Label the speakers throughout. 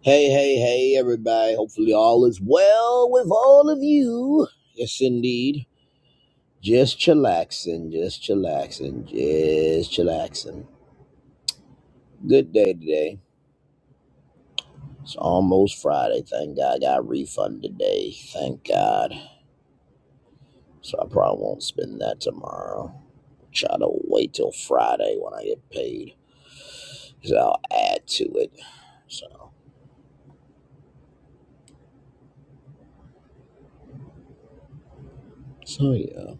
Speaker 1: Hey, hey, hey, everybody. Hopefully, all is well with all of you. Yes, indeed. Just chillaxing, just chillaxing, just chillaxing. Good day today. It's almost Friday. Thank God I got a refund today. Thank God. So I probably won't spend that tomorrow. Try to wait till Friday when I get paid. because I'll add to it. So, so yeah.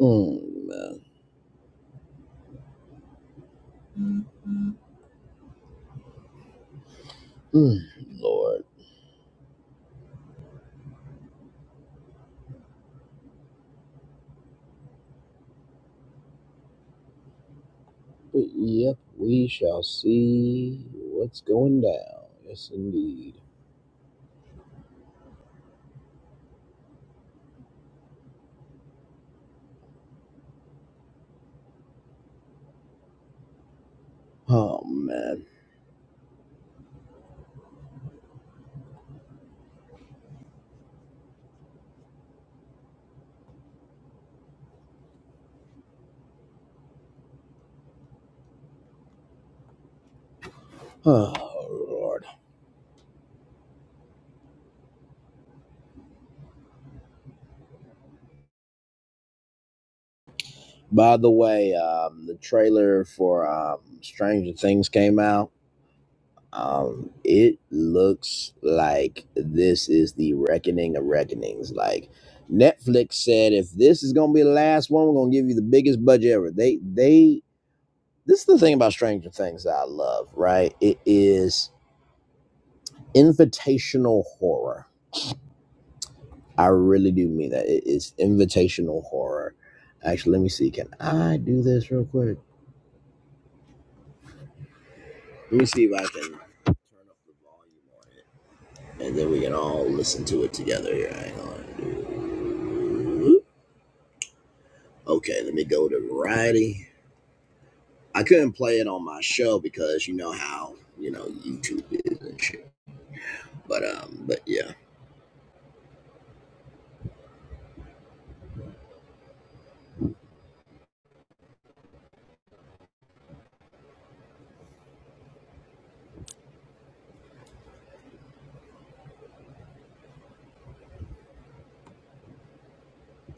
Speaker 1: Mm, man. Mm, Lord. But yep, we shall see what's going down. Yes, indeed. Oh man. Oh Lord. By the way, um, the trailer for um, Stranger Things came out. Um, it looks like this is the reckoning of reckonings. Like Netflix said, if this is gonna be the last one, we're gonna give you the biggest budget ever. They they. This is the thing about Stranger Things that I love, right? It is invitational horror I really do mean that. It is invitational horror. Actually, let me see. Can I do this real quick? Let me see if I can turn up the volume on it. And then we can all listen to it together here. Hang on. Okay, let me go to variety. I couldn't play it on my show because you know how, you know, YouTube is and shit. But um, but yeah.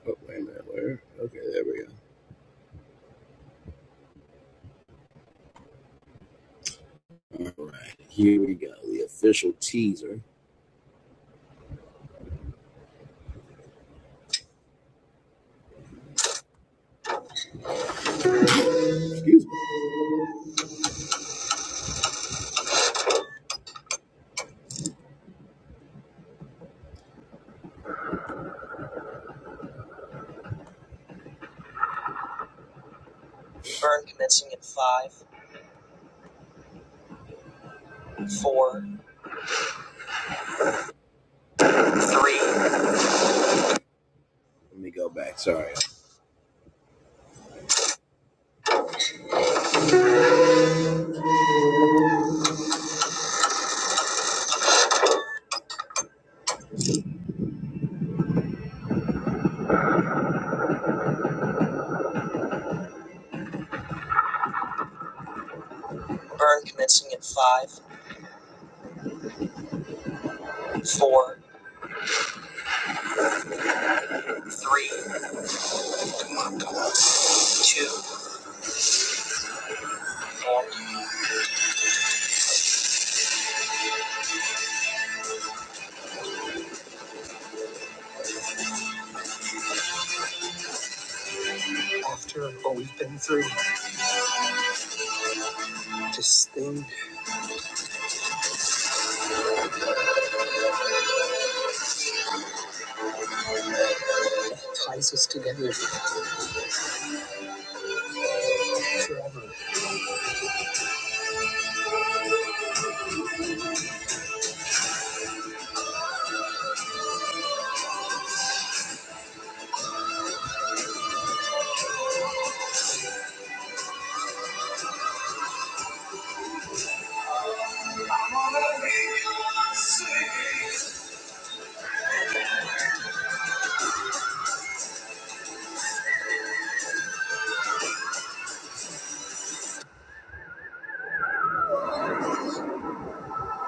Speaker 1: Oh, wait a minute, where? Okay, there we go. All right, here we go. The official teaser. Excuse me. Burn commencing in five, four, three, Let me go back. Sorry. Burn commencing in five, four, three, two, and after what we've been through, this thing ties us together forever.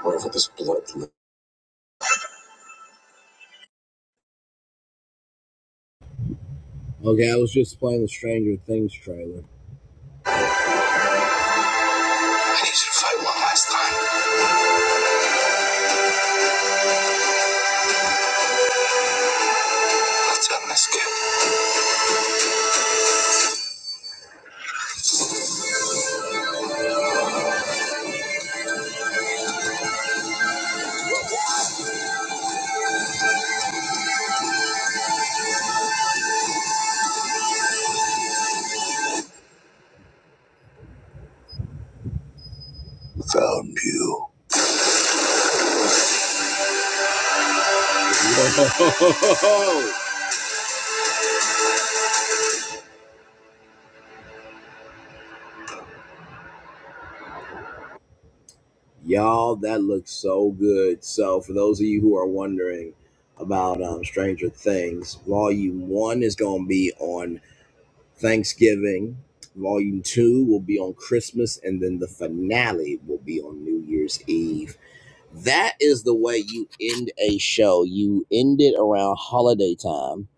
Speaker 1: Whatever this blood means. Okay, I was just playing the Stranger Things trailer. I need you to fight one last time. Let's end this kid. Found you. Y'all, that looks so good. So, for those of you who are wondering about um, Stranger Things, Volume 1 is going to be on Thanksgiving. Volume two will be on Christmas, and then the finale will be on New Year's Eve. That is the way you end a show. You end it around holiday time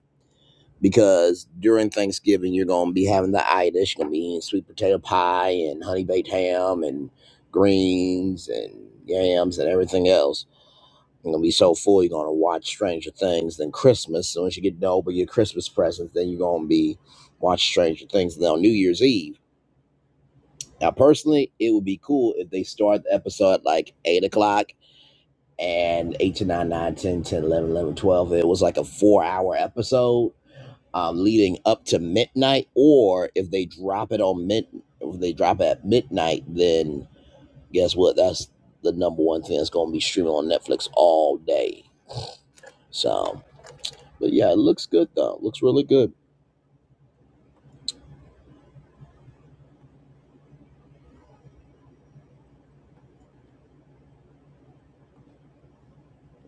Speaker 1: because during Thanksgiving, you're going to be having the itis. You're going to be eating sweet potato pie and honey baked ham and greens and yams and everything else you're gonna be so full, you're gonna watch Stranger Things. Then Christmas, So soon you get done with your Christmas presents, then you're gonna be watch Stranger Things. Then on New Year's Eve. Now, personally, it would be cool if they start the episode at like eight o'clock and eight to nine, nine, ten ten, eleven, eleven twelve. It was like a four-hour episode um, leading up to midnight. Or if they drop it on mid, if they drop it at midnight, then guess what? That's the number one thing that's gonna be streaming on Netflix all day. So. But yeah, it looks good though. Looks really good.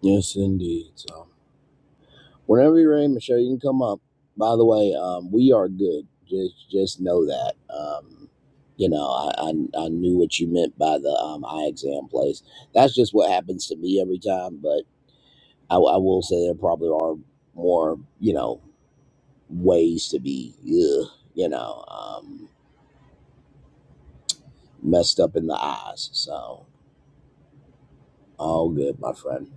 Speaker 1: Yes, indeed. So whenever you're ready, Michelle, you can come up. By the way, um, we are good. Just just know that. Um, you know, I, I I knew what you meant by the um, eye exam place. That's just what happens to me every time. But I, I will say there probably are more you know ways to be ugh, you know um, messed up in the eyes. So all good, my friend.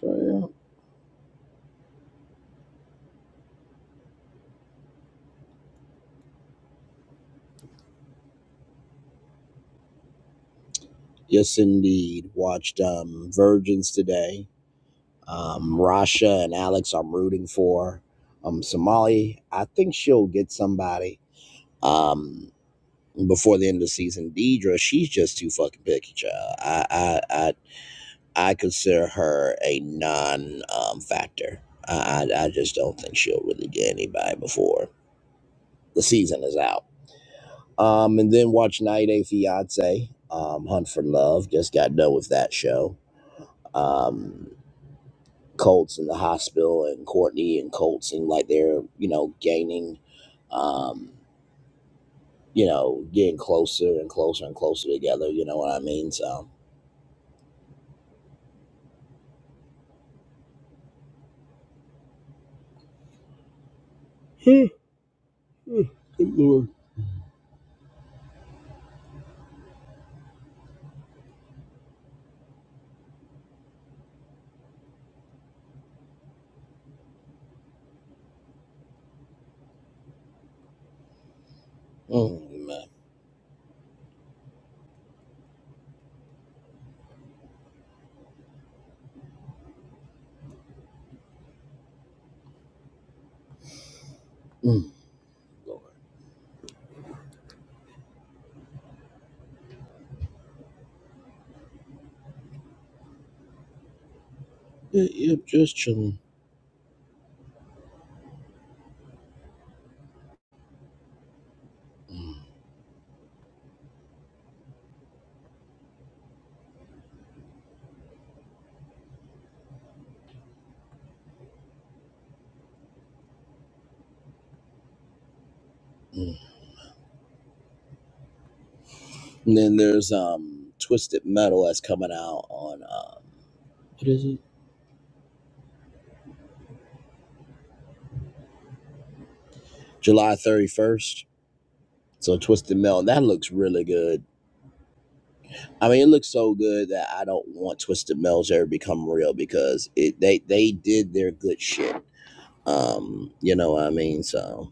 Speaker 1: So yeah. Yes, indeed. Watched um, Virgins today. Um, Rasha and Alex, I'm rooting for. Um, Somali, I think she'll get somebody um, before the end of the season. Deidre, she's just too fucking picky, child. I, I, I, I consider her a non um, factor. I, I I just don't think she'll really get anybody before the season is out. Um, and then watch 90 Day Fiance, um, Hunt for Love. Just got done with that show. Um, Colts in the hospital and Courtney and Colt seem like they're, you know, gaining, um, you know, getting closer and closer and closer together. You know what I mean? So, mm, man. Mm, Lord. Yeah, yeah, just chilling. Mm, mm. And then there's um, Twisted Metal that's coming out on, um, what is it? July 31st. So, Twisted Metal, that looks really good. I mean, it looks so good that I don't want Twisted Metal to ever become real because it they they did their good shit Um, you know what I mean? So,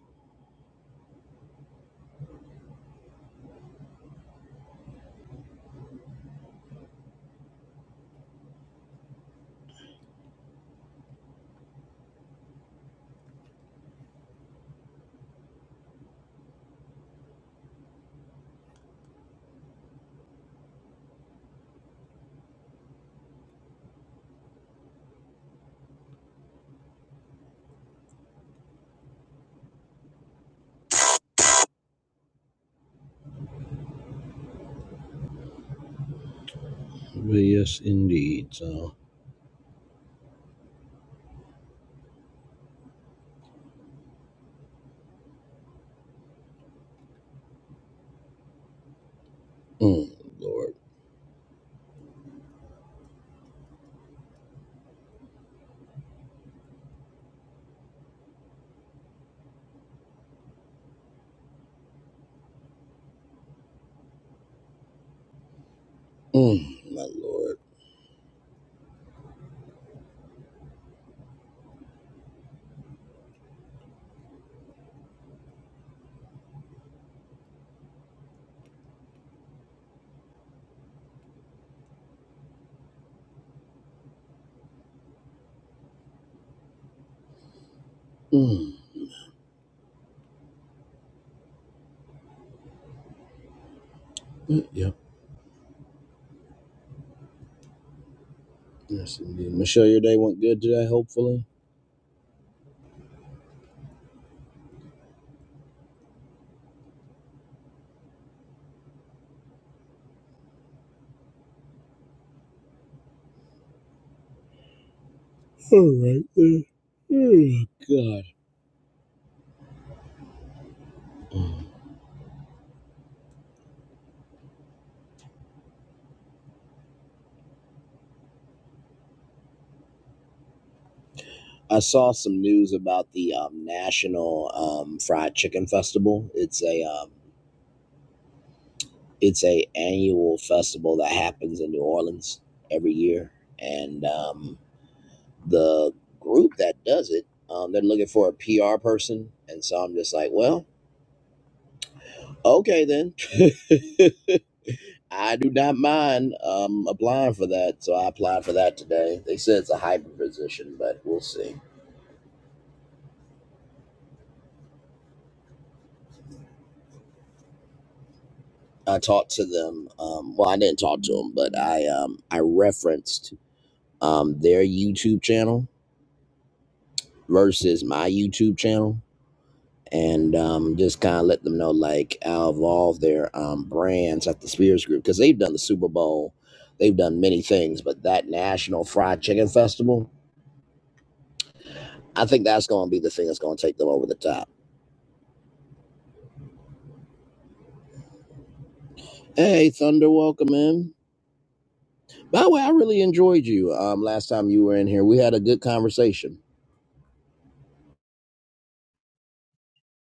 Speaker 1: but yes, indeed. So, mm, Lord, mm, my Lord. Mm, mm, yep. Yes, indeed. Michelle, your day went good today, hopefully. All right. then. Oh, God. Mm. I saw some news about the um, National um, Fried Chicken Festival. It's a um, it's a annual festival that happens in New Orleans every year, and um, the group that does it, um, they're looking for a PR person. And so I'm just like, well, okay then. I do not mind um, applying for that. So I applied for that today. They said it's a hybrid position, but we'll see. I talked to them. Um, well, I didn't talk to them, but I um, I referenced um, their YouTube channel versus my YouTube channel and um, just kind of let them know like how evolved their um, brands at the Spears Group because they've done the Super Bowl, they've done many things, but that National Fried Chicken Festival, I think that's going to be the thing that's going to take them over the top. Hey, Thunder, welcome in. By the way, I really enjoyed you um, last time you were in here. We had a good conversation.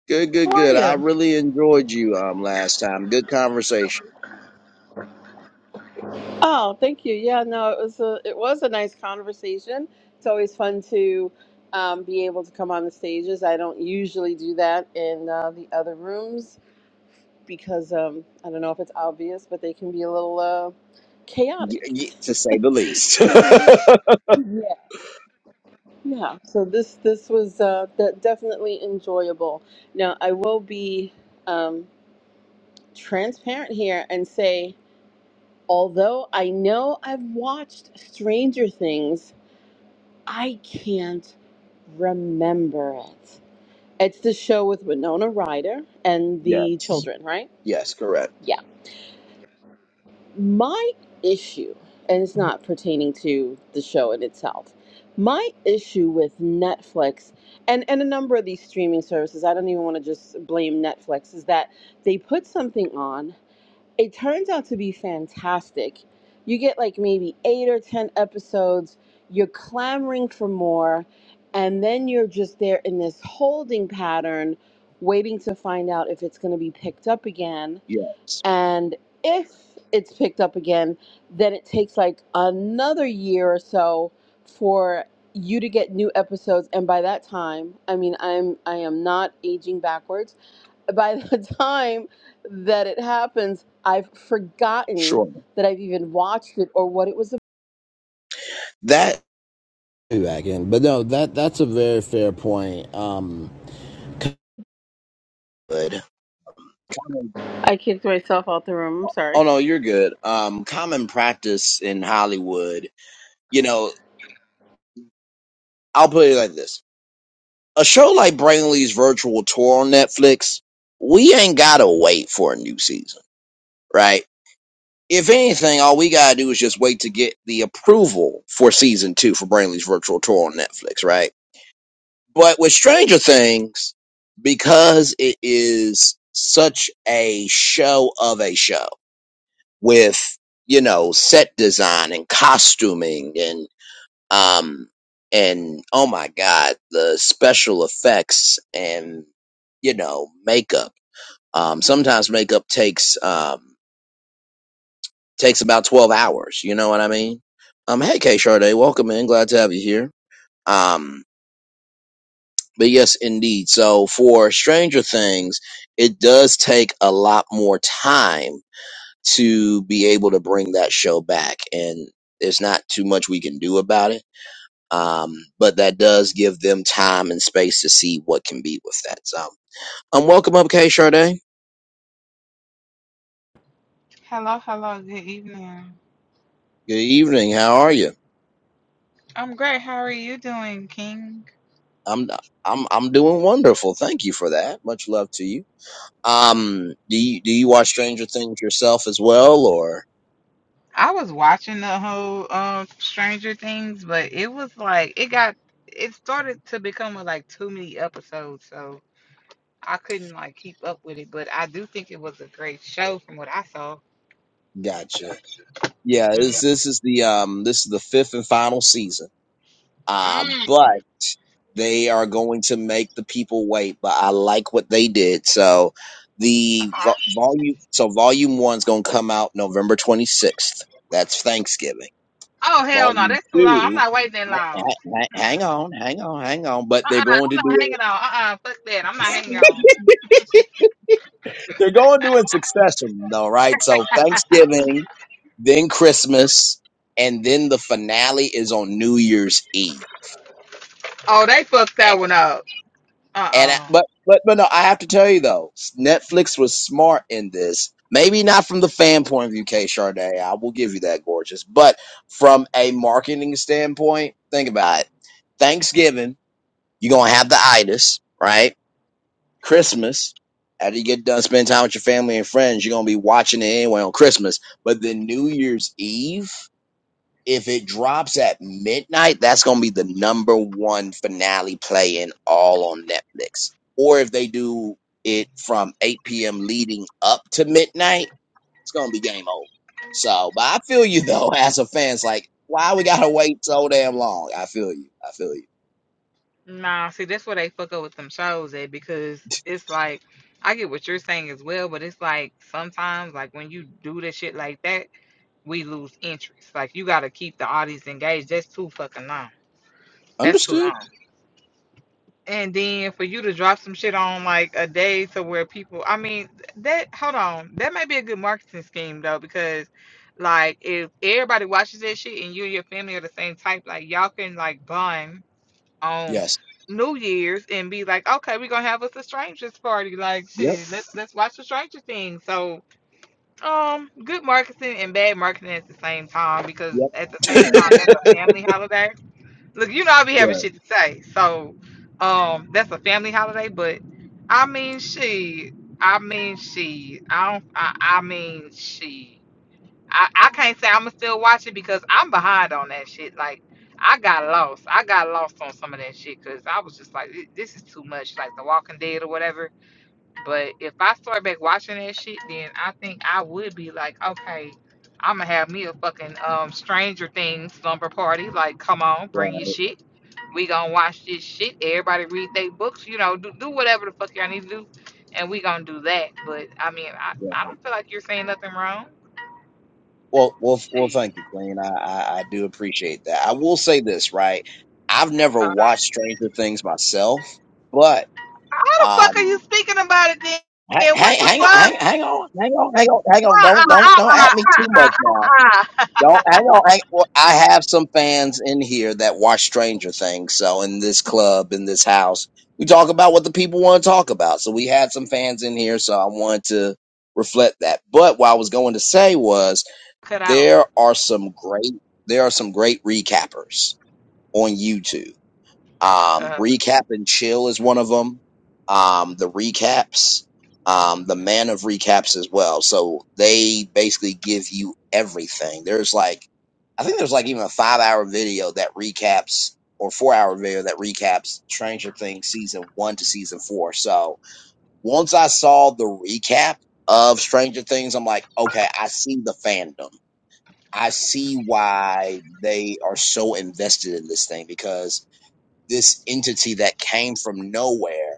Speaker 1: Good, good,
Speaker 2: How are
Speaker 1: good. I
Speaker 2: you?
Speaker 1: really enjoyed you um, last time. Good conversation,
Speaker 2: Oh, thank you. Yeah, no, it was a it was a nice conversation. It's always fun to um, be able to come on the stages. I don't usually do that in uh, the other rooms because um, I don't know if it's obvious, but they can be a little uh,
Speaker 1: y-
Speaker 2: chaotic.
Speaker 1: y- to say the least.
Speaker 2: Yeah. Yeah. So this this was uh, de- definitely enjoyable. Now I will be um, transparent here and say, although I know I've watched Stranger Things. I can't remember it. It's the show with Winona Ryder and the
Speaker 1: yes,
Speaker 2: children, right?
Speaker 1: yes, correct.
Speaker 2: Yeah. My issue, and it's not pertaining to the show in itself, my issue with Netflix and, and a number of these streaming services, I don't even want to just blame Netflix, is that they put something on it turns out to be fantastic. You get like maybe eight or 10 episodes, you're clamoring for more, and then you're just there in this holding pattern, waiting to find out if it's going to be picked up again.
Speaker 1: Yeah,
Speaker 2: And if it's picked up again, then it takes like another year or so for you to get new episodes and by that time i mean i'm i am not aging backwards by the time that it happens, I've forgotten
Speaker 1: sure.
Speaker 2: that I've even watched it or what it was
Speaker 1: That back in. But no, that that's a very fair point. Um, good.
Speaker 2: about. I kicked myself out the room. I'm sorry.
Speaker 1: Oh no, you're good. Um, common practice in Hollywood. You know, I'll put it like this: a show like Brainley's virtual tour on Netflix, we ain't gotta wait for a new season, right? If anything, all we gotta do is just wait to get the approval for season two for Brainley's virtual tour on Netflix, right? But with Stranger Things, because it is such a show of a show with, you know, set design and costuming and, um, and oh my God, the special effects and, you know, makeup. Um, sometimes makeup takes, um, takes about 12 hours. You know what I mean? Um, hey, K Sharday, welcome in. Glad to have you here. Um. But yes, indeed. So for Stranger Things, it does take a lot more time to be able to bring that show back, and there's not too much we can do about it. Um, but that does give them time and space to see what can be with that. So, um, welcome up, K. Charday.
Speaker 3: Hello, hello, good evening.
Speaker 1: Good evening. How are you?
Speaker 3: I'm great. How are you doing, King?
Speaker 1: I'm I'm I'm doing wonderful. Thank you for that. Much love to you. Um, do you do you watch Stranger Things yourself as well, or
Speaker 3: I was watching the whole um Stranger Things, but it was like it got it started to become a, like too many episodes, so I couldn't like keep up with it. But I do think it was a great show from what I saw.
Speaker 1: gotcha? Yeah, this
Speaker 3: Mm.
Speaker 1: this is the um this is the fifth and final season. Um,
Speaker 3: Mm.
Speaker 1: but they are going to make the people wait. But I like what they did. So the vo-
Speaker 3: Okay.
Speaker 1: volume so volume one's going to come out November twenty sixth. That's Thanksgiving.
Speaker 3: Oh hell no,
Speaker 1: Volume
Speaker 3: that's too long. I'm
Speaker 1: two.
Speaker 3: not waiting that
Speaker 1: ha-
Speaker 3: long.
Speaker 1: ha- ha-
Speaker 3: Mm-mm.
Speaker 1: Hang on, hang on, hang on. But they're
Speaker 3: Uh-uh,
Speaker 1: going
Speaker 3: I'm
Speaker 1: to do
Speaker 3: not hanging on. Uh-uh, fuck that. I'm not hanging on.
Speaker 1: it. They're going to do it in succession, though, right? So Thanksgiving. then Christmas, and then the finale is on New Year's Eve.
Speaker 3: Oh, they fucked
Speaker 1: And,
Speaker 3: that one up. Uh
Speaker 1: and I-
Speaker 3: uh.
Speaker 1: but but but no, I have to tell you though, Netflix was smart in this. Maybe not from the fan point of view, K Charday. I will give you that, gorgeous. But from a marketing standpoint, think about it. Thanksgiving, you're gonna have the itis, right? Christmas. After you get done spending time with your family and friends, you're gonna be watching it anyway on Christmas. But then New Year's Eve. if it drops at midnight, that's gonna be the number one finale play in all on Netflix. Or if they do it from 8 p.m. leading up to midnight, it's gonna be game over. So, but I feel you though, as a fan, it's like, why we gotta wait so damn long? I feel you. I feel you.
Speaker 3: Nah, see, that's where they fuck up with them shows at because it's like I get what you're saying as well, but it's like sometimes like when you do the shit like that, we lose interest. Like you gotta keep the audience engaged. That's too fucking long. That's too
Speaker 1: Understood.
Speaker 3: long. And then for you to drop some shit on like a day to where people, I mean, that hold on, that might be a good marketing scheme though because like if everybody watches that shit and you and your family are the same type, like y'all can like bond on
Speaker 1: Yes.
Speaker 3: New Year's and be like, okay, we're gonna have us a strangers party. Like,
Speaker 1: Yep.
Speaker 3: shit, let's let's watch the stranger thing. So, um, good marketing and bad marketing at the same time because
Speaker 1: Yep.
Speaker 3: at the same time that's a family holiday. Look, you know I be having shit to say, so um, that's a family holiday. But I mean, she, I mean, she, I don't, I, I mean, she. I, I can't say I'm going to still watch it because I'm behind on that shit. Like I got lost. I got lost on some of that shit because I was just like, "Th- this is too much, like The Walking Dead or whatever. But if I start back watching that shit, then I think I would be like, okay, I'm gonna have me a fucking um Stranger Things slumber party. Like, come on,
Speaker 1: Right.
Speaker 3: bring your shit. We gonna watch this shit. Everybody read their books. You know, do do whatever the fuck y'all need to do, and we gonna do that. But I mean, I I
Speaker 1: Right.
Speaker 3: don't feel like you're saying nothing wrong.
Speaker 1: Well, well, well.
Speaker 3: Shit.
Speaker 1: Thank you, Queen. I, I, I do appreciate that. I will say this, right? I've never
Speaker 3: Uh,
Speaker 1: watched Stranger Things myself, but
Speaker 3: how the fuck are you
Speaker 1: Um,
Speaker 3: speaking about it then?
Speaker 1: hang,
Speaker 3: And
Speaker 1: hang,
Speaker 3: What the fuck?
Speaker 1: hang on, hang, hang on, hang on, hang on, hang on.
Speaker 3: Uh,
Speaker 1: Don't,
Speaker 3: uh,
Speaker 1: don't,
Speaker 3: uh,
Speaker 1: don't
Speaker 3: uh,
Speaker 1: at me
Speaker 3: uh,
Speaker 1: too much now.
Speaker 3: uh, uh.
Speaker 1: Don't hang on. Hang, well, I have some fans in here that watch Stranger Things. So in this club, in this house, we talk about what the people want to talk about. So we had some fans in here. So I wanted to reflect that. But what I was going to say was
Speaker 3: Cut out.
Speaker 1: there are some great, there are some great recappers on YouTube um,
Speaker 3: Uh,
Speaker 1: recap and chill is one of them. Um, the recaps, um, the man of recaps as well. So they basically give you everything. There's like, I think there's like even a five hour video that recaps or four hour video that recaps Stranger Things season one to season four. So once I saw the recap of Stranger Things, I'm like, okay, I see the fandom. I see why they are so invested in this thing because this entity that came from nowhere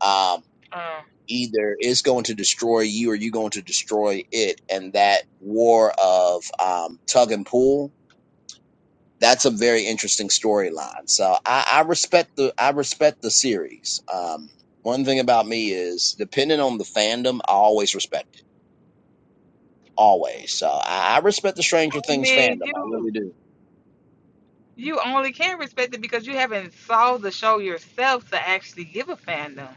Speaker 1: um,
Speaker 3: uh.
Speaker 1: either is going to destroy you or you're going to destroy it. And that war of um, tug and pull, that's a very interesting storyline. So I, I respect the I respect the series. Um, one thing about me is depending on the fandom, I always respect it. Always. So I, I respect the
Speaker 3: I
Speaker 1: Stranger Things
Speaker 3: mean,
Speaker 1: fandom. I
Speaker 3: you.
Speaker 1: really do.
Speaker 3: You only can respect it because you haven't saw the show yourself to actually give a fandom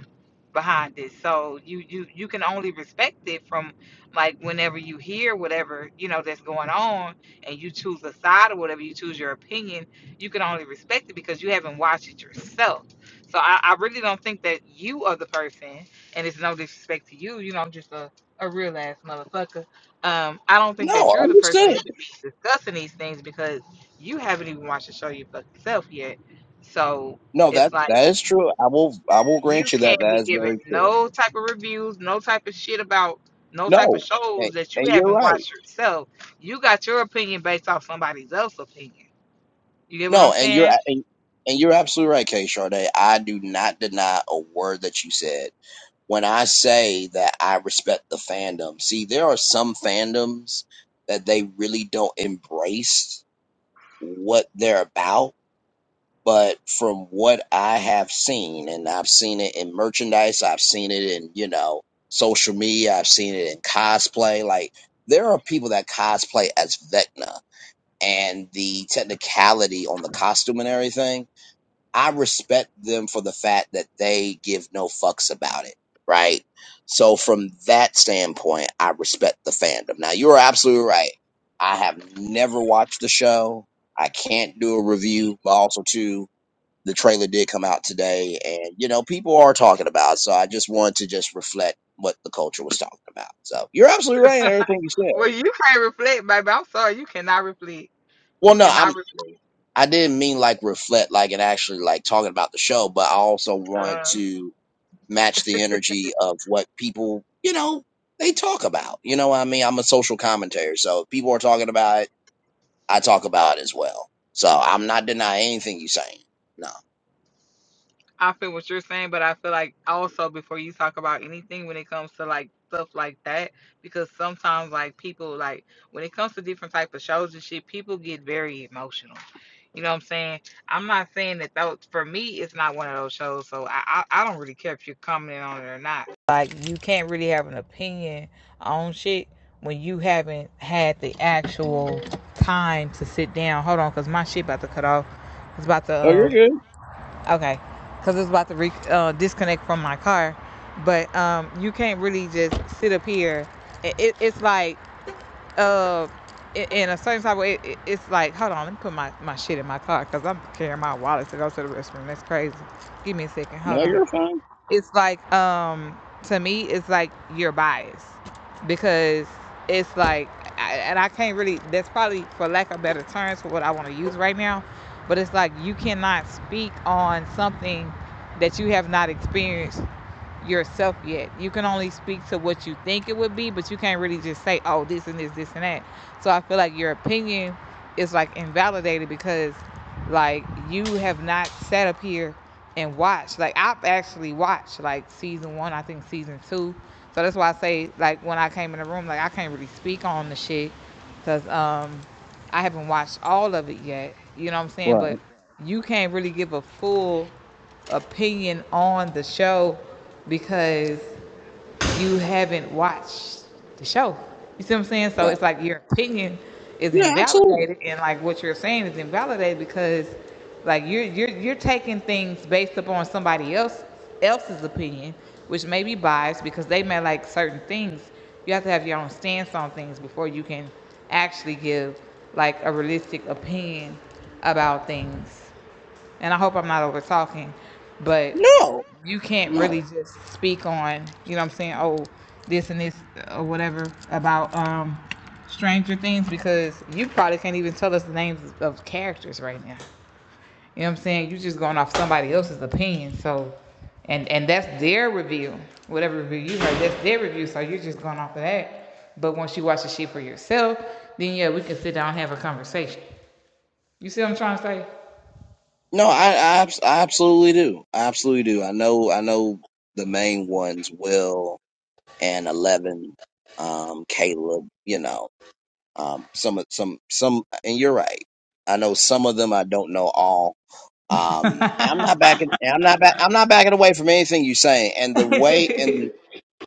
Speaker 3: behind it. So you you you can only respect it from like whenever you hear whatever you know that's going on, and you choose a side or whatever you choose your opinion. You can only respect it because you haven't watched it yourself. So I, I really don't think that you are the person, and it's no disrespect to you. You know, I'm just a a real ass motherfucker. Um, I don't think that
Speaker 1: No,
Speaker 3: you're the person
Speaker 1: understood.
Speaker 3: that should be discussing these things because you haven't even watched the show your fucking self yet. So
Speaker 1: No, that
Speaker 3: it's like
Speaker 1: that is true. I will I will
Speaker 3: you
Speaker 1: grant you that
Speaker 3: can't
Speaker 1: that
Speaker 3: be
Speaker 1: is
Speaker 3: giving
Speaker 1: very true.
Speaker 3: no type of reviews, no type of shit about no type of
Speaker 1: No, and,
Speaker 3: shows that you
Speaker 1: and you're
Speaker 3: haven't
Speaker 1: right.
Speaker 3: watched yourself. You got your opinion based off somebody else's opinion. You get what
Speaker 1: No,
Speaker 3: I'm
Speaker 1: and you're
Speaker 3: saying?
Speaker 1: and, and you're absolutely right, Kay Sharday. I do not deny a word that you said. When I say that I respect the fandom, see, there are some fandoms that they really don't embrace what they're about. But from what I have seen, and I've seen it in merchandise, I've seen it in, you know, social media, I've seen it in cosplay. Like, there are people that cosplay as Vecna and the technicality on the costume and everything, I respect them for the fact that they give no fucks about it, right? So from that standpoint, I respect the fandom. Now you're absolutely right. I have never watched the show. I can't do a review, but also too the trailer did come out today and you know people are talking about it, so I just wanted to just reflect what the culture was talking about. So you're absolutely right in everything you said.
Speaker 3: Well, you can't reflect, baby. I'm sorry, you cannot reflect.
Speaker 1: Well
Speaker 3: You
Speaker 1: no, I'm.
Speaker 3: cannot reflect.
Speaker 1: I didn't mean like reflect, like and actually like talking about the show, but I also want
Speaker 3: Uh,
Speaker 1: to match the energy of what people, you know, they talk about. You know what I mean? I'm a social commentator, so if people are talking about it, I talk about it as well. So I'm not denying anything you're saying. No.
Speaker 3: I feel what you're saying, but I feel like also before you talk about anything when it comes to like stuff like that, because sometimes like people like when it comes to different type of shows and shit, people get very emotional. You know what I'm saying? I'm not saying that though for me it's not one of those shows, so I I, I don't really care if you're commenting on it or not. Like you can't really have an opinion on shit when you haven't had the actual time to sit down. Hold on, cause my shit about to cut off. It's about to um Okay, because it's about to re- uh, disconnect from my car, but um, you can't really just sit up here. It, it, it's like uh, in a certain type of way, it, it- it's like hold on, let me put my, my shit in my car because I'm carrying my wallet to go to the restroom. That's crazy. Give me a second.
Speaker 1: No,
Speaker 3: Hold on
Speaker 1: you're fine.
Speaker 3: it's like um to me it's like you're biased because it's like I- and i can't really that's probably for lack of better terms for what i want to use right now but it's like you cannot speak on something that you have not experienced yourself yet you can only speak to what you think it would be but you can't really just say oh this and this this and that so i feel like your opinion is like invalidated because like you have not sat up here and watched. Like I've actually watched like season one, I think season two. So that's why I say like when I came in the room, like I can't really speak on the shit because um I haven't watched all of it yet. You know what I'm saying? But
Speaker 1: Right.
Speaker 3: you can't really give a full opinion on the show because you haven't watched the show. You see what I'm saying? So
Speaker 1: Right.
Speaker 3: it's like your opinion is
Speaker 1: Yeah, absolutely.
Speaker 3: invalidated, and like what you're saying is invalidated because like you're you're you're taking things based upon somebody else else's opinion, which may be biased because they may like certain things. You have to have your own stance on things before you can actually give like a realistic opinion about things and I hope I'm not over talking, but
Speaker 1: No,
Speaker 3: you can't really
Speaker 1: no,
Speaker 3: just speak on, you know what I'm saying, oh, this and this or whatever about um Stranger Things because you probably can't even tell us the names of characters right now. You know what I'm saying? You're just going off somebody else's opinion, so and and that's their review. Whatever review you heard, that's their review, so you're just going off of that. But once you watch the shit for yourself, then yeah, we can sit down and have a conversation. You see what I'm trying
Speaker 1: no. I, I, abs- I absolutely do. I absolutely do. I know, I know the main ones, Will and Eleven, um, Caleb. You know. Um, some, of- some, some, and you're right. I know some of them. I don't know all. Um, and I'm
Speaker 3: to
Speaker 1: not backing. and I'm not back. I'm not backing away from anything you're saying. And the way,
Speaker 3: say?
Speaker 1: and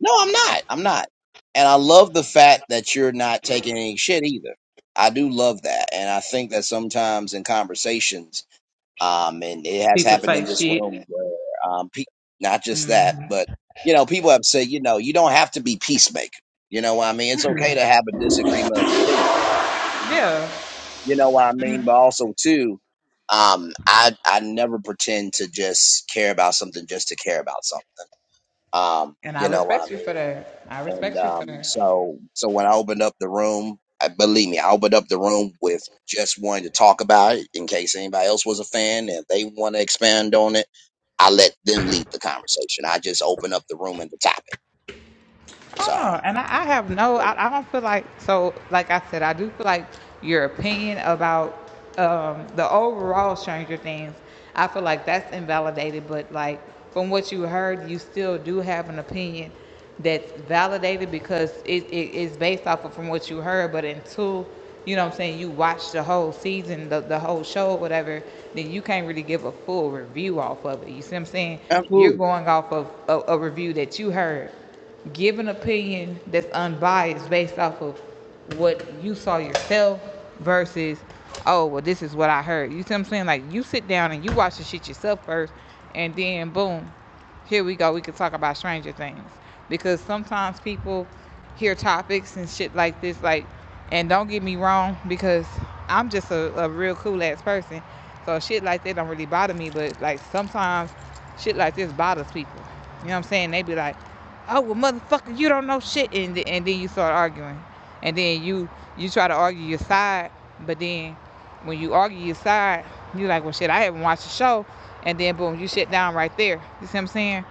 Speaker 1: no, I'm not. I'm not. And I love the fact that you're not taking any shit either. I do love that, and I think that sometimes in conversations, um, and it has
Speaker 3: people
Speaker 1: happened in
Speaker 3: type
Speaker 1: this
Speaker 3: shit.
Speaker 1: room where, um, pe- not just
Speaker 3: Mm,
Speaker 1: that, but you know, people have said, you know, you don't have to be peacemaker. You know what I mean? It's okay to have a disagreement of opinion.
Speaker 3: yeah,
Speaker 1: You know what I mean? But also too, um, I I never pretend to just care about something just to care about something. Um,
Speaker 3: and I
Speaker 1: you know what I
Speaker 3: respect you
Speaker 1: mean?
Speaker 3: for that. I
Speaker 1: And
Speaker 3: respect you for
Speaker 1: um,
Speaker 3: that.
Speaker 1: so so when I opened up the room, I, believe me, I opened up the room with just wanting to talk about it in case anybody else was a fan and they want to expand on it. I let them lead the conversation. I just open up the room and the topic.
Speaker 3: I don't know.
Speaker 1: So
Speaker 3: And I, I have no, I, I don't feel like, so like I said, I do feel like your opinion about um, the overall Stranger Things, I feel like that's invalidated. But like from what you heard, you still do have an opinion that's validated because it, it is based off of from what you heard. But until, you know what I'm saying, you watch the whole season, the, the whole show, whatever, then you can't really give a full review off of it. You see what I'm saying? You're
Speaker 1: absolutely
Speaker 3: going off of a, a review that you heard give an opinion that's unbiased based off of what you saw yourself versus oh well this is what I heard. You see what I'm saying? Like you sit down and you watch the shit yourself first and then boom, here we go. We could talk about stranger things. Because sometimes people hear topics and shit like this, like and don't get me wrong, because I'm just a, a real cool ass person. So shit like that don't really bother me, but like sometimes shit like this bothers people. You know what I'm saying? They be like, oh well motherfucker you don't know shit and, th- and then you start arguing and then you you try to argue your side but then when you argue your side you like well shit i haven't watched the show and then boom you shit down right there you see what i'm saying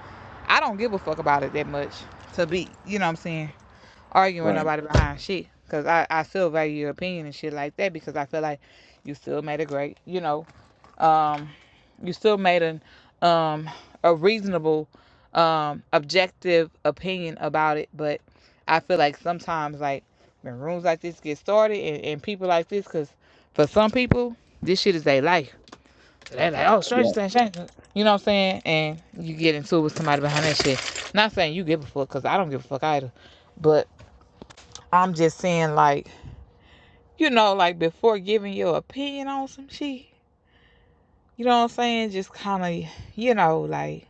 Speaker 3: i don't give a fuck about it that much to be you know what i'm saying arguing with
Speaker 1: right.
Speaker 3: nobody behind shit because I, I still value your opinion and shit like that because i feel like you still made a great you know um you still made an um a reasonable um objective opinion about it but i feel like sometimes like when rooms like this get started and, and people like this because for some people this shit is their life they're like oh strange
Speaker 1: Yeah.
Speaker 3: thing strange thing. you know what i'm saying and you get into it with somebody behind that shit not saying you give a fuck because i don't give a fuck either but i'm just saying like you know like before giving your opinion on some shit you know what i'm saying just kind of you know like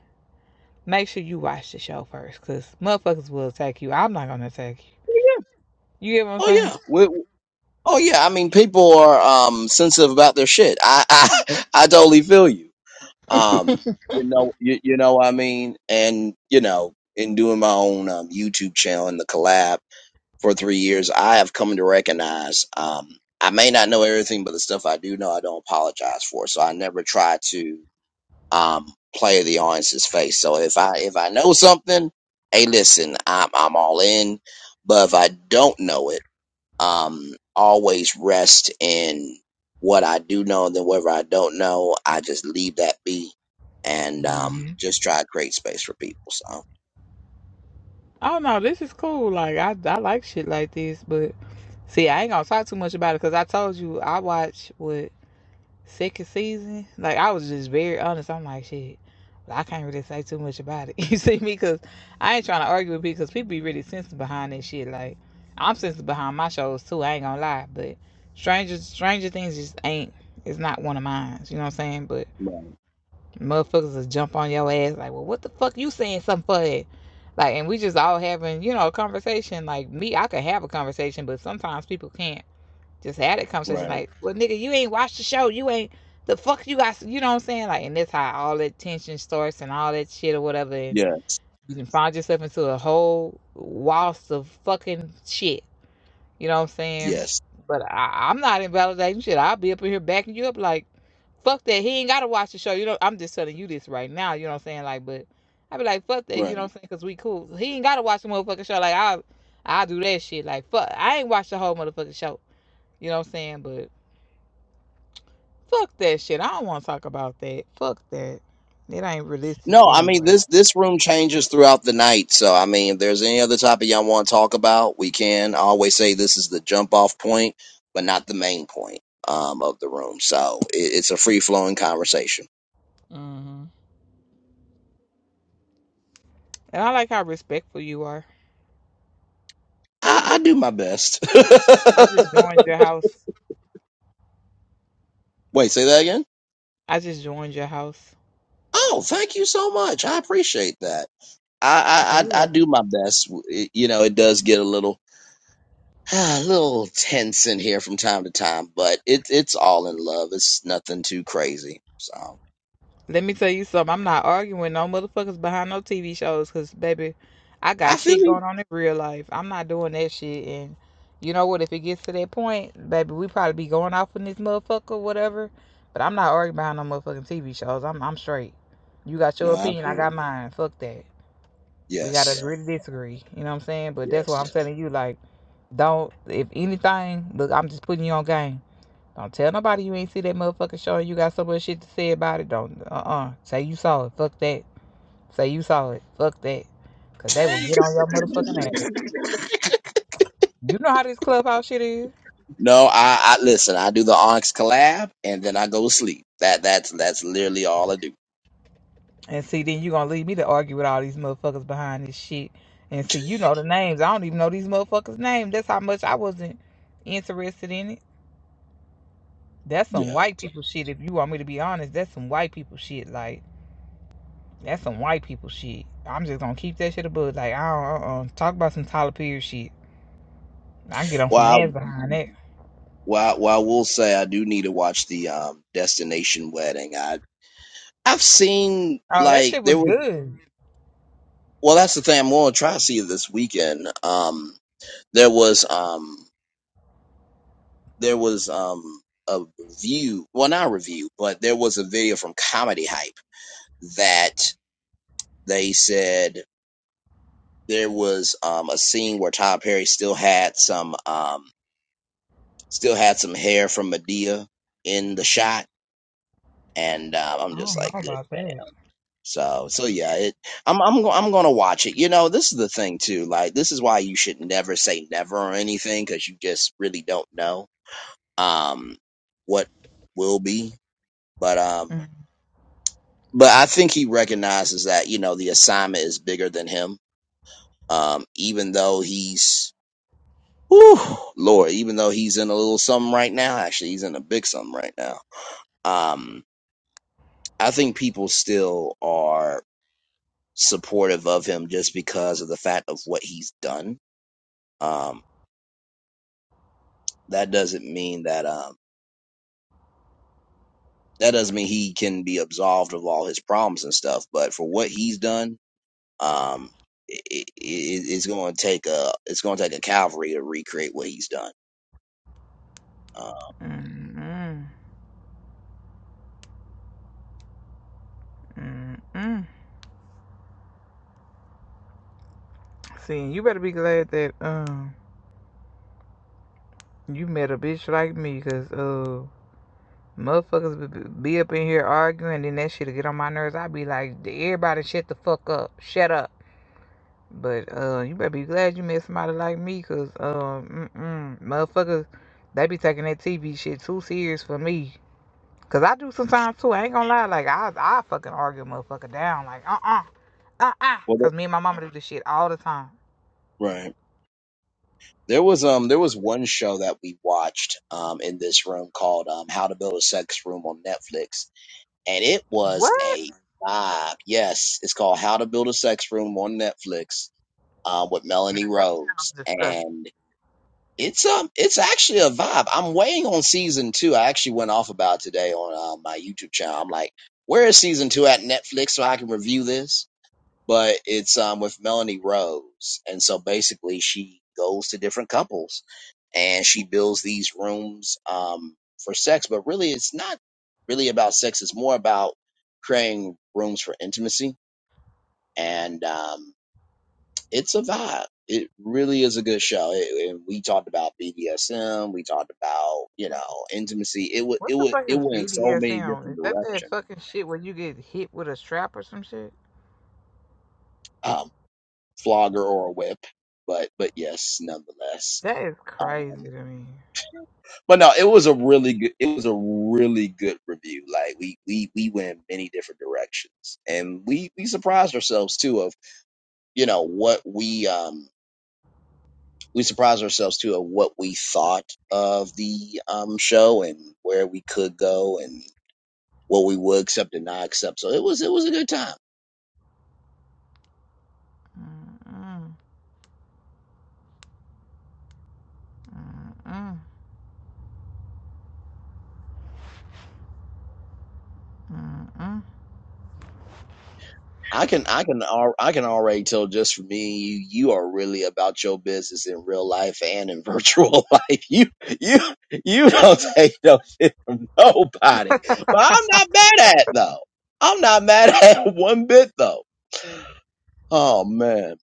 Speaker 3: make sure you watch the show first because motherfuckers will attack you. I'm not gonna attack you. You get what I'm saying?
Speaker 1: Oh yeah. Oh yeah, I mean people are um sensitive about their shit. I I, I totally feel you. Um you know you, you know what I mean and you know in doing my own um, YouTube channel and the collab for 3 years, I have come to recognize um I may not know everything but the stuff I do know I don't apologize for. So I never try to um play the audience's face. So if I if I know something, hey listen, I'm I'm all in. But if I don't know it um, always rest in what I do know, and then whatever I don't know, I just leave that be and um,
Speaker 3: hmm
Speaker 1: just try to create space for people. So,
Speaker 3: I do This is cool. Like I, I like shit like this, but see, I ain't gonna talk too much about it because I told you I watch what second season. Like I was just very honest. I'm like shit. I can't really say too much about it. You see me? Because I ain't trying to argue with people because people be really sensitive behind this shit. Like, I'm sensitive behind my shows too. I ain't gonna lie. But Stranger, Stranger Things just ain't, it's not one of mine. You know what I'm saying? But
Speaker 1: right,
Speaker 3: Motherfuckers just jump on your ass like, well, what the fuck you saying something for? It? Like, and we just all having, you know, a conversation. Like me, I can have a conversation, but sometimes people can't just have that conversation.
Speaker 1: right,
Speaker 3: Like, well, nigga, you ain't watched the show. You ain't the fuck you got. You know what I'm saying? Like, and that's how all that tension starts and all that shit or whatever. And
Speaker 1: yeah,
Speaker 3: you can find yourself into a whole waltz of fucking shit. You know what I'm saying?
Speaker 1: yes,
Speaker 3: But I, I'm not invalidating shit. I'll be up in here backing you up like, fuck that. He ain't got to watch the show. You know, I'm just telling you this right now. You know what I'm saying? Like, but i be like, fuck that. You
Speaker 1: right.
Speaker 3: know what I'm saying? Because we cool. He ain't got to watch the motherfucking show. Like, i i do that shit. Like, fuck. I ain't watched the whole motherfucking show. You know what I'm saying? But fuck that shit. I don't want to talk about that. Fuck that. It ain't realistic
Speaker 1: No, I mean
Speaker 3: anyway.
Speaker 1: this this room changes throughout the night. So, I mean, if there's any other topic y'all want to talk about, we can. I always say this is the jump off point, but not the main point um, of the room. So, it, it's a free flowing conversation.
Speaker 3: hmm And I like how respectful you are.
Speaker 1: I, I do my best.
Speaker 3: I just joined your house.
Speaker 1: Wait, say that again.
Speaker 3: I just joined your house.
Speaker 1: Oh, thank you so much. I appreciate that.
Speaker 3: Oh,
Speaker 1: I I
Speaker 3: you
Speaker 1: I, I do my best. It- You know, it does get a little a little tense in here from time to time, but it's it's all in love. It's nothing too crazy. So
Speaker 3: Let me tell you something. I'm not arguing with no motherfuckers behind no TV shows because, baby, I
Speaker 1: I
Speaker 3: got
Speaker 1: feel
Speaker 3: shit
Speaker 1: you.
Speaker 3: going on in real life. I'm not doing that shit. And you know what? If it gets to that point, baby, we probably be going off in this motherfucker, whatever. But I'm not arguing behind no motherfucking TV shows. I'm, I'm straight. You got your
Speaker 1: No, I feel
Speaker 3: opinion, I got
Speaker 1: you.
Speaker 3: mine. Fuck that. We got to
Speaker 1: Yes,
Speaker 3: agree to disagree. You know what I'm saying? But that's what I'm
Speaker 1: yes.
Speaker 3: telling you. Like, don't, if anything, look, I'm just putting you on game don't tell nobody you ain't see that motherfucking show and you got so much shit to say about it. Don't uh uh Say you saw it. Fuck that. Say you saw it. Fuck that. Cause they will get on your motherfucking ass. You know how this clubhouse shit is.
Speaker 1: No, I, I listen. I do the Onyx collab, and then I go to sleep. That that's that's literally all I do.
Speaker 3: And see, then you gonna leave me to argue with all these motherfuckers behind this shit. And see, you know the names. I don't even know these motherfuckers' names. That's how much I wasn't interested in it. That's some
Speaker 1: Yeah.
Speaker 3: white people shit. If you want me to be honest, that's some white people shit. Like that's some white people shit. I'm just gonna keep that shit above. Like I don't uh-uh. talk about some Tyler Perry shit. I get on
Speaker 1: Well,
Speaker 3: some
Speaker 1: I,
Speaker 3: ass behind that.
Speaker 1: well, I- well, I will say I do need to watch the um Destination Wedding. I I've seen
Speaker 3: Oh, that
Speaker 1: like
Speaker 3: shit
Speaker 1: there
Speaker 3: was
Speaker 1: was.
Speaker 3: good.
Speaker 1: Well, that's the thing. I'm going to try to see it this weekend. Um, there was um, there was um, a review. Well, not a review, but there was a video from Comedy Hype that they said there was um, a scene where Tyler Perry still had some um, still had some hair from Medea in the shot, and uh, I'm
Speaker 3: I
Speaker 1: just
Speaker 3: don't know
Speaker 1: like,
Speaker 3: about
Speaker 1: good.
Speaker 3: that.
Speaker 1: So, so yeah, it, I'm I'm go- I'm gonna watch it. You know, this is the thing too. Like, this is why you should never say never or anything because you just really don't know um what will be. But um,
Speaker 3: Mm,
Speaker 1: but I think he recognizes that you know the assignment is bigger than him. Um, even though he's, whew, Lord, even though he's in a little something right now. Actually, he's in a big something right now. Um, I think people still are supportive of him just because of the fact of what he's done Um, that doesn't mean that um, that doesn't mean he can be absolved of all his problems and stuff. But for what he's done, um, it, it, it's going to take a it's going to take a Calvary to recreate what he's done. Uh,
Speaker 3: mm, mm, mm, mm. See, you better be glad that um you met a bitch like me, cause uh motherfuckers be, up in here arguing, and that shit'll get on my nerves. i be like, everybody shut the fuck up, shut up. But uh, you better be glad you met somebody like me, cause um, mm motherfuckers, they be taking that TV shit too serious for me. Cause I do sometimes too. I ain't gonna lie. Like I, I fucking argue motherfucker down. Like uh uh uh uh.
Speaker 1: well, the-
Speaker 3: Cause me and my mama do this shit all the time.
Speaker 1: right. There was um there was one show that we watched um in this room called um How to Build a Sex Room on Netflix, and it was
Speaker 3: What?
Speaker 1: a vibe. Yes, it's called How to Build a Sex Room on Netflix um, with Melanie
Speaker 3: That sounds
Speaker 1: Rose,
Speaker 3: disgusting.
Speaker 1: and It's um, it's actually a vibe. I'm waiting on season two. I actually went off about today on uh, my YouTube channel. I'm like, where is season two at Netflix so I can review this? But it's um with Melanie Rose, and so basically she goes to different couples and she builds these rooms um for sex. But really, it's not really about sex. It's more about creating rooms for intimacy and um it's a vibe. It really is a good show. It- and we talked about BDSM. We talked about you know intimacy. It would
Speaker 3: What
Speaker 1: it
Speaker 3: the
Speaker 1: would
Speaker 3: fuck
Speaker 1: it
Speaker 3: is
Speaker 1: went in so many
Speaker 3: BDSM?
Speaker 1: different
Speaker 3: Is that that
Speaker 1: directions.
Speaker 3: fucking shit where you get hit with a strap or some shit?
Speaker 1: Um, flogger or a whip, but but yes, nonetheless.
Speaker 3: That is
Speaker 1: Um,
Speaker 3: crazy to me.
Speaker 1: but no, it was a really good. It was a really good review. Like we we we went in many different directions, and we we surprised ourselves too of you know what we um we surprised ourselves too at what we thought of the um, show and where we could go and what we would accept and not accept. So it was it was a good time.
Speaker 3: Mm-mm, mm-mm, mm-mm.
Speaker 1: I can I can I can already tell just for me you you are really about your business in real life and in virtual life. You you you don't take no shit from nobody. But I'm not mad at it, though. I'm not mad at it one bit though. Oh man.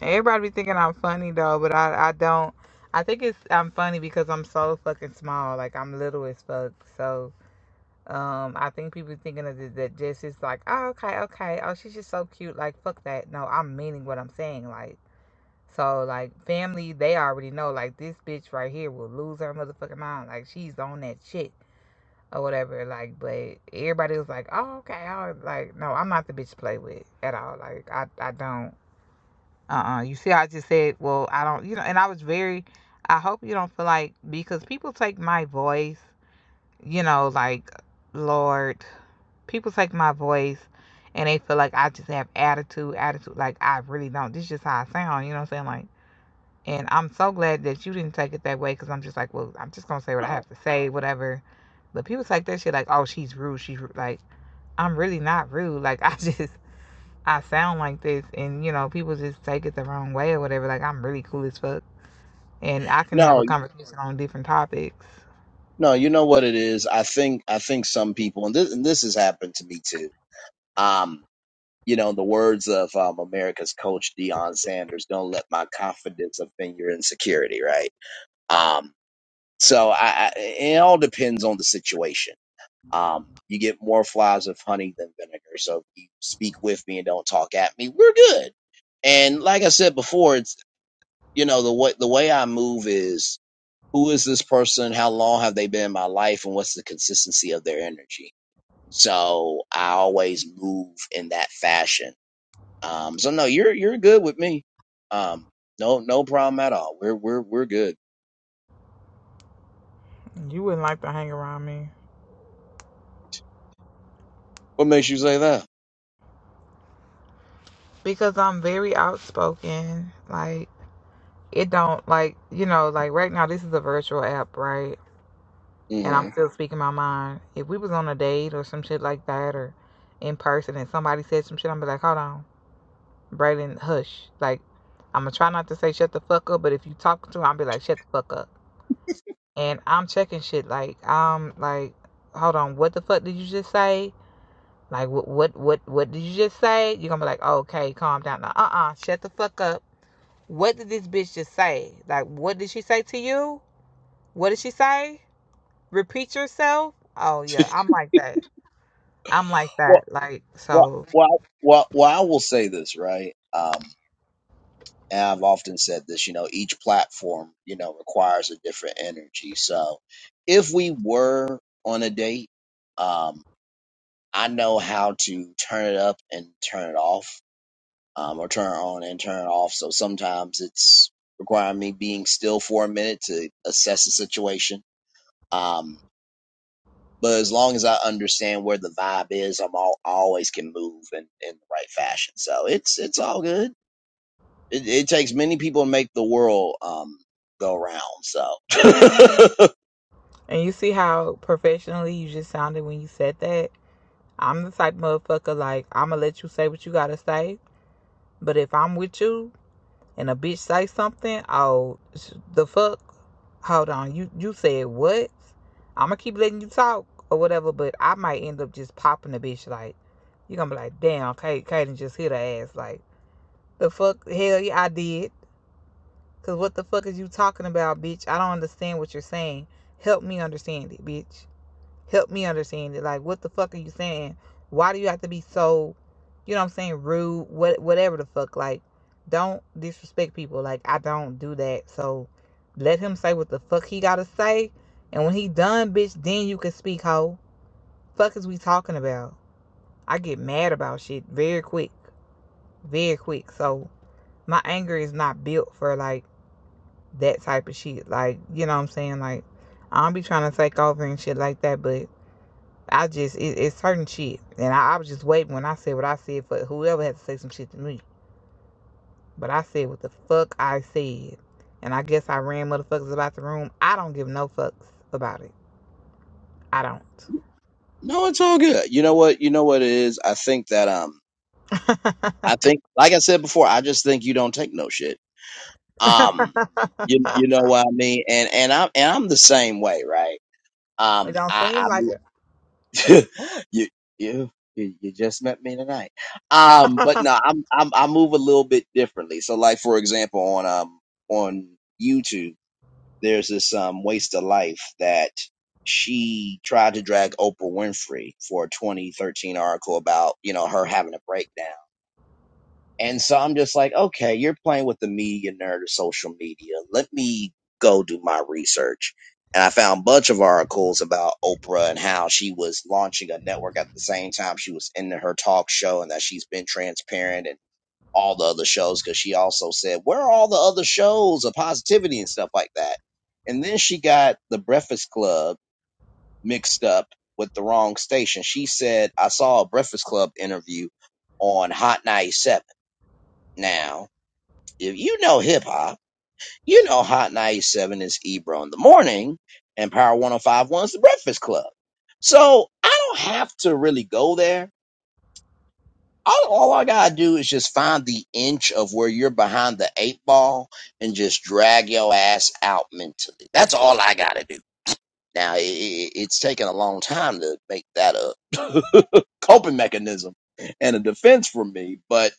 Speaker 3: Everybody be thinking I'm funny though, but I, I don't. I think it's I'm funny because I'm so fucking small. Like I'm little as fuck. So. Um, I think people thinking of it, that just is like, oh, okay, okay, oh, she's just so cute. Like, fuck that. No, I'm meaning what I'm saying. Like, so like family, they already know. Like this bitch right here will lose her motherfucking mind. Like she's on that shit or whatever. Like, but everybody was like, oh, okay, oh, like no, I'm not the bitch to play with at all. Like, I, I don't. Uh-uh. You see, I just said, well, I don't. You know, and I was very. I hope you don't feel like because people take my voice you know, like, Lord, people take my voice and they feel like I just have attitude, attitude. Like, I really don't. This is just how I sound, you know what I'm saying? Like, and I'm so glad that you didn't take it that way because I'm just like, well, I'm just going to say what I have to say, whatever. But people take that shit like, oh, she's rude. She's ru-" like, I'm really not rude. Like, I just, I sound like this. And, you know, people just take it the wrong way or whatever. Like, I'm really cool as fuck. And I can have
Speaker 1: No,
Speaker 3: a conversation on different topics.
Speaker 1: No, you know what it is. I think I think some people, and this and this has happened to me too. Um, you know, in the words of um, America's coach Deion Sanders, "Don't let my confidence offend your insecurity." Right. Um, so I, I, it all depends on the situation. Um, you get more flies with honey than vinegar. So if you speak with me and don't talk at me, we're good. And like I said before, it's you know the way the way I move is who is this person? How long have they been in my life? And what's the consistency of their energy? So I always move in that fashion. Um, so no, you're you're good with me. Um, no no problem at all. We're we're we're good.
Speaker 3: You wouldn't like to hang around me.
Speaker 1: What makes you say that?
Speaker 3: because I'm very outspoken. Like it don't like you know like right now this is a virtual app, right? And
Speaker 1: hmm
Speaker 3: I'm still speaking my mind. If we was on a date or some shit like that, or in person, and somebody said some shit, I'm be like, hold on, Braden, hush. Like I'm gonna try not to say shut the fuck up, but if you talking to, me, I'll be like shut the fuck up. And I'm checking shit like I'm like, hold on, what the fuck did you just say? Like what what what what did you just say? You're gonna be like, okay, calm down. Now, uh uh, shut the fuck up What did this bitch just say? Like, what did she say to you? What did she say? Repeat yourself? Oh, yeah, I'm like that. I'm like
Speaker 1: Well,
Speaker 3: that. Like,
Speaker 1: well,
Speaker 3: so.
Speaker 1: well, well, well, I will say this right. Um, and I've often said this. You know, each platform you know requires a different energy. So if we were on a date. um, I know how to turn it up and turn it off, um, or turn it on and turn it off. So sometimes it's requiring me being still for a minute to assess the situation. Um, but as long as I understand where the vibe is, I'm all, I always can move in, in the right fashion. So it's it's all good. It, it takes many people to make the world um, go round. So
Speaker 3: And you see how professionally you just sounded when you said that? I'm the type of motherfucker, like, I'm gonna let you say what you gotta say, but if I'm with you, and a bitch say something, oh, the fuck? Hold on, you you said what? I'm gonna keep letting you talk or whatever, but I might end up just popping the bitch. Like you gonna be like, damn, Kate, Kaden just hit her ass. Like the fuck, hell yeah, I did. Cause what the fuck is you talking about, bitch? I don't understand what you're saying. Help me understand it, bitch help me understand it. Like, what the fuck are you saying? Why do you have to be so, you know what I'm saying, rude? What, whatever the fuck. Like, don't disrespect people. Like, I don't do that. So, let him say what the fuck he gotta say. And when he done, bitch, then you can speak, ho. Fuck is we talking about? I get mad about shit very quick, very quick. So, my anger is not built for like that type of shit. Like, you know what I'm saying? Like, I don't be trying to take over and shit like that, but I just it, it's certain shit, and I, I was just waiting when I said what I said for whoever had to say some shit to me. But I said what the fuck I said, and I guess I ran motherfuckers about the room. I don't give no fucks about it. I don't.
Speaker 1: no, it's all good. You know what? You know what it is. I think that um, I think, like I said before, I just think you don't take no shit. Um, you you know what I mean? And and I'm and I'm the same way, right?
Speaker 3: it
Speaker 1: Um,
Speaker 3: don't
Speaker 1: I
Speaker 3: seem
Speaker 1: I
Speaker 3: like it.
Speaker 1: move you you you you just met me tonight. Um, but no, I'm I'm I move a little bit differently. So like for example, on um on YouTube, there's this um waste of life that she tried to drag Oprah Winfrey for a 2013 article about you know her having a breakdown and so I'm just like, okay, you're playing with the media nerd of social media. Let me go do my research. And I found a bunch of articles about Oprah and how she was launching a network at the same time she was in her talk show and that she's been transparent and all the other shows because she also said, Where are all the other shows of positivity and stuff like that? And then she got the Breakfast Club mixed up with the wrong station. She said, I saw a Breakfast Club interview on Hot 97. Now, if you know hip hop, you know Hot 97 is Ebro in the morning and Power 1051 is the Breakfast Club. So I don't have to really go there. All, all I gotta do is just find the inch of where you're behind the eight ball and just drag your ass out mentally. That's all I gotta do. Now, i it, it's taken a long time to make that a coping mechanism and a defense for me, but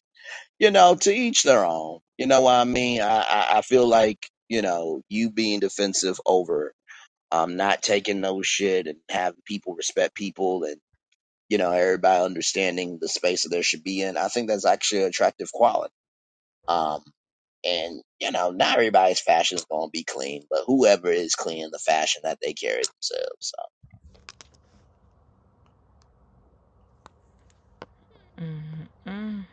Speaker 1: you know, to each their own. You know what I mean? I, I, I feel like, you know, you being defensive over um not taking no shit and having people respect people and, you know, everybody understanding the space that they should be in, I think that's actually an attractive quality. Um and, you know, not everybody's fashion is gonna be clean, but whoever is clean the fashion that they carry themselves. So
Speaker 3: Mm.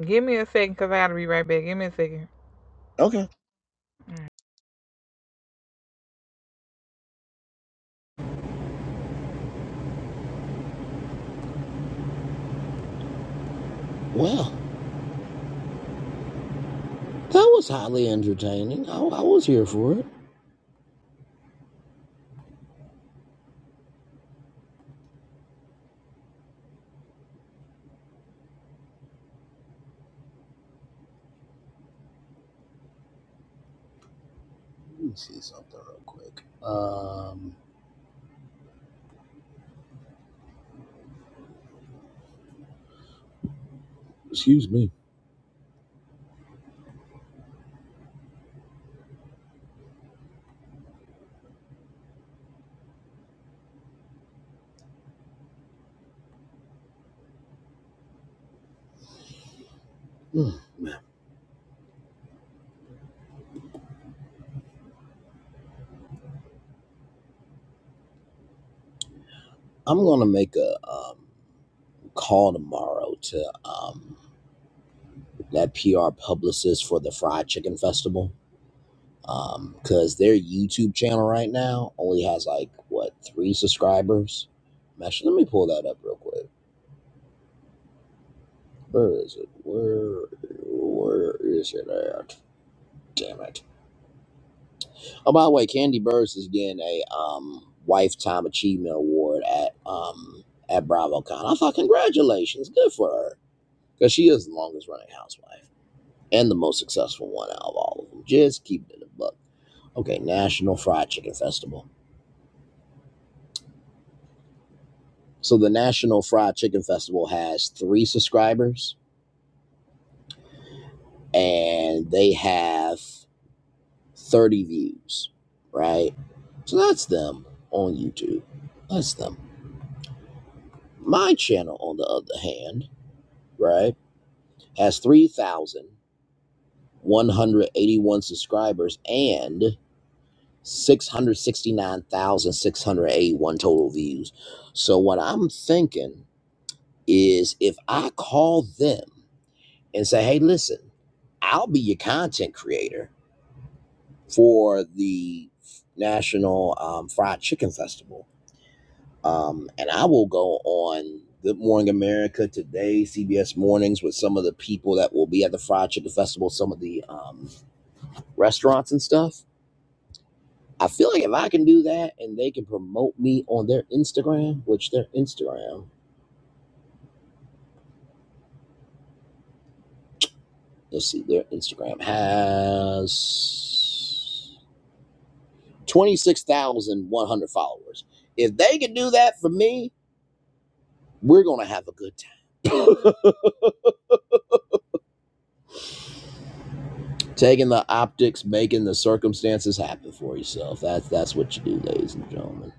Speaker 3: Give me a second, cause I gotta be right back. Give me a second.
Speaker 1: Okay. Well, that was highly entertaining. I, I was here for it. Let me see a second. Um, excuse me. Mm, I'm gonna make a um, call tomorrow to um, that PR publicist for the Fried Chicken Festival because their YouTube channel right now only has like what three subscribers. Actually, let me pull that up real quick. Where is it? Where where is it at? Damn it! Oh, by the way, Candy Burris is getting a um, lifetime achievement award at um, at BravoCon. I thought congratulations, good for her. because she is the longest running housewife and the most successful one out of all of them. Just keep it in the book. Okay, National Fried Chicken Festival. So the National Fried Chicken Festival has three subscribers and they have 30 views, right? So that's them on YouTube. That's them. My channel, on the other hand, right, has 3,181 subscribers and 669,681 total views. So what I'm thinking is if I call them and say, "Hey, listen, I'll be your content creator for the National um, Fried Chicken Festival, um, and I will go on Good Morning America today, CBS Mornings with some of the people that will be at the Fried Chicken Festival, some of the um, restaurants and stuff." I feel like if I can do that and they can promote me on their Instagram, which their Instagram, let's see, their Instagram has 26,100 followers. If they can do that for me, we're going to have a good time. Taking the optics, making the circumstances happen for yourself. That's that's what you do, ladies and gentlemen.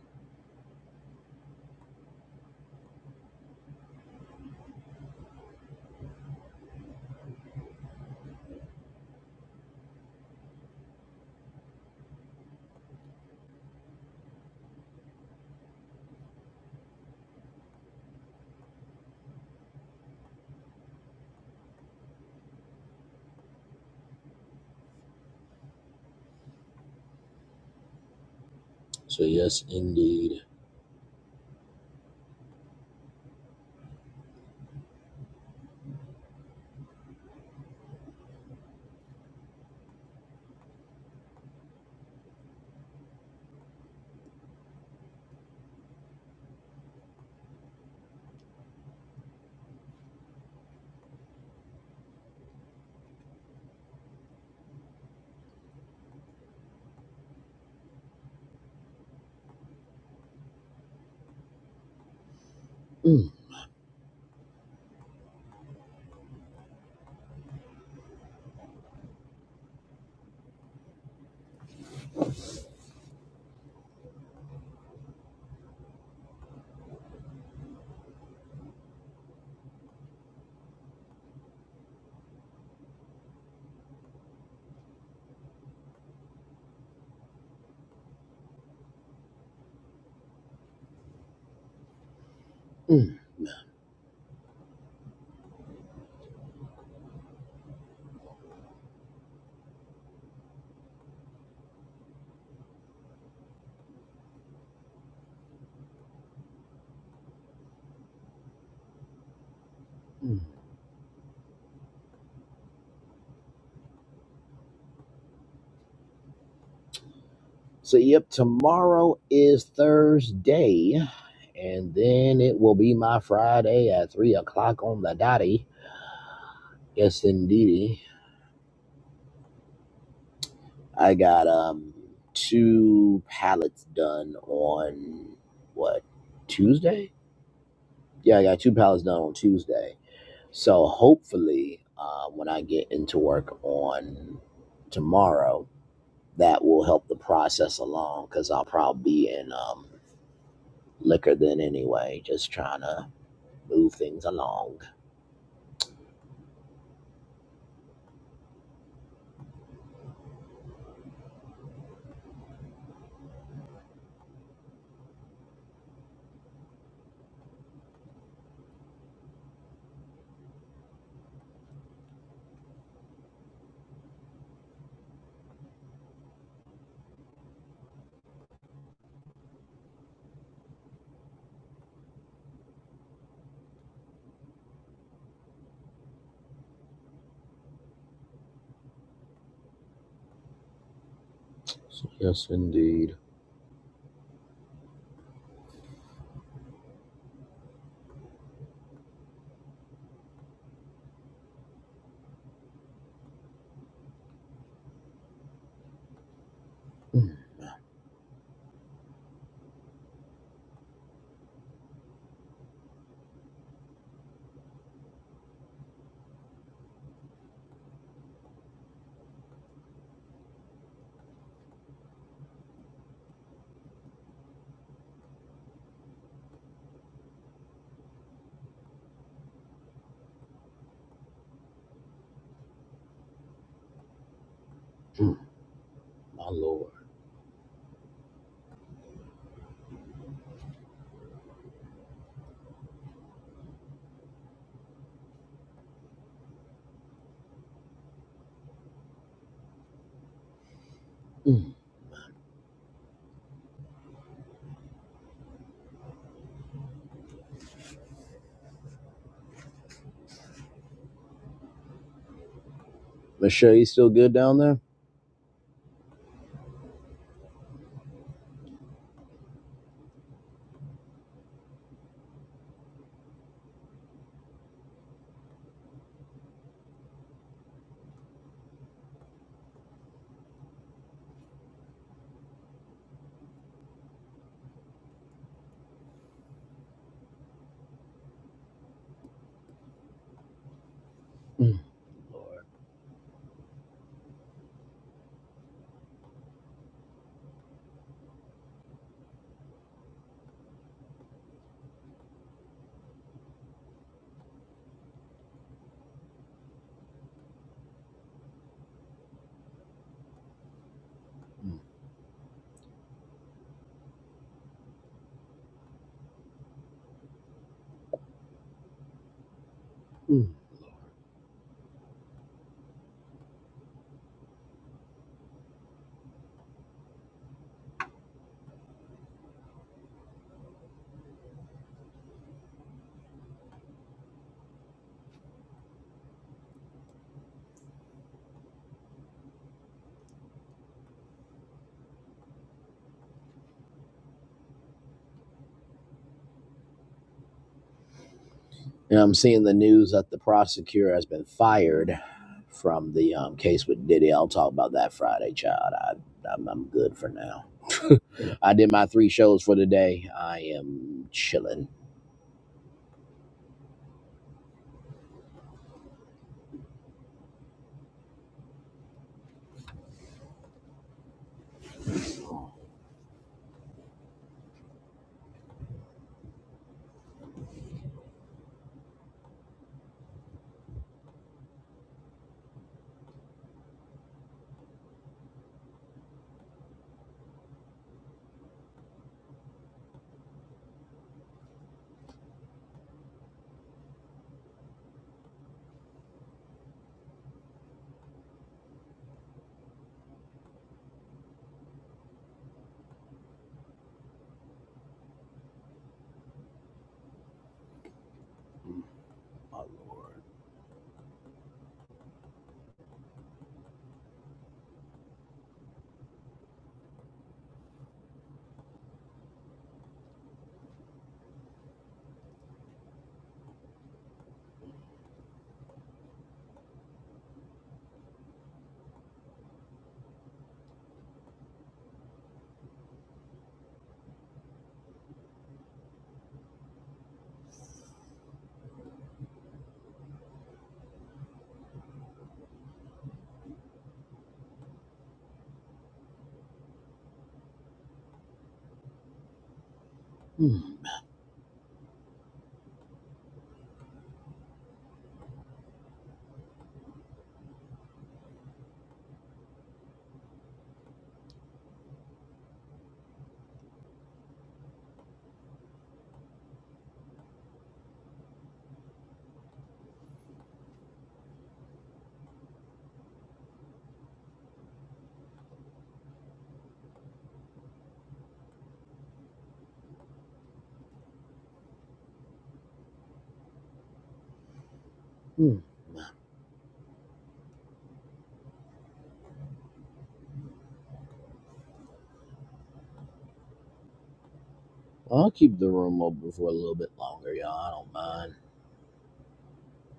Speaker 1: So yes, indeed. Mm, mm, mm. So, yep, tomorrow is Thursday, and then it will be my Friday at three o'clock on the dotty. Yes, indeedy. I got um two pallets done on what Tuesday? Yeah, I got two pallets done on Tuesday. So hopefully, uh, when I get into work on tomorrow, that will help the process along because I'll probably be in um, liquor then anyway, just trying to. move things along. Yes, indeed. Mm, mm, my Lord. Mm, Michelle, you still good down there? mm, Lord. Mm, mm. And I'm seeing the news that the prosecutor has been fired from the um, case with Diddy. I'll talk about that Friday, child. I, I'm, I'm good for now. I did my three shows for the day. I am chilling. Mm, mm. I'll keep the room open for a little bit longer, y'all. I don't mind.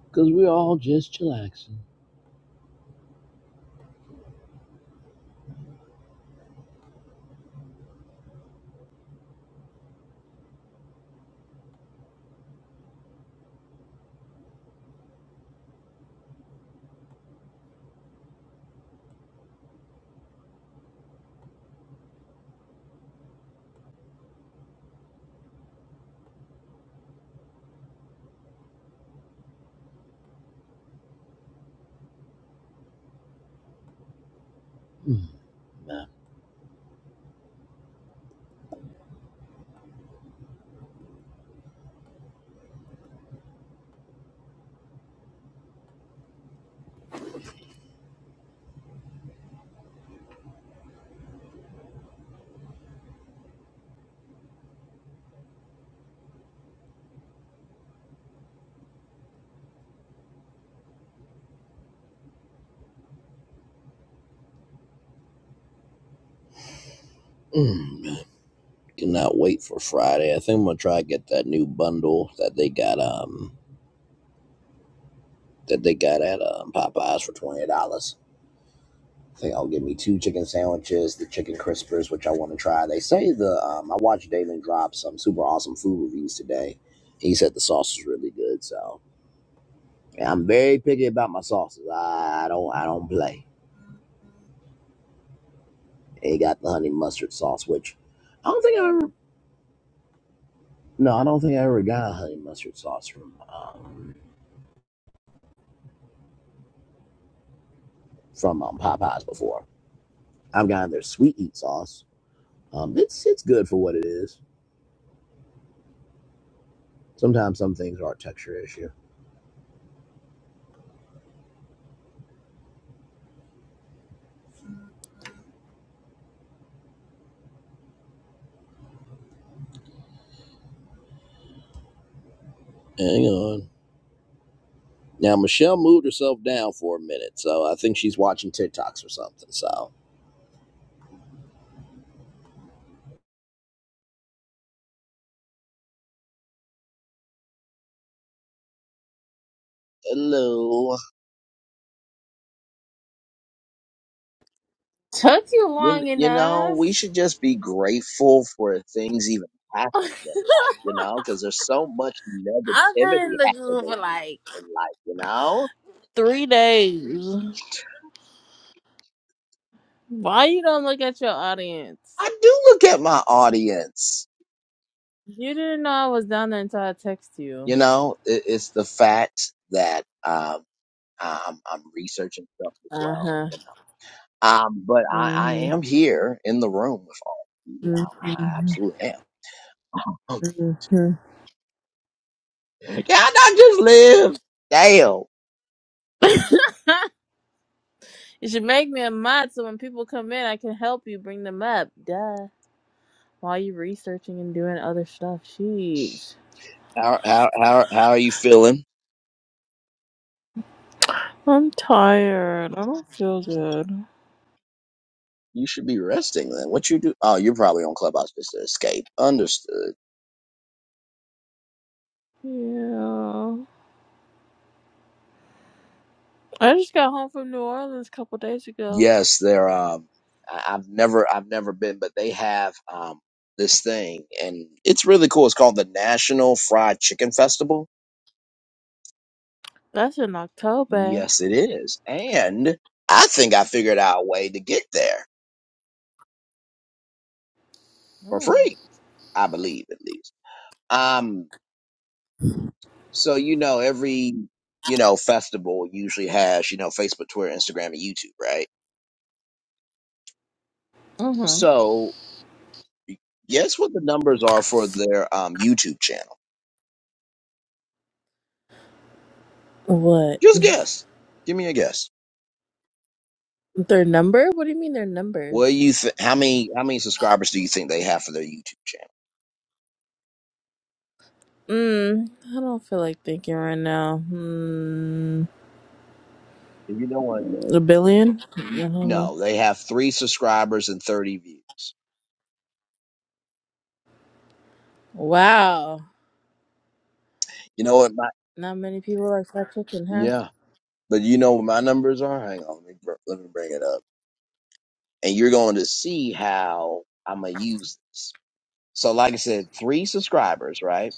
Speaker 1: Because we're all just chillaxing. Mm, Nah. Mm, Cannot wait for Friday. I think I'm gonna try to get that new bundle that they got um that they got at um, Popeyes for twenty dollars. I think I'll give me two chicken sandwiches, the chicken crispers, which I want to try. They say the um, I watched Damon drop some super awesome food reviews today. He said the sauce is really good, so yeah, I'm very picky about my sauces. I, I don't I don't play. They got the honey mustard sauce, which I don't think I ever no I don't think I ever got a honey mustard sauce from um, from um, Popeyes before. I've gotten their sweet eat sauce. Um, it's it's good for what it is. Sometimes some things are a texture issue. Hang on. Now Michelle moved herself down for a minute, so I think she's watching TikToks or something. So Hello.
Speaker 4: Took you
Speaker 1: You,
Speaker 4: long
Speaker 1: you know, we
Speaker 4: enough.
Speaker 1: should just be grateful for things even
Speaker 4: I've
Speaker 1: happening in life, you know, because there's so much
Speaker 4: been in
Speaker 1: negativity
Speaker 4: the group for
Speaker 1: happening
Speaker 4: like
Speaker 1: in life, you know?
Speaker 4: three days. Why you don't look at your audience?
Speaker 1: I do look at my audience,
Speaker 4: You didn't know I was down there until I text
Speaker 1: you
Speaker 4: you.
Speaker 1: know, it, it's the fact that um, I- I'm, I'm researching stuff as
Speaker 4: Uh
Speaker 1: well.
Speaker 4: huh.
Speaker 1: You know. Um, but I, I
Speaker 4: hmm
Speaker 1: am here in the room with all of you.
Speaker 4: hmm
Speaker 1: I, I absolutely am. Can I not just live? Dale.
Speaker 4: you should make me a mod so when people come in, I can help you bring them up. Duh. While you researching and doing other stuff, jeez.
Speaker 1: How, how, how, how are you feeling?
Speaker 4: I'm tired. I don't feel good.
Speaker 1: You should be resting then. What you do? Oh, you're probably on Clubhouse just to escape. Understood.
Speaker 4: Yeah. I just got home from New Orleans a couple days ago.
Speaker 1: Yes, they're, um, I, I've never, I've never been, but they have, um, this thing and it's really cool. It's called the National Fried Chicken Festival
Speaker 4: That's in October.
Speaker 1: Yes, it is. And I think I figured out a way to get there for free. I believe at least. Um, so you know, every you know festival usually has you know Facebook, Twitter, Instagram, and YouTube, right?
Speaker 4: Mm-hmm.
Speaker 1: So guess what the numbers are for their um YouTube channel?
Speaker 4: What?
Speaker 1: Just guess. Give me a guess.
Speaker 4: Their number? What do you mean their
Speaker 1: What do
Speaker 4: numbers?
Speaker 1: you th- how many how many subscribers do you think they have for their YouTube channel?
Speaker 4: Mm, I don't feel like thinking right now. Mm,
Speaker 1: If you don't want to guess,
Speaker 4: a billion? I
Speaker 1: n-
Speaker 4: don't know.
Speaker 1: no, they have three subscribers and thirty views.
Speaker 4: Wow.
Speaker 1: You know what? My,
Speaker 4: Not many people like fried chicken, huh?
Speaker 1: yeah. But you know what my numbers are? Hang on, let me, br- let me bring it up. And you're going to see how I'm going to use this. So, like I said, three subscribers, right?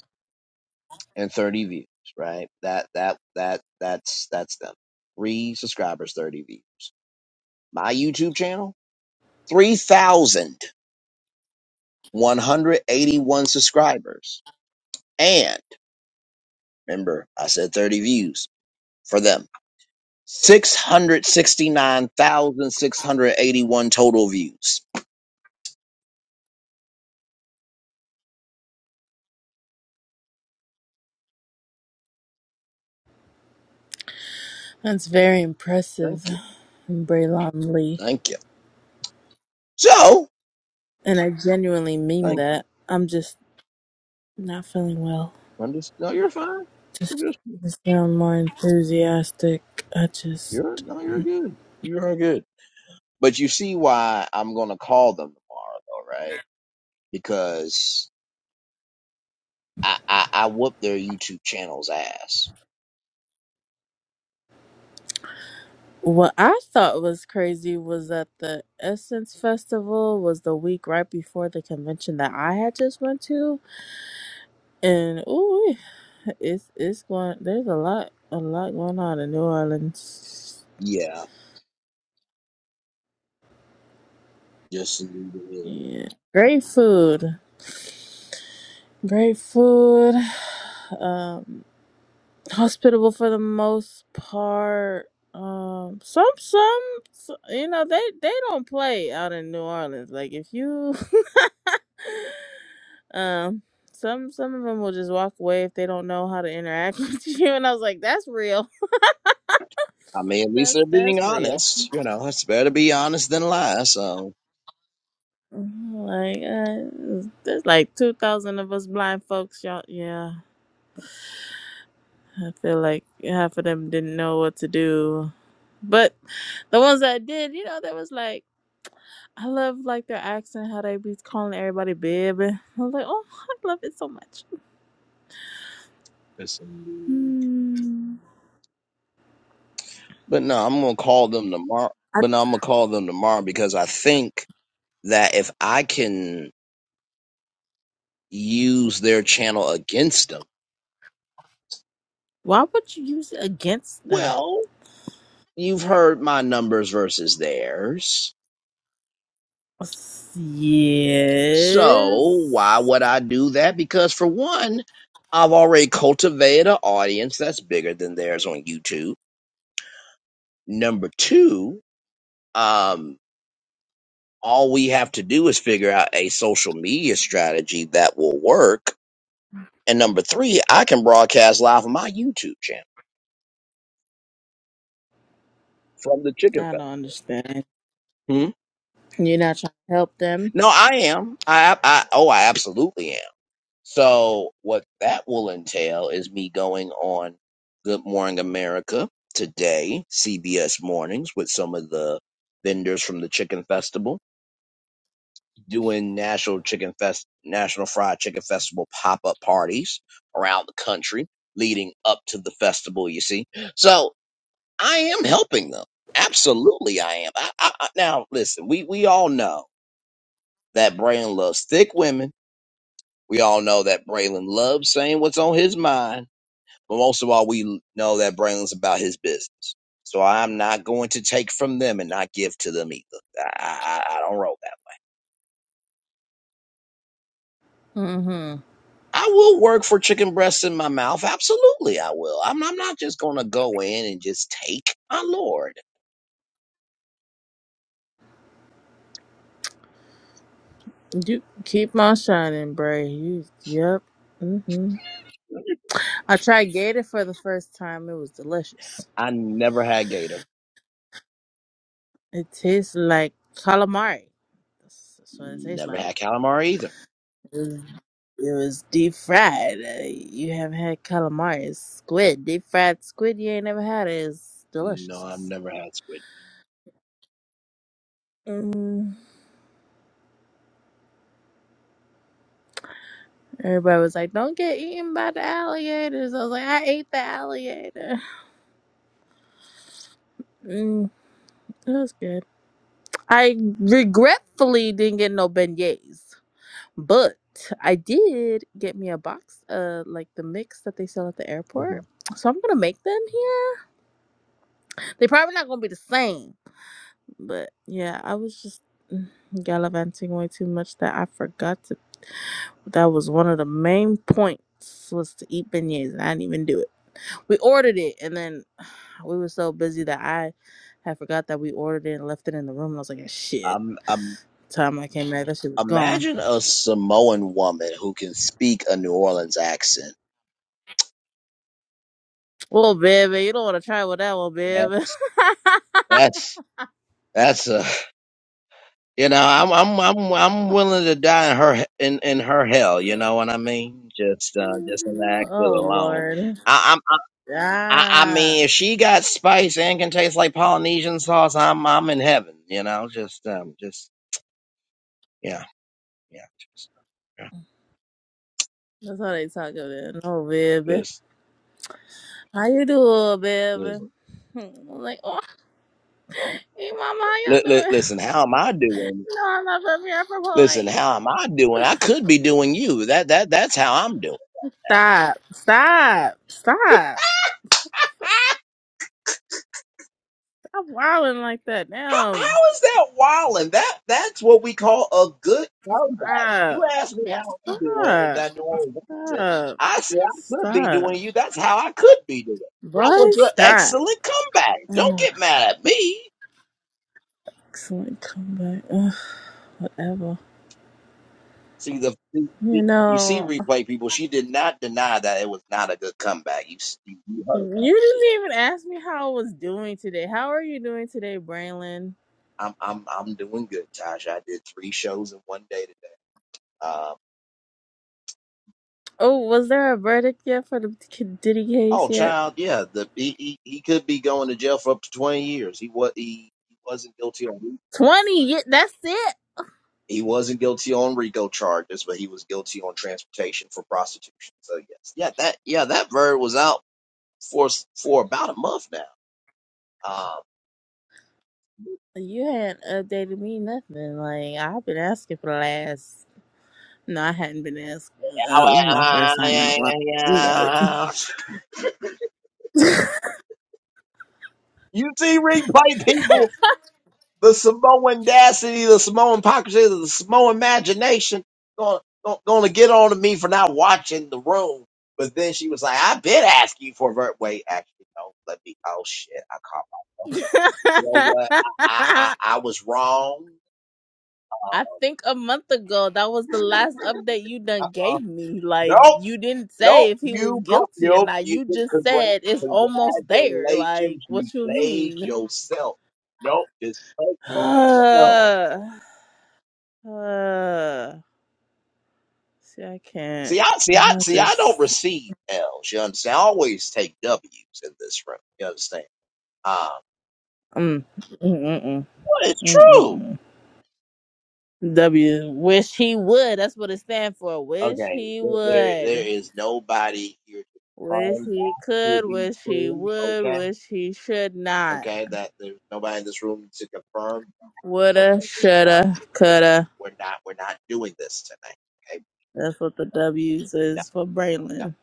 Speaker 1: And 30 views, right? That, that, that, that's, that's them. Three subscribers, 30 views. My YouTube channel, 3,181 subscribers. And remember, I said 30 views for them. 669,681 total views.
Speaker 4: That's very impressive,
Speaker 1: Thank you.
Speaker 4: Braylon Lee.
Speaker 1: Thank you. So,
Speaker 4: And I genuinely mean
Speaker 1: thank you.
Speaker 4: that. I'm just not feeling well.
Speaker 1: I'm just fine.
Speaker 4: Just,
Speaker 1: You're, just,
Speaker 4: just sound more enthusiastic. I just.
Speaker 1: you're, no, you're good. But you see why I'm going to call them tomorrow, though, right? Because I, I, I whoop their YouTube channel's ass.
Speaker 4: What I thought was crazy was that the Essence Festival was the week right before the convention that I had just went to, and ooh, it's it's going. There's a lot, a lot going on in New Orleans.
Speaker 1: Yeah.
Speaker 4: Yeah, great food, great food. Um, hospitable for the most part. Um, some some, s you know they they don't play out in New Orleans. Like if you. Um, some some of them will just walk away if they don't know how to interact with you, and I was like, that's real.
Speaker 1: I mean, at least
Speaker 4: That's
Speaker 1: they're being
Speaker 4: that's real.
Speaker 1: honest. You know, it's better to be honest than lie. So,
Speaker 4: Like uh, there's like two thousand of us blind folks, y'all. Yeah, I feel like half of them didn't know what to do, but the ones that did, you know, there was like I love like their accent, how they be calling everybody babe. I was like, oh, I love it so much.
Speaker 1: Listen,
Speaker 4: Hmm.
Speaker 1: but no, I'm gonna call them tomorrow.
Speaker 4: I,
Speaker 1: But no, I'm gonna call them tomorrow because I think that if I can use their channel against them,
Speaker 4: why would you use it against them?
Speaker 1: well, you've heard my numbers versus theirs. So why
Speaker 4: Yes.
Speaker 1: would I do that? Because for one, I've already cultivated an audience that's bigger than theirs on YouTube. Number two, um. all we have to do is figure out a social media strategy that will work. And number three, I can broadcast live on my YouTube channel from the
Speaker 4: I
Speaker 1: chicken
Speaker 4: don't
Speaker 1: fest.
Speaker 4: understand.
Speaker 1: Hmm?
Speaker 4: You're not trying to help them.
Speaker 1: No, I am. I, I oh, I absolutely am. So what that will entail is me going on Good Morning America today, CBS Mornings, with some of the vendors from the Chicken Festival doing national chicken fest national fried chicken festival pop-up parties around the country leading up to the festival you see so i am helping them absolutely i am I, I, I- now listen we we all know that braylon loves thick women we all know that braylon loves saying what's on his mind but most of all we know that braylon's about his business so i'm not going to take from them and not give to them either i i, I I don't roll
Speaker 4: Mm-hmm.
Speaker 1: I will work for chicken breasts in my mouth. Absolutely, I will. I'm, I'm not just going to go in and just take. My lord,
Speaker 4: You keep on shining, Bray. You, yep. Mm-hmm. I tried gator for the first time. It was delicious.
Speaker 1: I never had gator.
Speaker 4: It tastes like calamari. That's, that's what it tastes
Speaker 1: Never
Speaker 4: like.
Speaker 1: had calamari either.
Speaker 4: It was, it was deep fried. Uh, you haven't had calamari. It's squid. Deep fried squid. You ain't never had it. It's
Speaker 1: No, I've
Speaker 4: delicious.
Speaker 1: never had squid.
Speaker 4: Everybody was like, "Don't get eaten by the alligators." I was like, "I ate the alligator." Mm, it was good. I regretfully didn't get no beignets, but I did get me a box of like the mix that they sell at the
Speaker 1: Mhm.
Speaker 4: airport. So I'm gonna make them here. They're probably not gonna be the same, but yeah, I was just mm, gallivanting way too much that I forgot to. That was one of the main points was to eat beignets, and I didn't even do it we ordered it and then We were so busy that I had forgot that we ordered it and left it in the room. And I was like, shit.
Speaker 1: I'm. I'm,
Speaker 4: Time I came back, that shit was gone.
Speaker 1: imagine a Samoan woman who can speak a New Orleans accent.
Speaker 4: Well, baby, you don't want to try with that one,
Speaker 1: That,
Speaker 4: baby.
Speaker 1: that's that's a you know I'm I'm I'm I'm willing to die in her in in her hell. You know what I mean? Just uh, just in the accent
Speaker 4: oh,
Speaker 1: alone.
Speaker 4: Lord.
Speaker 1: I, I'm. I, I
Speaker 4: Yeah.
Speaker 1: mean, if she got spice and can taste like Polynesian sauce, I'm I'm in heaven. You know, just um, just yeah, yeah. Just, yeah.
Speaker 4: That's how they talk about it. Oh, baby.
Speaker 1: Listen,
Speaker 4: How you doing, baby?
Speaker 1: listen,
Speaker 4: I'm like, oh, hey, mama,
Speaker 1: li-
Speaker 4: how y'all
Speaker 1: li-
Speaker 4: doing?
Speaker 1: listen. How am I doing?
Speaker 4: No, I'm not from here. I'm from
Speaker 1: Listen,
Speaker 4: Hawaii.
Speaker 1: how am I doing? I could be doing you. That that that's how I'm doing.
Speaker 4: Stop. Stop. Stop. Stop wilding like that.
Speaker 1: How,
Speaker 4: Damn.
Speaker 1: how is that wilding? That that's what we call a good comeback. You
Speaker 4: Stop.
Speaker 1: asked me how I'm doing in
Speaker 4: Stop.
Speaker 1: that New Orleans accent.
Speaker 4: Stop.
Speaker 1: I said
Speaker 4: Just
Speaker 1: I could be
Speaker 4: stop.
Speaker 1: doing you. That's how I could be doing. That was
Speaker 4: What?
Speaker 1: an
Speaker 4: Stop.
Speaker 1: excellent comeback. Don't
Speaker 4: Ugh,
Speaker 1: get mad at me.
Speaker 4: excellent comeback. Ugh, whatever.
Speaker 1: See the the-
Speaker 4: You
Speaker 1: the- you see
Speaker 4: know,
Speaker 1: replay people. She did not deny that it was not a good comeback. You s- you you heard.
Speaker 4: um, you didn't even ask me how I was doing today. How are you doing today, Braylon?
Speaker 1: I'm I'm I'm doing good, Tasha. I did three shows in one day today. Um,
Speaker 4: Oh, was there a verdict yet for the K- Diddy
Speaker 1: Oh,
Speaker 4: case yet?
Speaker 1: child, yeah, the he, he, he could be going to jail for up to twenty years. He was he, he wasn't guilty on
Speaker 4: 20. Yeah, that's it.
Speaker 1: he wasn't guilty on RICO charges, but he was guilty on transportation for prostitution. So yes, yeah, that yeah that bird was out for s- for about a month now. Um,
Speaker 4: You hadn't updated me nothing. Like, I've been asking for the last. No, I hadn't been asking. Uh, it was my first time in a while. You
Speaker 1: you see, replay people. the Samoan audacity, the Samoan hypocrisy, the Samoan imagination gonna, gonna get on to me for not watching the room. But then she was like, I've been asking you for a ver- wait, actually, no, let me, oh shit, I caught myself. You know what? I, I,
Speaker 4: right.
Speaker 1: I, I was wrong.
Speaker 4: I think a month ago that was the last update you done
Speaker 1: Uh,
Speaker 4: gave me. Like
Speaker 1: nope,
Speaker 4: you didn't
Speaker 1: nope,
Speaker 4: say if he was
Speaker 1: you caught,
Speaker 4: guilty or
Speaker 1: nope,
Speaker 4: not.
Speaker 1: you,
Speaker 4: You just
Speaker 1: congr-
Speaker 4: said it's almost there. Like
Speaker 1: congratulations, you
Speaker 4: what you
Speaker 1: played
Speaker 4: mean?
Speaker 1: yourself. Nope, just take that L.
Speaker 4: uh, see, I can't.
Speaker 1: See, I see, I
Speaker 4: I
Speaker 1: see, I don't
Speaker 4: just
Speaker 1: receive L's. You understand? I always take W's in this room. You understand? Um,
Speaker 4: mm, mm, mm, mm,
Speaker 1: but it's
Speaker 4: mm,
Speaker 1: true.
Speaker 4: mm, mm. W. Wish he would. That's what it stands for. Wish
Speaker 1: Okay,
Speaker 4: he
Speaker 1: there, there, there
Speaker 4: would.
Speaker 1: is nobody here to
Speaker 4: Wish
Speaker 1: confirm
Speaker 4: he
Speaker 1: that to
Speaker 4: could.
Speaker 1: be
Speaker 4: Wish he
Speaker 1: true.
Speaker 4: would.
Speaker 1: Okay,
Speaker 4: Wish he should not.
Speaker 1: okay, that there's nobody in this room to confirm.
Speaker 4: Woulda,
Speaker 1: Okay, it's, uh,
Speaker 4: shoulda,
Speaker 1: we're,
Speaker 4: coulda.
Speaker 1: we're not, we're not doing this tonight. Okay,
Speaker 4: That's what the W's
Speaker 1: no,
Speaker 4: is for Braylon.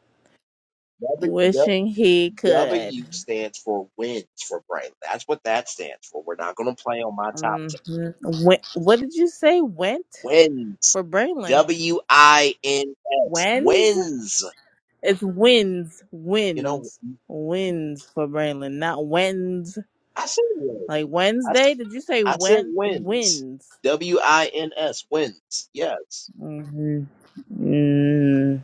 Speaker 1: no. W, W
Speaker 4: Wishing he could.
Speaker 1: W stands for wins for Braylon. That's what that stands for. We're not going to play on my top.
Speaker 4: Mm-hmm. what did you say? Went
Speaker 1: Wins.
Speaker 4: for Braylon.
Speaker 1: W I N S.
Speaker 4: Wins?
Speaker 1: Wins.
Speaker 4: It's wins.
Speaker 1: You know,
Speaker 4: Wins. Wins for Braylon, not wins.
Speaker 1: I said wins.
Speaker 4: Like
Speaker 1: I, s-
Speaker 4: Wednesday? Did you say
Speaker 1: I said
Speaker 4: when?
Speaker 1: wins.
Speaker 4: Wins.
Speaker 1: W I N S. Wins. Yes.
Speaker 4: Mm-hmm. mm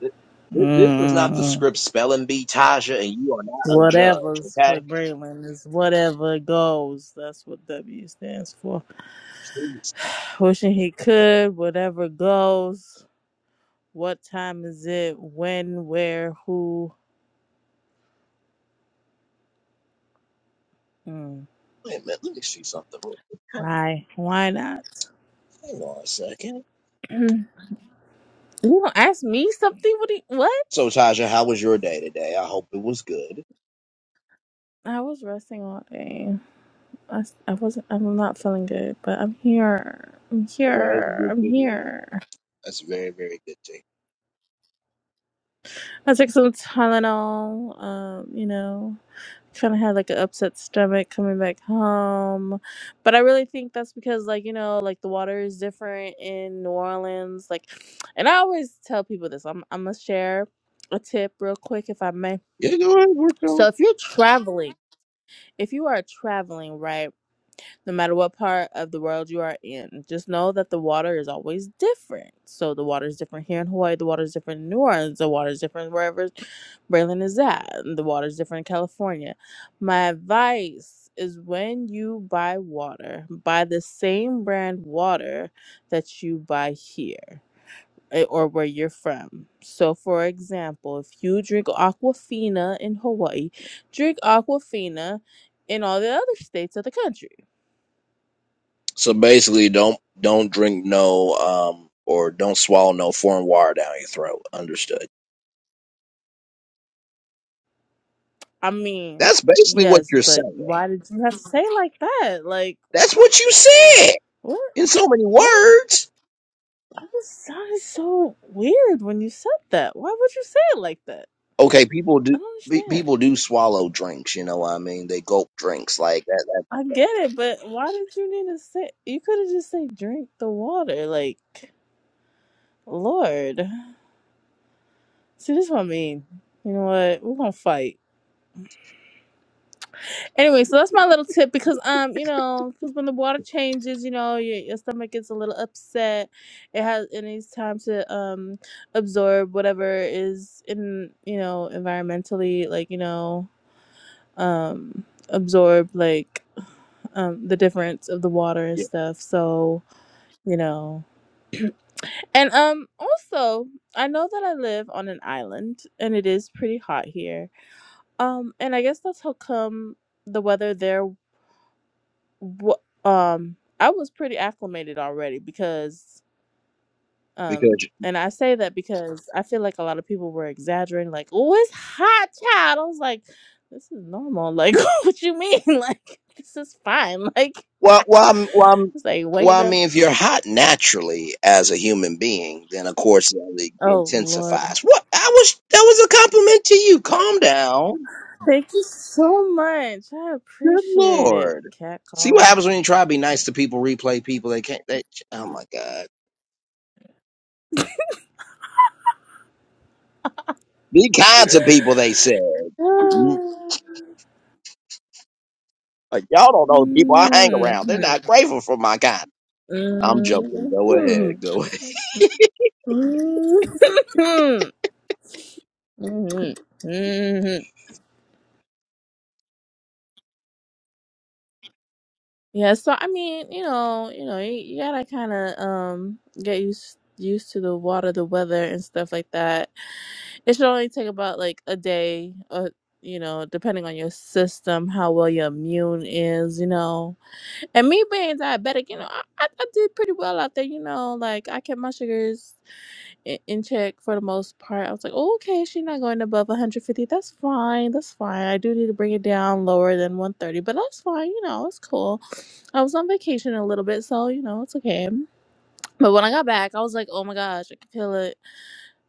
Speaker 1: Th- th- This is not the
Speaker 4: mm
Speaker 1: script spelling bee, Taja, and you are not a judge,
Speaker 4: Whatever's for
Speaker 1: okay?
Speaker 4: Braylon is whatever goes. That's what W stands for.
Speaker 1: Please.
Speaker 4: Wishing he could, whatever goes. What time is it? When, where, who? Mm.
Speaker 1: Wait a minute, let me see something.
Speaker 4: Why? Why not?
Speaker 1: Hang on a second.
Speaker 4: you gonna ask me something? What? Do you, what?
Speaker 1: So, Taja, how was your day today? I hope it was good.
Speaker 4: I was resting all day. I, s- I wasn't. I'm not feeling good, but I'm here. I'm
Speaker 1: That is
Speaker 4: here.
Speaker 1: good
Speaker 4: I'm
Speaker 1: to hear.
Speaker 4: here.
Speaker 1: That's very, very good to hear.
Speaker 4: I took some Tylenol. Um, you know. kind of had like an upset stomach coming back home but i really think that's because like you know like the water is different in new orleans like and i always tell people this i'm, I'm gonna share a tip real quick if i may
Speaker 1: Yeah, go ahead,
Speaker 4: so if you're traveling if you are traveling right no matter what part of the world you are in. Just know that the water is always different. So the water is different here in Hawaii, the water is different in New Orleans, the water is different wherever Braylon is at, and the water is different in California. My advice is when you buy water, buy the same brand water that you buy here. eh, Or where you're from. So, for example, if you drink Aquafina in Hawaii, drink Aquafina in all the other states of the country
Speaker 1: So basically, don't don't drink no um or don't swallow no foreign water down your throat. Understood.
Speaker 4: I mean,
Speaker 1: That's basically what
Speaker 4: yes,
Speaker 1: you're
Speaker 4: but
Speaker 1: saying.
Speaker 4: why did you have to say it like that? Like,
Speaker 1: That's
Speaker 4: what?
Speaker 1: what you said
Speaker 4: What?
Speaker 1: in so many
Speaker 4: What?
Speaker 1: words.
Speaker 4: That just sounded so weird when you said that. Why would you say it like that?
Speaker 1: Okay, people do
Speaker 4: I don't
Speaker 1: pe-
Speaker 4: understand.
Speaker 1: people do swallow drinks. You know what I mean? They gulp drinks like that. that
Speaker 4: I get it, but why did you need to say? You could have just said, "Drink the water." Like, Lord, see, this is what I mean. You know what? We're gonna fight. Anyway, so that's my little tip because um, you know, because when the water changes, you know, your, your stomach gets a little upset. It has it needs time to um absorb whatever is in you know environmentally, like you know, um, absorb like um the difference of the water and stuff. So you know, and um, also I know that I live on an island and it is pretty hot here. Um, and I guess that's how come the weather there Wh- um i was pretty acclimated already because um
Speaker 1: because
Speaker 4: and i say that because i feel like a lot of people were exaggerating like oh it's hot child i was like this is normal like what you mean like this is fine like
Speaker 1: well, well, I'm, well, I'm,
Speaker 4: it's like
Speaker 1: well,
Speaker 4: waking
Speaker 1: I
Speaker 4: up
Speaker 1: mean, if you're hot naturally as a human being, then of course it only
Speaker 4: oh lord
Speaker 1: intensifies. What? I was that was a compliment to you. Calm down.
Speaker 4: thank you so much i
Speaker 1: Good
Speaker 4: appreciate it
Speaker 1: lord.
Speaker 4: cat
Speaker 1: See what
Speaker 4: calling
Speaker 1: happens when you try to be nice to people. Replay people. They can't. They, oh my god. Be kind to people. They said. Mm, Like, y'all don't know the people I hang
Speaker 4: Mm,
Speaker 1: around. They're not grateful for my kind. I'm joking.
Speaker 4: mm,
Speaker 1: Go
Speaker 4: mm,
Speaker 1: ahead. Go ahead.
Speaker 4: mm. hmm hmm Yeah, so I mean, you know, you know, you, you gotta kind of um get used used to the water, the weather, and stuff like that. It should only take about like a day, or you know, depending on your system, how well your immune is, you know. And me being diabetic, you know, I, I, I did pretty well out there, you know, like I kept my sugars. in in check for the most part. I was like, oh, okay, she's not going above 150. That's fine. That's fine. I do need to bring it down lower than 130, but that's fine. You know, it's cool. I was on vacation a little bit, so, you know, it's okay. But when I got back, I was like, oh my gosh, I can feel it.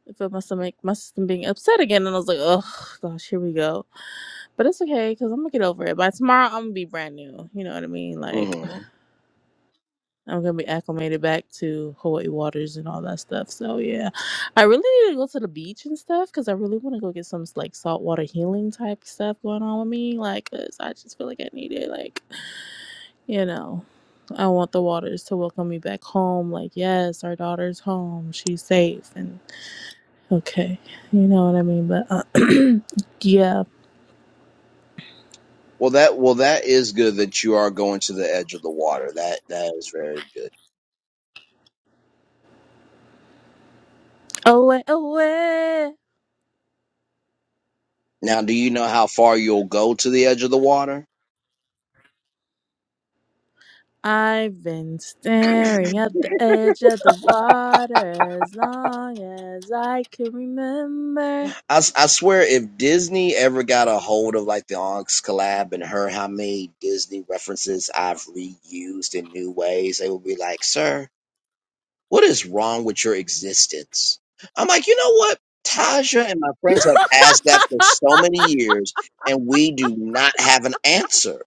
Speaker 4: I feel my stomach, my system being upset again. And I was like, oh gosh, here we go. But it's okay because I'm going to get over it. By tomorrow, I'm going to be brand new. You know what I mean? Like,
Speaker 1: Mhm.
Speaker 4: I'm gonna be acclimated back to Hawaii waters and all that stuff. So yeah, I really need to go to the beach and stuff because I really want to go get some like saltwater healing type stuff going on with me. Like, 'cause I just feel like I need it. Like, you know, I want the waters to welcome me back home. Like, yes, our daughter's home. She's safe and okay. You know what I mean? But uh, yeah,
Speaker 1: Well, that well that is good that you are going to the edge of the water. That that is very good.
Speaker 4: away, away.
Speaker 1: Now, do you know how far you'll go to the edge of the water?
Speaker 4: I've been staring at the edge of the water as long as I can remember.
Speaker 1: I, s- I swear, if Disney ever got a hold of like the Onyx collab and heard how many Disney references I've reused in new ways, they would be like, "Sir, what is wrong with your existence?" I'm like, you know what? Tasha and my friends have asked that for so many years, and we do not have an answer.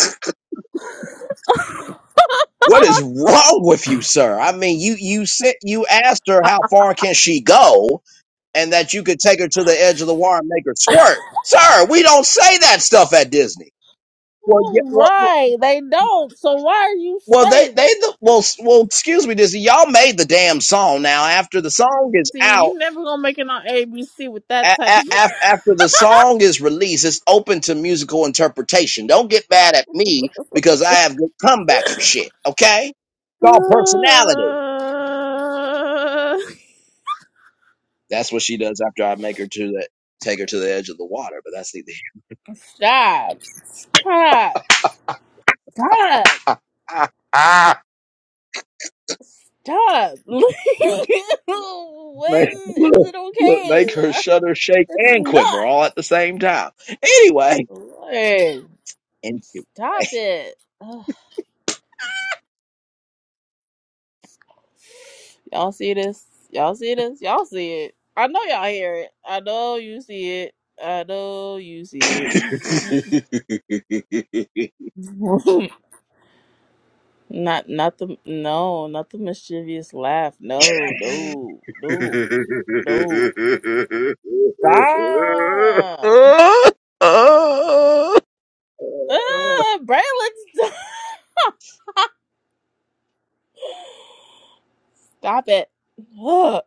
Speaker 1: What is wrong with you, sir? I mean, you you sent you asked her how far can she go, and that you could take her to the edge of the water and make her squirt, sir. We don't say that stuff at Disney. Well, yeah, well,
Speaker 4: Right, they don't. So why are you
Speaker 1: well, they
Speaker 4: saying
Speaker 1: they
Speaker 4: it?
Speaker 1: the, well s- well excuse me, Disney. Y'all made the damn song. Now after the song is
Speaker 4: See,
Speaker 1: out.
Speaker 4: you never gonna make it on ABC with that
Speaker 1: A-
Speaker 4: type
Speaker 1: a-
Speaker 4: of.
Speaker 1: af- after the song is released, it's open to musical interpretation. Don't get mad at me because I have good comebacks for shit. Okay, it's all personality. That's what she does after I make her to that take her to the edge of the water. But that's neither here.
Speaker 4: Stop! Stop! Stop! Stop! when
Speaker 1: make,
Speaker 4: is
Speaker 1: look,
Speaker 4: it
Speaker 1: look, make her
Speaker 4: okay?
Speaker 1: shudder, shake,
Speaker 4: It's
Speaker 1: and quiver
Speaker 4: not.
Speaker 1: all at the same time. Anyway,
Speaker 4: Right.
Speaker 1: anyway,
Speaker 4: Stop it. Ugh. Y'all see this? Y'all see this? Y'all see it. I know y'all hear it. I know you see it. I know you see it. not not the no, not the mischievous laugh. No, no, no, no. Stop. Ah, Braylon, stop. Stop it. Ugh.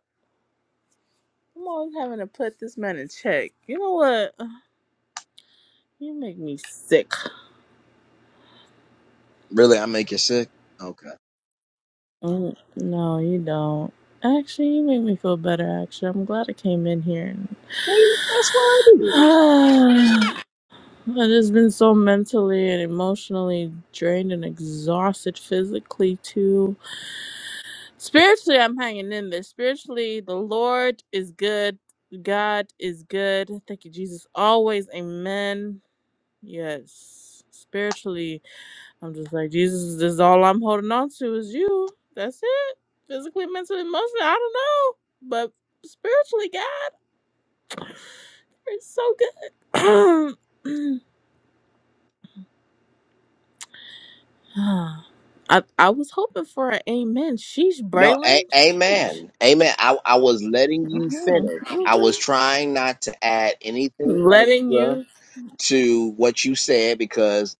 Speaker 4: I'm always having to put this man in check. You know what? You make me sick.
Speaker 1: really, I make you sick. Okay.
Speaker 4: Mm, No, you don't. Actually, you make me feel better. Actually, I'm glad I came in here. And... I've just been so mentally and emotionally drained and exhausted, physically too. Spiritually, I'm hanging in there. Spiritually, the Lord is good. God is good. Thank you, Jesus. Always, Amen. Yes. Spiritually. I'm just like, Jesus, this is all I'm holding on to is you. That's it. Physically, mentally, emotionally, I don't know. But spiritually, God, it's so good. I, I was hoping for an amen. Sheesh,
Speaker 1: No,
Speaker 4: Braylon.
Speaker 1: a-
Speaker 4: Sheesh.
Speaker 1: amen, amen. I I was letting you
Speaker 4: Mhm,
Speaker 1: finish. I
Speaker 4: mhm.
Speaker 1: was trying not to add anything
Speaker 4: Letting
Speaker 1: extra.
Speaker 4: you
Speaker 1: to what you said because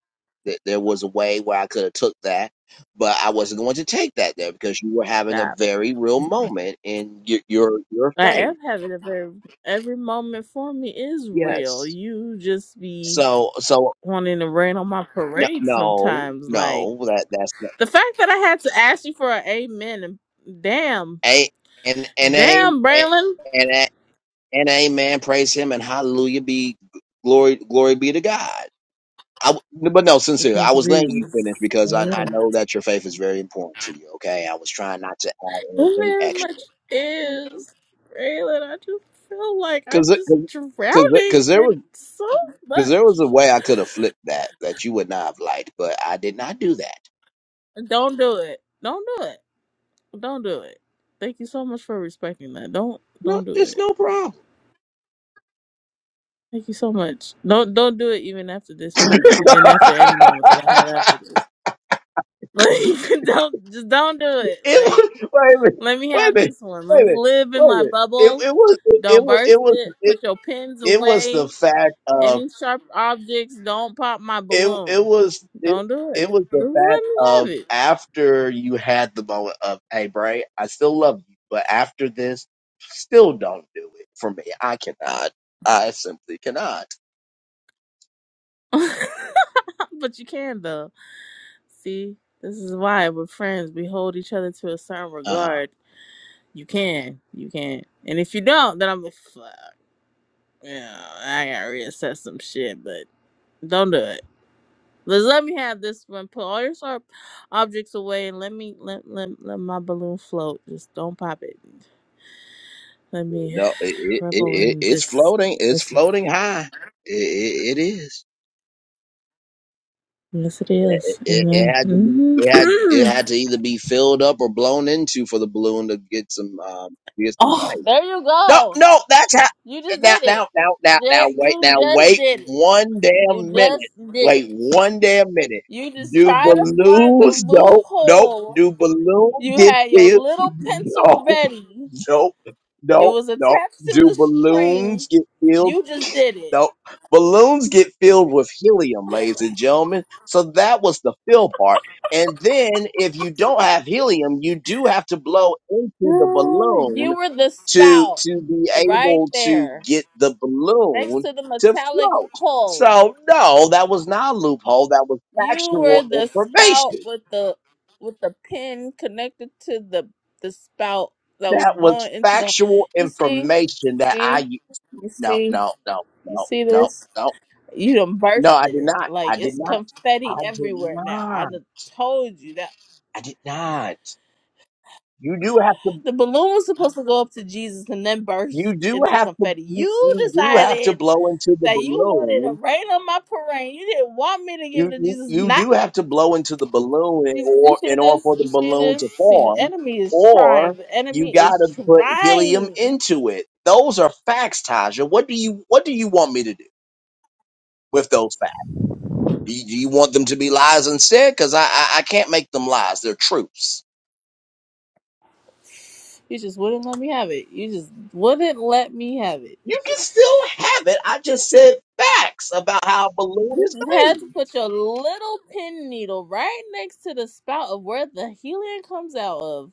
Speaker 1: th- there was a way where I could have took that, but I wasn't going to take that there because you were having a
Speaker 4: stop.
Speaker 1: very real moment in your your, your
Speaker 4: I
Speaker 1: faith.
Speaker 4: am having a very, every moment for me is real.
Speaker 1: Yes.
Speaker 4: You just be
Speaker 1: So so
Speaker 4: wanting to rain on my
Speaker 1: no
Speaker 4: parade
Speaker 1: no
Speaker 4: sometimes. Like,
Speaker 1: no that that's not,
Speaker 4: The fact that I had to ask you for an amen, and damn,
Speaker 1: a and and a
Speaker 4: damn, Braylon.
Speaker 1: and a, and amen praise him and hallelujah be glory glory be to God. I, w- but no, sincerely, I
Speaker 4: Thank you,
Speaker 1: was letting you
Speaker 4: Jesus.
Speaker 1: finish because I, I
Speaker 4: Yeah.
Speaker 1: know that your faith is very important to you. Okay, I was trying not to add
Speaker 4: It
Speaker 1: anything
Speaker 4: very
Speaker 1: extra
Speaker 4: much is, Braylon. I just feel like I'm
Speaker 1: because
Speaker 4: just
Speaker 1: because
Speaker 4: drowning
Speaker 1: because there was
Speaker 4: in so
Speaker 1: because there was a
Speaker 4: much.
Speaker 1: way I could have flipped that that you would not have liked, but I did not do that.
Speaker 4: Don't do it. Don't do it. Don't do it. Thank you so much for respecting that. Don't
Speaker 1: No,
Speaker 4: don't do
Speaker 1: it's
Speaker 4: it.
Speaker 1: no problem.
Speaker 4: Thank you so much. Don't don't do it even after this
Speaker 1: it
Speaker 4: moment and after any moment that I have after this. Like don't just don't do it. Like.
Speaker 1: was wait a minute,
Speaker 4: Let me
Speaker 1: wait a
Speaker 4: have
Speaker 1: minute,
Speaker 4: this one. Let
Speaker 1: wait a
Speaker 4: me
Speaker 1: minute,
Speaker 4: live in
Speaker 1: wait a
Speaker 4: my
Speaker 1: minute. It
Speaker 4: bubble.
Speaker 1: it was it,
Speaker 4: Don't
Speaker 1: was it
Speaker 4: burst
Speaker 1: was
Speaker 4: it.
Speaker 1: it,
Speaker 4: Put your pins
Speaker 1: it was the
Speaker 4: away.
Speaker 1: fact of
Speaker 4: Any sharp objects. Don't pop my
Speaker 1: it it
Speaker 4: balloon.
Speaker 1: was it,
Speaker 4: Don't do it.
Speaker 1: it was
Speaker 4: Just
Speaker 1: the fact of
Speaker 4: Let me
Speaker 1: after you had the moment of hey Bray, I still love you, but after this, still don't do it for me. I cannot. I simply cannot.
Speaker 4: have it. but you can though. See, this is why we're friends. We hold each other to a certain
Speaker 1: Uh huh.
Speaker 4: regard. You can. You can. And if you don't, then I'm like, fuck. Yeah, I gotta reassess some shit. But don't do it. But let me have this one. Put all your sharp objects away and let me let, let, let my balloon float. Just don't pop it. Let me
Speaker 1: No, it, it, it
Speaker 4: revel
Speaker 1: it-
Speaker 4: in
Speaker 1: it's
Speaker 4: this.
Speaker 1: floating. It's
Speaker 4: Yes,
Speaker 1: floating high. It, it, it is.
Speaker 4: yes it
Speaker 1: It,
Speaker 4: is.
Speaker 1: it, it
Speaker 4: Amen.
Speaker 1: had to be. It had it had
Speaker 4: Mhm.
Speaker 1: to either be filled up or blown into for the balloon to get some um get some height.
Speaker 4: oh, there you
Speaker 1: No,
Speaker 4: go.
Speaker 1: no, that's how.
Speaker 4: You just
Speaker 1: Now,
Speaker 4: did it.
Speaker 1: now, now, now, now,
Speaker 4: There,
Speaker 1: wait,
Speaker 4: you
Speaker 1: now,
Speaker 4: just
Speaker 1: wait
Speaker 4: did it.
Speaker 1: one
Speaker 4: You
Speaker 1: damn minute.
Speaker 4: just did
Speaker 1: Wait
Speaker 4: it.
Speaker 1: one damn minute.
Speaker 4: You just
Speaker 1: Do
Speaker 4: try to find the
Speaker 1: balloons? Nope, nope.
Speaker 4: loophole.
Speaker 1: Do balloons
Speaker 4: You
Speaker 1: get
Speaker 4: had your
Speaker 1: filled?
Speaker 4: little pencil ready.
Speaker 1: Nope, nope,
Speaker 4: It
Speaker 1: nope,
Speaker 4: was
Speaker 1: nope.
Speaker 4: attached to
Speaker 1: Do
Speaker 4: the string.
Speaker 1: balloons get filled?
Speaker 4: You just did it.
Speaker 1: No, balloons get filled with helium, ladies and gentlemen. So that was the fill part. And then if you don't have helium, you do have to blow into the
Speaker 4: Ooh,
Speaker 1: balloon
Speaker 4: You were the
Speaker 1: to
Speaker 4: spout
Speaker 1: to be
Speaker 4: right
Speaker 1: able to
Speaker 4: there
Speaker 1: get the
Speaker 4: next
Speaker 1: balloon
Speaker 4: to the
Speaker 1: to
Speaker 4: metallic
Speaker 1: float.
Speaker 4: hole.
Speaker 1: So no, that was not a loophole. That was
Speaker 4: You were
Speaker 1: factual
Speaker 4: the spout
Speaker 1: information.
Speaker 4: with the with the pin connected to the the spout that was
Speaker 1: That was
Speaker 4: blowing into the
Speaker 1: factual
Speaker 4: You see?
Speaker 1: information that I
Speaker 4: See?
Speaker 1: u-
Speaker 4: You
Speaker 1: no
Speaker 4: see?
Speaker 1: no no
Speaker 4: You
Speaker 1: no
Speaker 4: see
Speaker 1: no
Speaker 4: this?
Speaker 1: no
Speaker 4: You done
Speaker 1: no I
Speaker 4: bursted
Speaker 1: did
Speaker 4: it.
Speaker 1: not
Speaker 4: Like
Speaker 1: I did
Speaker 4: it's
Speaker 1: not
Speaker 4: confetti
Speaker 1: I did
Speaker 4: everywhere now.
Speaker 1: not.
Speaker 4: I done told you that
Speaker 1: I did not. You do have to.
Speaker 4: the balloon was supposed to go up to Jesus and then
Speaker 1: You
Speaker 4: burst
Speaker 1: do
Speaker 4: into
Speaker 1: have to.
Speaker 4: confetti.
Speaker 1: You,
Speaker 4: You
Speaker 1: you do have to
Speaker 4: decided
Speaker 1: blow into the
Speaker 4: that you wanted to
Speaker 1: balloon.
Speaker 4: rain on my parade. You didn't want me to give it
Speaker 1: You,
Speaker 4: to
Speaker 1: you
Speaker 4: Jesus.
Speaker 1: you
Speaker 4: Not
Speaker 1: do have to blow into the balloon in
Speaker 4: Jesus. You
Speaker 1: or
Speaker 4: see
Speaker 1: in order
Speaker 4: this?
Speaker 1: for the
Speaker 4: You see
Speaker 1: balloon
Speaker 4: this?
Speaker 1: to
Speaker 4: See, the
Speaker 1: form,
Speaker 4: enemy is
Speaker 1: or
Speaker 4: trying. The
Speaker 1: you
Speaker 4: enemy
Speaker 1: got
Speaker 4: is
Speaker 1: to put helium
Speaker 4: trying.
Speaker 1: into it. Those are facts, Taja. What do you What do you want me to do with those facts? Do you, do you want them to be lies instead? Because I, I I can't make them lies. They're truths.
Speaker 4: You just wouldn't let me have it. You just wouldn't let me have it.
Speaker 1: You can still have it. I just said facts about how a balloon
Speaker 4: You
Speaker 1: is
Speaker 4: just had
Speaker 1: made.
Speaker 4: to put your little pin needle right next to the spout of where the helium comes out of,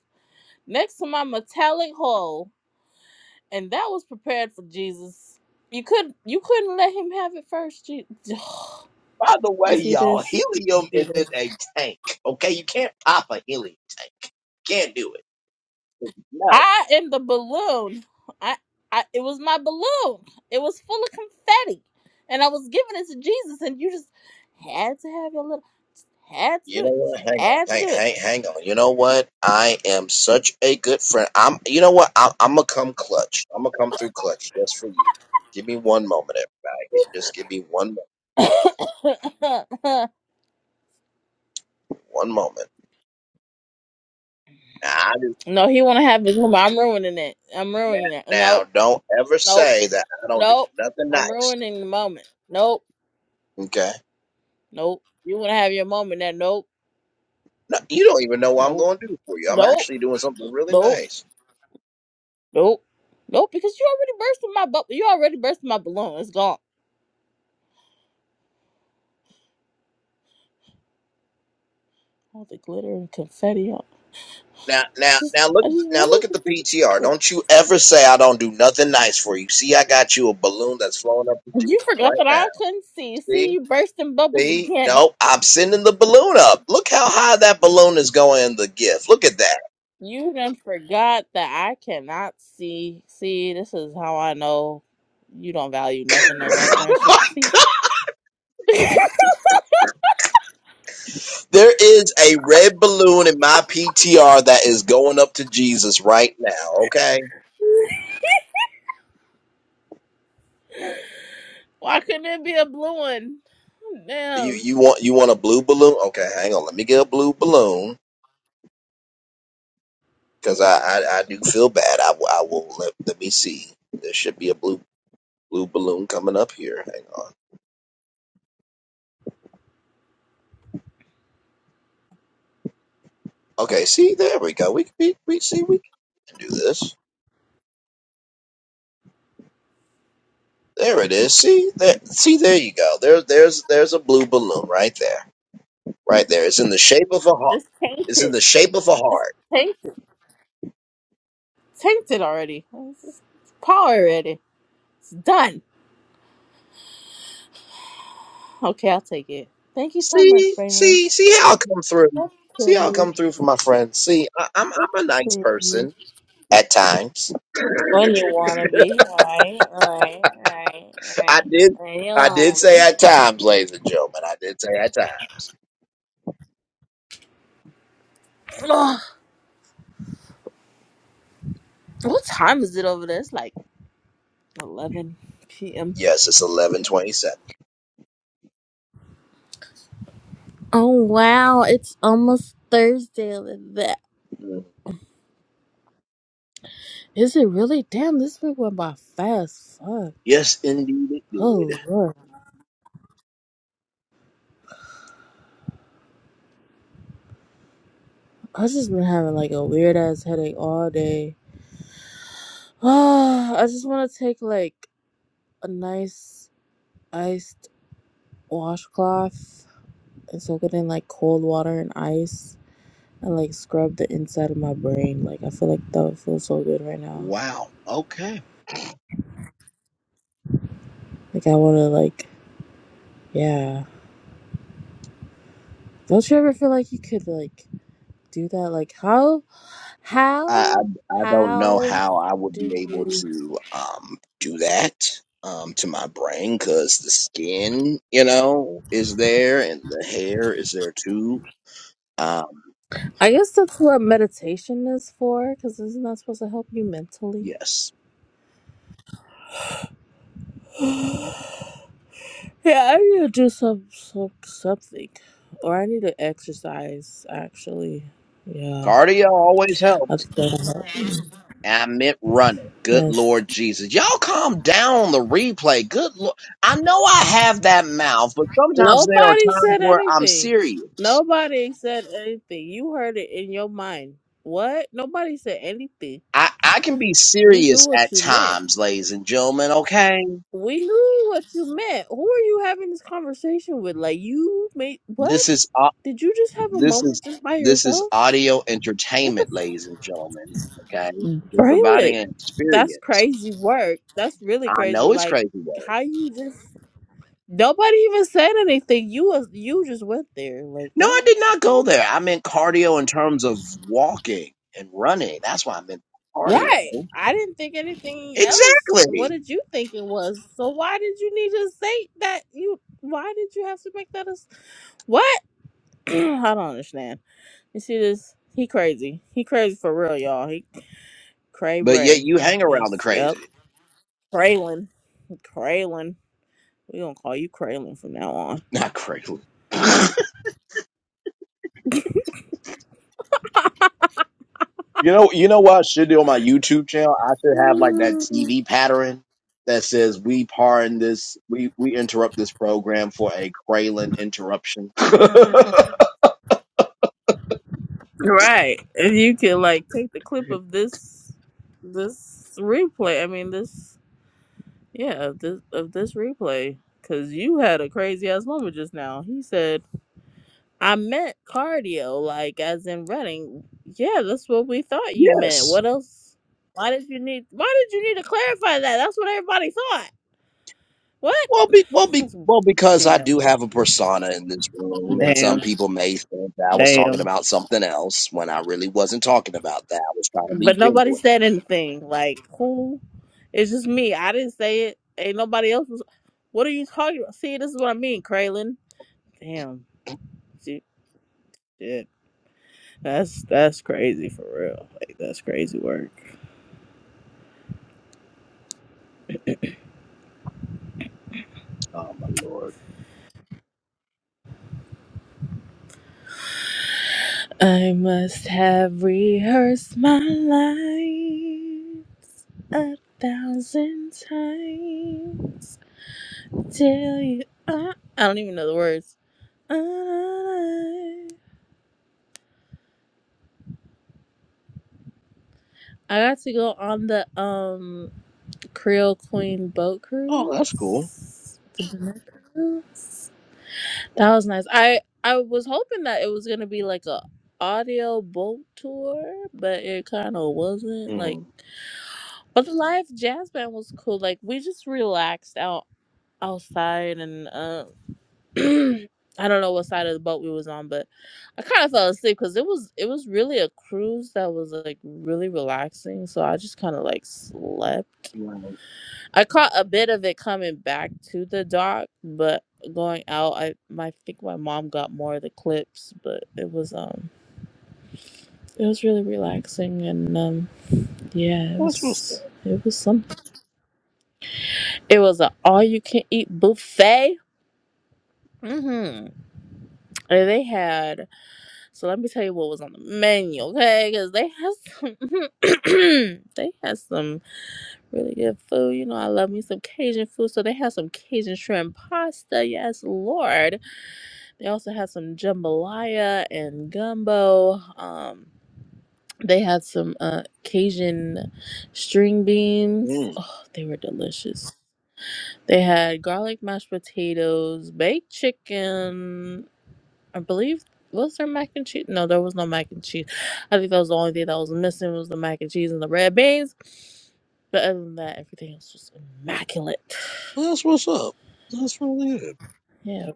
Speaker 4: next to my metallic hole, and that was prepared for Jesus. You could you couldn't let him have it first, Jesus.
Speaker 1: By the
Speaker 4: You
Speaker 1: way,
Speaker 4: see
Speaker 1: y'all,
Speaker 4: this? You
Speaker 1: helium
Speaker 4: see
Speaker 1: is in
Speaker 4: this?
Speaker 1: a tank. Okay, you can't pop a helium tank. Can't do it. Metal.
Speaker 4: I am the balloon. I, I it was my balloon. It was full of confetti. And I was giving it to Jesus and you just had to have your little had to
Speaker 1: You
Speaker 4: do
Speaker 1: know
Speaker 4: it.
Speaker 1: what?
Speaker 4: Just
Speaker 1: Hang on.
Speaker 4: had to
Speaker 1: Hang, hang, hang on. You know what? I am such a good friend. I'm. You know what? I'm, I'm gonna come clutch. I'm gonna come through clutch just for you. Give me one moment, everybody. Just give me one moment. Hang
Speaker 4: do it.
Speaker 1: on. One moment. Now, I do
Speaker 4: no, he wanna have his moment. I'm ruining it. I'm
Speaker 1: that.
Speaker 4: ruining it.
Speaker 1: Now,
Speaker 4: Nope.
Speaker 1: don't ever
Speaker 4: Nope.
Speaker 1: say that I don't do
Speaker 4: Nope.
Speaker 1: nothing
Speaker 4: I'm
Speaker 1: nice.
Speaker 4: ruining the moment. Nope.
Speaker 1: Okay.
Speaker 4: Nope. You wanna have your moment that nope.
Speaker 1: No, you don't even know what I'm
Speaker 4: Nope.
Speaker 1: going to do for you. I'm
Speaker 4: Nope.
Speaker 1: actually doing something really
Speaker 4: Nope.
Speaker 1: nice.
Speaker 4: Nope. Nope, because you already bursted my bubble. You already bursted my balloon. It's gone. All the glitter and confetti. on-
Speaker 1: Now, now,
Speaker 4: just,
Speaker 1: now look,
Speaker 4: I just
Speaker 1: now look
Speaker 4: wanted
Speaker 1: at the
Speaker 4: to give it
Speaker 1: PTR.
Speaker 4: to-
Speaker 1: Don't you ever say I don't do nothing nice for you. See, I got you a balloon that's flowing up to
Speaker 4: You
Speaker 1: Jesus
Speaker 4: You forgot
Speaker 1: right
Speaker 4: that
Speaker 1: now.
Speaker 4: I couldn't see.
Speaker 1: See,
Speaker 4: See, you bursting bubbles
Speaker 1: see,
Speaker 4: again.
Speaker 1: no, I'm sending the balloon up. Look how high that balloon is going in the gift. Look at that.
Speaker 4: You done forgot that I cannot see. See, this is how I know you don't value nothing of our friendship.
Speaker 1: Like,
Speaker 4: See,
Speaker 1: there is a red balloon in my PTR that is going up to Jesus right now. Okay,
Speaker 4: why couldn't it be a blue one?
Speaker 1: you
Speaker 4: Damn,
Speaker 1: you want you want a blue balloon? Okay, hang on. Let me get a blue balloon because I, I I do feel bad. I, will- I will let let me see. There should be a blue. blue balloon coming up here. Hang on. Okay, see, there we go. We we, we see we can do this. There it is. See there. See there you go. There there's there's a blue balloon right there. Right there. It's in the shape of a heart.
Speaker 4: it's
Speaker 1: It's in
Speaker 4: tainted.
Speaker 1: the shape of a
Speaker 4: It's
Speaker 1: heart.
Speaker 4: tainted. Tainted already. It's, it's power already. It's done. Okay, I'll take it. Thank you so much,
Speaker 1: See
Speaker 4: Braylon.
Speaker 1: see see how I come through.
Speaker 4: That's
Speaker 1: See how I
Speaker 4: pretty.
Speaker 1: come through for my friends. See, I, I'm
Speaker 4: That's
Speaker 1: I'm a nice
Speaker 4: pretty.
Speaker 1: person at times.
Speaker 4: When you wanna be. Alright, alright, alright,
Speaker 1: I
Speaker 4: alright.
Speaker 1: did
Speaker 4: When you
Speaker 1: I did
Speaker 4: wanna
Speaker 1: say
Speaker 4: be.
Speaker 1: at times, ladies and gentlemen. I did say at times.
Speaker 4: Ugh. What time is it over there? It's like 11 p.m.
Speaker 1: Yes, it's eleven twenty seven.
Speaker 4: Oh, wow. It's almost Thursday. Look at That. Is it really? Damn, this week went by fast. Fuck.
Speaker 1: Yes, indeed it did.
Speaker 4: Oh, Lord. i just been having like a weird ass headache all day. I just want to take like a nice iced washcloth and soak it in like cold water and ice and like scrub the inside of my brain. Like I feel like that would feel so good right now.
Speaker 1: Wow. Okay.
Speaker 4: Like I wanna like yeah. Don't you ever feel like you could like do that? Like how
Speaker 1: I,
Speaker 4: how
Speaker 1: I I don't know
Speaker 4: how
Speaker 1: how I would be
Speaker 4: do
Speaker 1: able
Speaker 4: you
Speaker 1: to um do that um to my brain because the skin, you know, is there and the hair is there too. Um,
Speaker 4: I guess that's what meditation is for, because isn't that supposed to help you mentally?
Speaker 1: yes.
Speaker 4: yeah, I need to do some, some something. Or I need to exercise actually. Yeah.
Speaker 1: Cardio always helps.
Speaker 4: Of God.
Speaker 1: I meant running. Good
Speaker 4: Yes.
Speaker 1: Lord Jesus. Y'all calm down on the replay. Good Lord. I know I have that mouth, but sometimes there are
Speaker 4: Nobody
Speaker 1: times
Speaker 4: said
Speaker 1: where I'm
Speaker 4: anything.
Speaker 1: serious.
Speaker 4: Nobody said anything. You heard it in your mind. What? Nobody said anything.
Speaker 1: I, I can be
Speaker 4: We knew
Speaker 1: serious
Speaker 4: what
Speaker 1: at
Speaker 4: you meant.
Speaker 1: times, ladies and gentlemen, okay?
Speaker 4: We knew what you meant. Who are you having this conversation with? Like you made what?
Speaker 1: This is au-
Speaker 4: Did you just have a
Speaker 1: this is
Speaker 4: moment just by
Speaker 1: this is
Speaker 4: yourself?
Speaker 1: audio
Speaker 4: What the
Speaker 1: entertainment, ladies and gentlemen. Okay,
Speaker 4: f-
Speaker 1: we're providing
Speaker 4: Braylon?
Speaker 1: an
Speaker 4: That's
Speaker 1: experience.
Speaker 4: crazy work. That's really
Speaker 1: I
Speaker 4: crazy.
Speaker 1: know it's
Speaker 4: Like
Speaker 1: crazy word.
Speaker 4: how you just nobody even said anything. You was you just went there. Like
Speaker 1: No,
Speaker 4: what?
Speaker 1: I did not go there. I meant cardio in terms of walking and running. That's why I meant cardio.
Speaker 4: Right. I didn't think anything else. What
Speaker 1: Exactly.
Speaker 4: did you think it was? So why did you need to say that you why did you have to make that a s- what? I don't understand. You see this he crazy. He crazy for real, y'all. He cray
Speaker 1: But yet
Speaker 4: bray.
Speaker 1: you hang around the
Speaker 4: Yes, yep.
Speaker 1: crazy.
Speaker 4: Craylin. Craylin. we gonna call you Craylin from now on.
Speaker 1: Not crazy. You know, you know what I should do on my YouTube channel? I should have like that
Speaker 4: Mm.
Speaker 1: TV pattern that says we pardon this, we we interrupt this program for a Kralin interruption.
Speaker 4: Right. If you could like take the clip of this this replay, I mean this Yeah, of this of this replay, because you had a crazy ass moment just now. He said, "I meant cardio, like as in running." Yeah, that's what we thought you meant.
Speaker 1: yes.
Speaker 4: What else? Why did you need? Why did you need to clarify that? That's what everybody thought. What?
Speaker 1: Well, be, well, be,
Speaker 4: That's-
Speaker 1: well, because I do
Speaker 4: Damn,
Speaker 1: have a persona in this room, and some
Speaker 4: damn,
Speaker 1: people may think that I was talking
Speaker 4: damn.
Speaker 1: about something else when I really wasn't talking about that. I was trying to
Speaker 4: But
Speaker 1: be
Speaker 4: nobody
Speaker 1: genuine.
Speaker 4: said anything. Like who? It's just me. I didn't say it. Ain't nobody else was. What are you talking about? See, this is what I mean, Kraylin. Damn. See, shit. That's that's crazy for real. Like that's crazy work.
Speaker 1: Oh my lord!
Speaker 4: I must have rehearsed my lines a thousand times till you. Uh, I don't even know the words. Uh, I got to go on the um Creole Queen boat
Speaker 1: Oh, that's cool.
Speaker 4: cruise. The Banana cruise. That was nice. I I was hoping that it was gonna be like a audio boat tour, but it kind of wasn't. Like,
Speaker 1: hmm
Speaker 4: but the live jazz band was cool. Like, we just relaxed out outside, and uh, I don't know what side of the boat we was on, but I kind of fell asleep because it was it was really a cruise that was like really relaxing. So I just kind of like slept. I caught a bit of it coming back to the dock, but going out, I my think my mom got more of the clips, but it was um it was really relaxing and um yeah, it
Speaker 1: That's what's up.
Speaker 4: was it was something. It was a all you can eat buffet. Mm-hmm. And they had so let me tell you what was on the menu, okay? Because they had some they had some really good food. You know, I love me some Cajun food. So they had some Cajun shrimp pasta. Yes, Lord They also had some jambalaya and gumbo. Um, they had some uh, Cajun string beans.
Speaker 1: Mm.
Speaker 4: Oh, they were delicious. They had garlic mashed potatoes, baked chicken. I believe was there mac and cheese? No, there was no mac and cheese. I think that was the only thing that was missing was the mac and cheese and the red beans. But other than that, everything else was immaculate.
Speaker 1: That's what's up. That's really it.
Speaker 4: Yeah.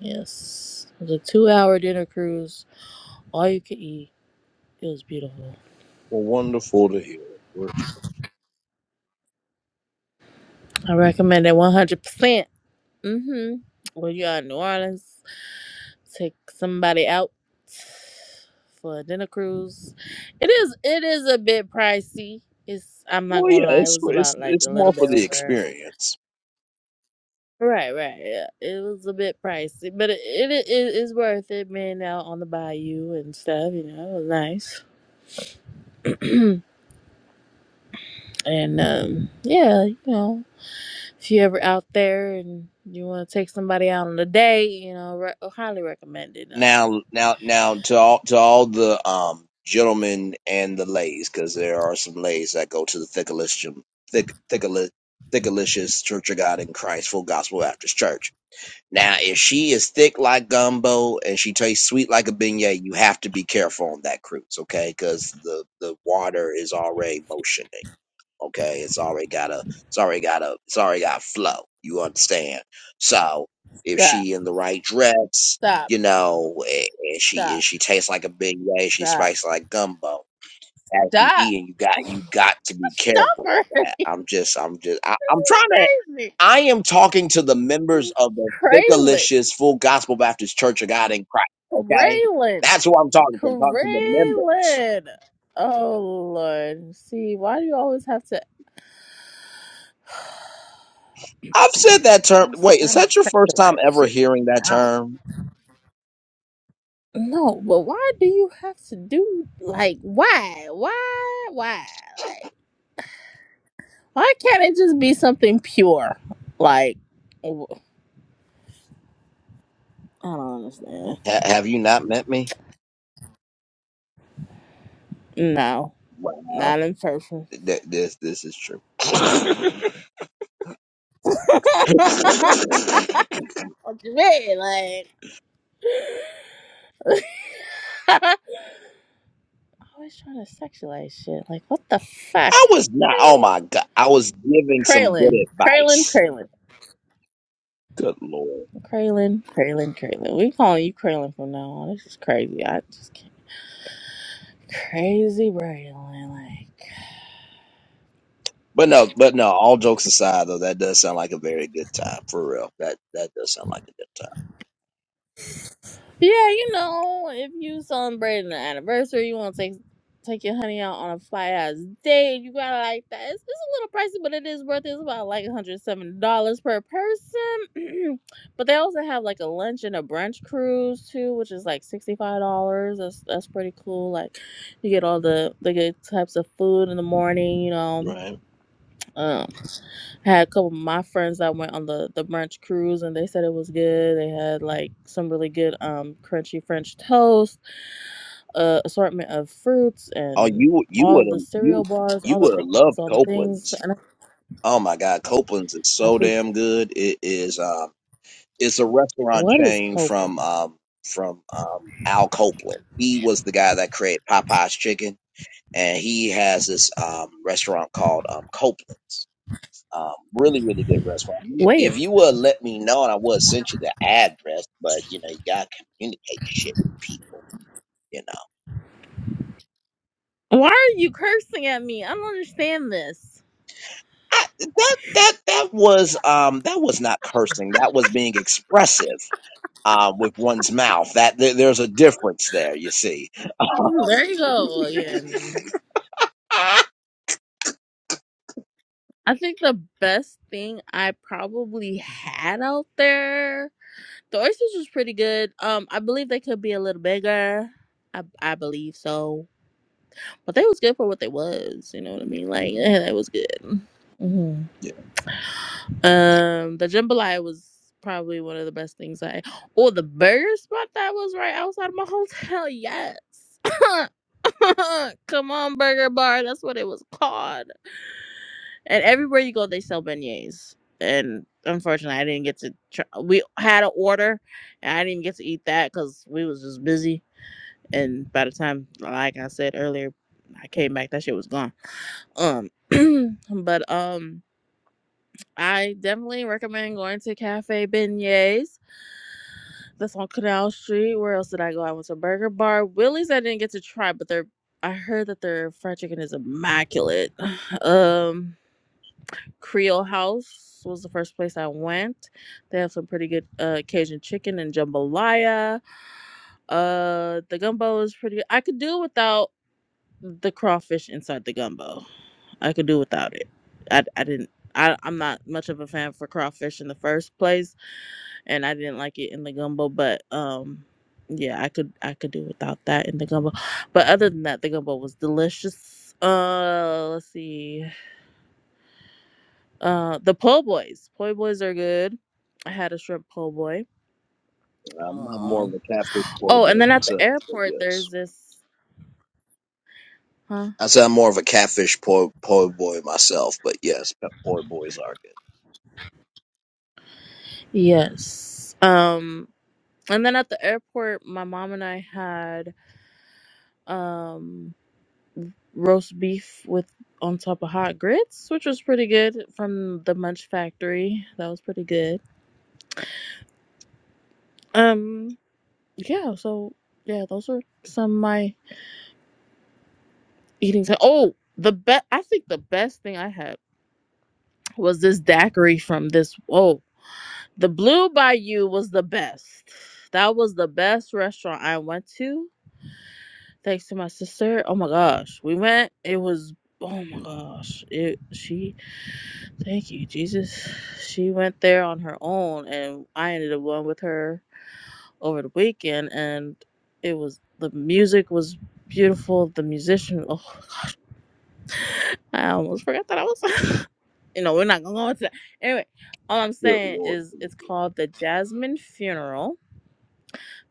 Speaker 4: Yes. It was a two hour dinner cruise. All you could eat. It was beautiful.
Speaker 1: Well, wonderful to hear.
Speaker 4: I recommend it 100%. hmm When you are in New Orleans, take somebody out for a dinner cruise. It is it is a bit pricey. It's I'm not
Speaker 1: Well,
Speaker 4: gonna
Speaker 1: yeah,
Speaker 4: lie, it
Speaker 1: it's
Speaker 4: was
Speaker 1: it's
Speaker 4: about like
Speaker 1: it's
Speaker 4: a little
Speaker 1: more for
Speaker 4: bit
Speaker 1: the
Speaker 4: over.
Speaker 1: experience.
Speaker 4: Right, right, yeah. It was a bit pricey, but it it is it, is worth it. Being out on the bayou and stuff, you know, it was nice. and um, yeah, you know, If you ever out there and you want to take somebody out on a date, you know, re- highly recommended them.
Speaker 1: Now, now, now to all to all the um gentlemen and the ladies, because there are some ladies that go to the Thickalicious thick thickali- Thickalicious Church of God in Christ Full Gospel Baptist Church. Now, if she is thick like gumbo and she tastes sweet like a beignet, you have to be careful on that cruise, okay? Because the the water is already motioning. Okay, it's already got a, it's already got a, it's already got flow. You understand? So if
Speaker 4: Stop,
Speaker 1: she in the right dress,
Speaker 4: stop,
Speaker 1: you know, and, and she and
Speaker 4: stop,
Speaker 1: she tastes like a big way, she
Speaker 4: stop,
Speaker 1: spices like gumbo. As you
Speaker 4: stop.
Speaker 1: eating, you got
Speaker 4: Oh
Speaker 1: you got
Speaker 4: my
Speaker 1: to be
Speaker 4: gosh,
Speaker 1: careful
Speaker 4: stop
Speaker 1: with
Speaker 4: her.
Speaker 1: that.
Speaker 4: You
Speaker 1: I'm just, I'm just, I, I'm trying to
Speaker 4: crazy.
Speaker 1: I am talking to the members of the
Speaker 4: Kraylin.
Speaker 1: Thickalicious Full Gospel Baptist Church of God in Christ. Okay,
Speaker 4: Kraylin.
Speaker 1: that's who I'm talking to. I'm talking to the members.
Speaker 4: Kraylin. Oh Lord. See, why do you always have to
Speaker 1: I've said that term.
Speaker 4: always
Speaker 1: Wait, is
Speaker 4: trying to
Speaker 1: that your first time
Speaker 4: sexualize
Speaker 1: ever
Speaker 4: shit
Speaker 1: hearing that term?
Speaker 4: No, but why do you have to do like why? Why? Why? Like why can't it just be something pure? Like w- I don't understand.
Speaker 1: Ha- have you not met me?
Speaker 4: No,
Speaker 1: Wow,
Speaker 4: not in person.
Speaker 1: th- this this is true.
Speaker 4: what you mean? Like always trying to sexualize shit. Like what the fuck?
Speaker 1: I was not. Oh my god, I was giving some good
Speaker 4: Kralin, Kralin,
Speaker 1: advice.
Speaker 4: Kralin,
Speaker 1: Good lord.
Speaker 4: Kralin, Kralin, Kralin, Kralin. We calling you Kralin from now on. This is crazy. I just Crazy Braylon, like
Speaker 1: But no, but no. All jokes aside, though, that does sound like a very good time for real. That that does sound like a good time.
Speaker 4: yeah, you know, if you celebrating an anniversary, you want to take take your honey out on a fly ass date, you gotta like that. It's, it's a little pricey, but it is worth it. It's about like one hundred seven dollars per person. but they also have like a lunch and a brunch cruise too, which is like sixty five dollars. That's that's pretty cool. Like you get all the the good types of food in the morning, you know.
Speaker 1: Right.
Speaker 4: um, had a couple of my friends that went on the the brunch cruise and they said it was good they had like some really good um crunchy french toast uh, assortment of fruits
Speaker 1: Oh,
Speaker 4: and
Speaker 1: you you
Speaker 4: all
Speaker 1: would
Speaker 4: the
Speaker 1: have
Speaker 4: cereal
Speaker 1: you
Speaker 4: bars
Speaker 1: you
Speaker 4: all the
Speaker 1: would have
Speaker 4: things
Speaker 1: loved
Speaker 4: all the things
Speaker 1: Copeland's.
Speaker 4: and i
Speaker 1: Oh my god, Copeland's is
Speaker 4: I
Speaker 1: so
Speaker 4: think
Speaker 1: damn good. It is. Um, it's a restaurant
Speaker 4: what is
Speaker 1: chain
Speaker 4: coping
Speaker 1: from um from um Al Copeland. He was the guy that created Popeye's Chicken and he has this um, restaurant called um, Copeland's. Um, really, really good restaurant.
Speaker 4: wait
Speaker 1: If you would let me know, and I would send you the address, but you know, you gotta communicate shit with people. You know,
Speaker 4: why are you cursing at me i don't understand this
Speaker 1: I, that that that was um that was not cursing. That was being expressive uh, with one's mouth. That there, there's a difference there. You see.
Speaker 4: Hmm, there you go again i think the best thing i probably had out there The oysters was pretty good. Um, I believe they could be a little bigger. I I believe so, but they was good for what they was. You know what I mean? Like, yeah, that was good. hmm
Speaker 1: yeah,
Speaker 4: Um, the jambalaya was probably one of the best things I. Oh, the burger spot that was right outside of my hotel. Yes. Come on, burger bar. That's what it was called. And everywhere you go, they sell beignets. And unfortunately, I didn't get to. Try. We had an order, and I didn't even get to eat that because we was just busy. And by the time, like I said earlier, I came back, that shit was gone. Um, but um, I definitely recommend going to Cafe Beignets. That's on Canal Street. Where else did I go? I went to Burger Bar, Willie's. I didn't get to try, but they're. I heard that their fried chicken is immaculate. Um, Creole House was the first place I went. They have some pretty good uh, Cajun chicken and jambalaya. Uh, the gumbo is pretty good. I could do without the crawfish inside the gumbo. I could do without it. I, I didn't. I, I'm not much of a fan for crawfish in the first place, and I didn't like it in the gumbo. But um, yeah, I could I could do without that in the gumbo. But other than that, the gumbo was delicious. Uh, let's see. Uh, the po' boys. Po' boys are good. I had a shrimp po' boy.
Speaker 1: I'm, I'm more of
Speaker 4: Um.
Speaker 1: a Catholic boy,
Speaker 4: Oh, and then at the
Speaker 1: myself. But
Speaker 4: airport,
Speaker 1: yes.
Speaker 4: there's this. Huh.
Speaker 1: I said I'm more of a catfish po po boy myself, but yes, po po boys are good.
Speaker 4: Yes. Um. And then at the airport, my mom and I had um roast beef with on top of hot grits, which was pretty good from the Munch Factory. That was pretty good. Um. Yeah. So yeah, those are some of my eating. T- Oh, the best. I think the best thing I had was this daiquiri from this oh the blue bayou was the best that was the best restaurant i went to thanks to my sister oh my gosh we went it was oh my gosh it she thank you jesus she went there on her own and i ended up going with her over the weekend and it was the music was beautiful the musician Oh. I almost forgot that I was. you know, we're not gonna go into that. Anyway, all I'm
Speaker 1: Good
Speaker 4: saying
Speaker 1: lord,
Speaker 4: is it's called the Jasmine Funeral.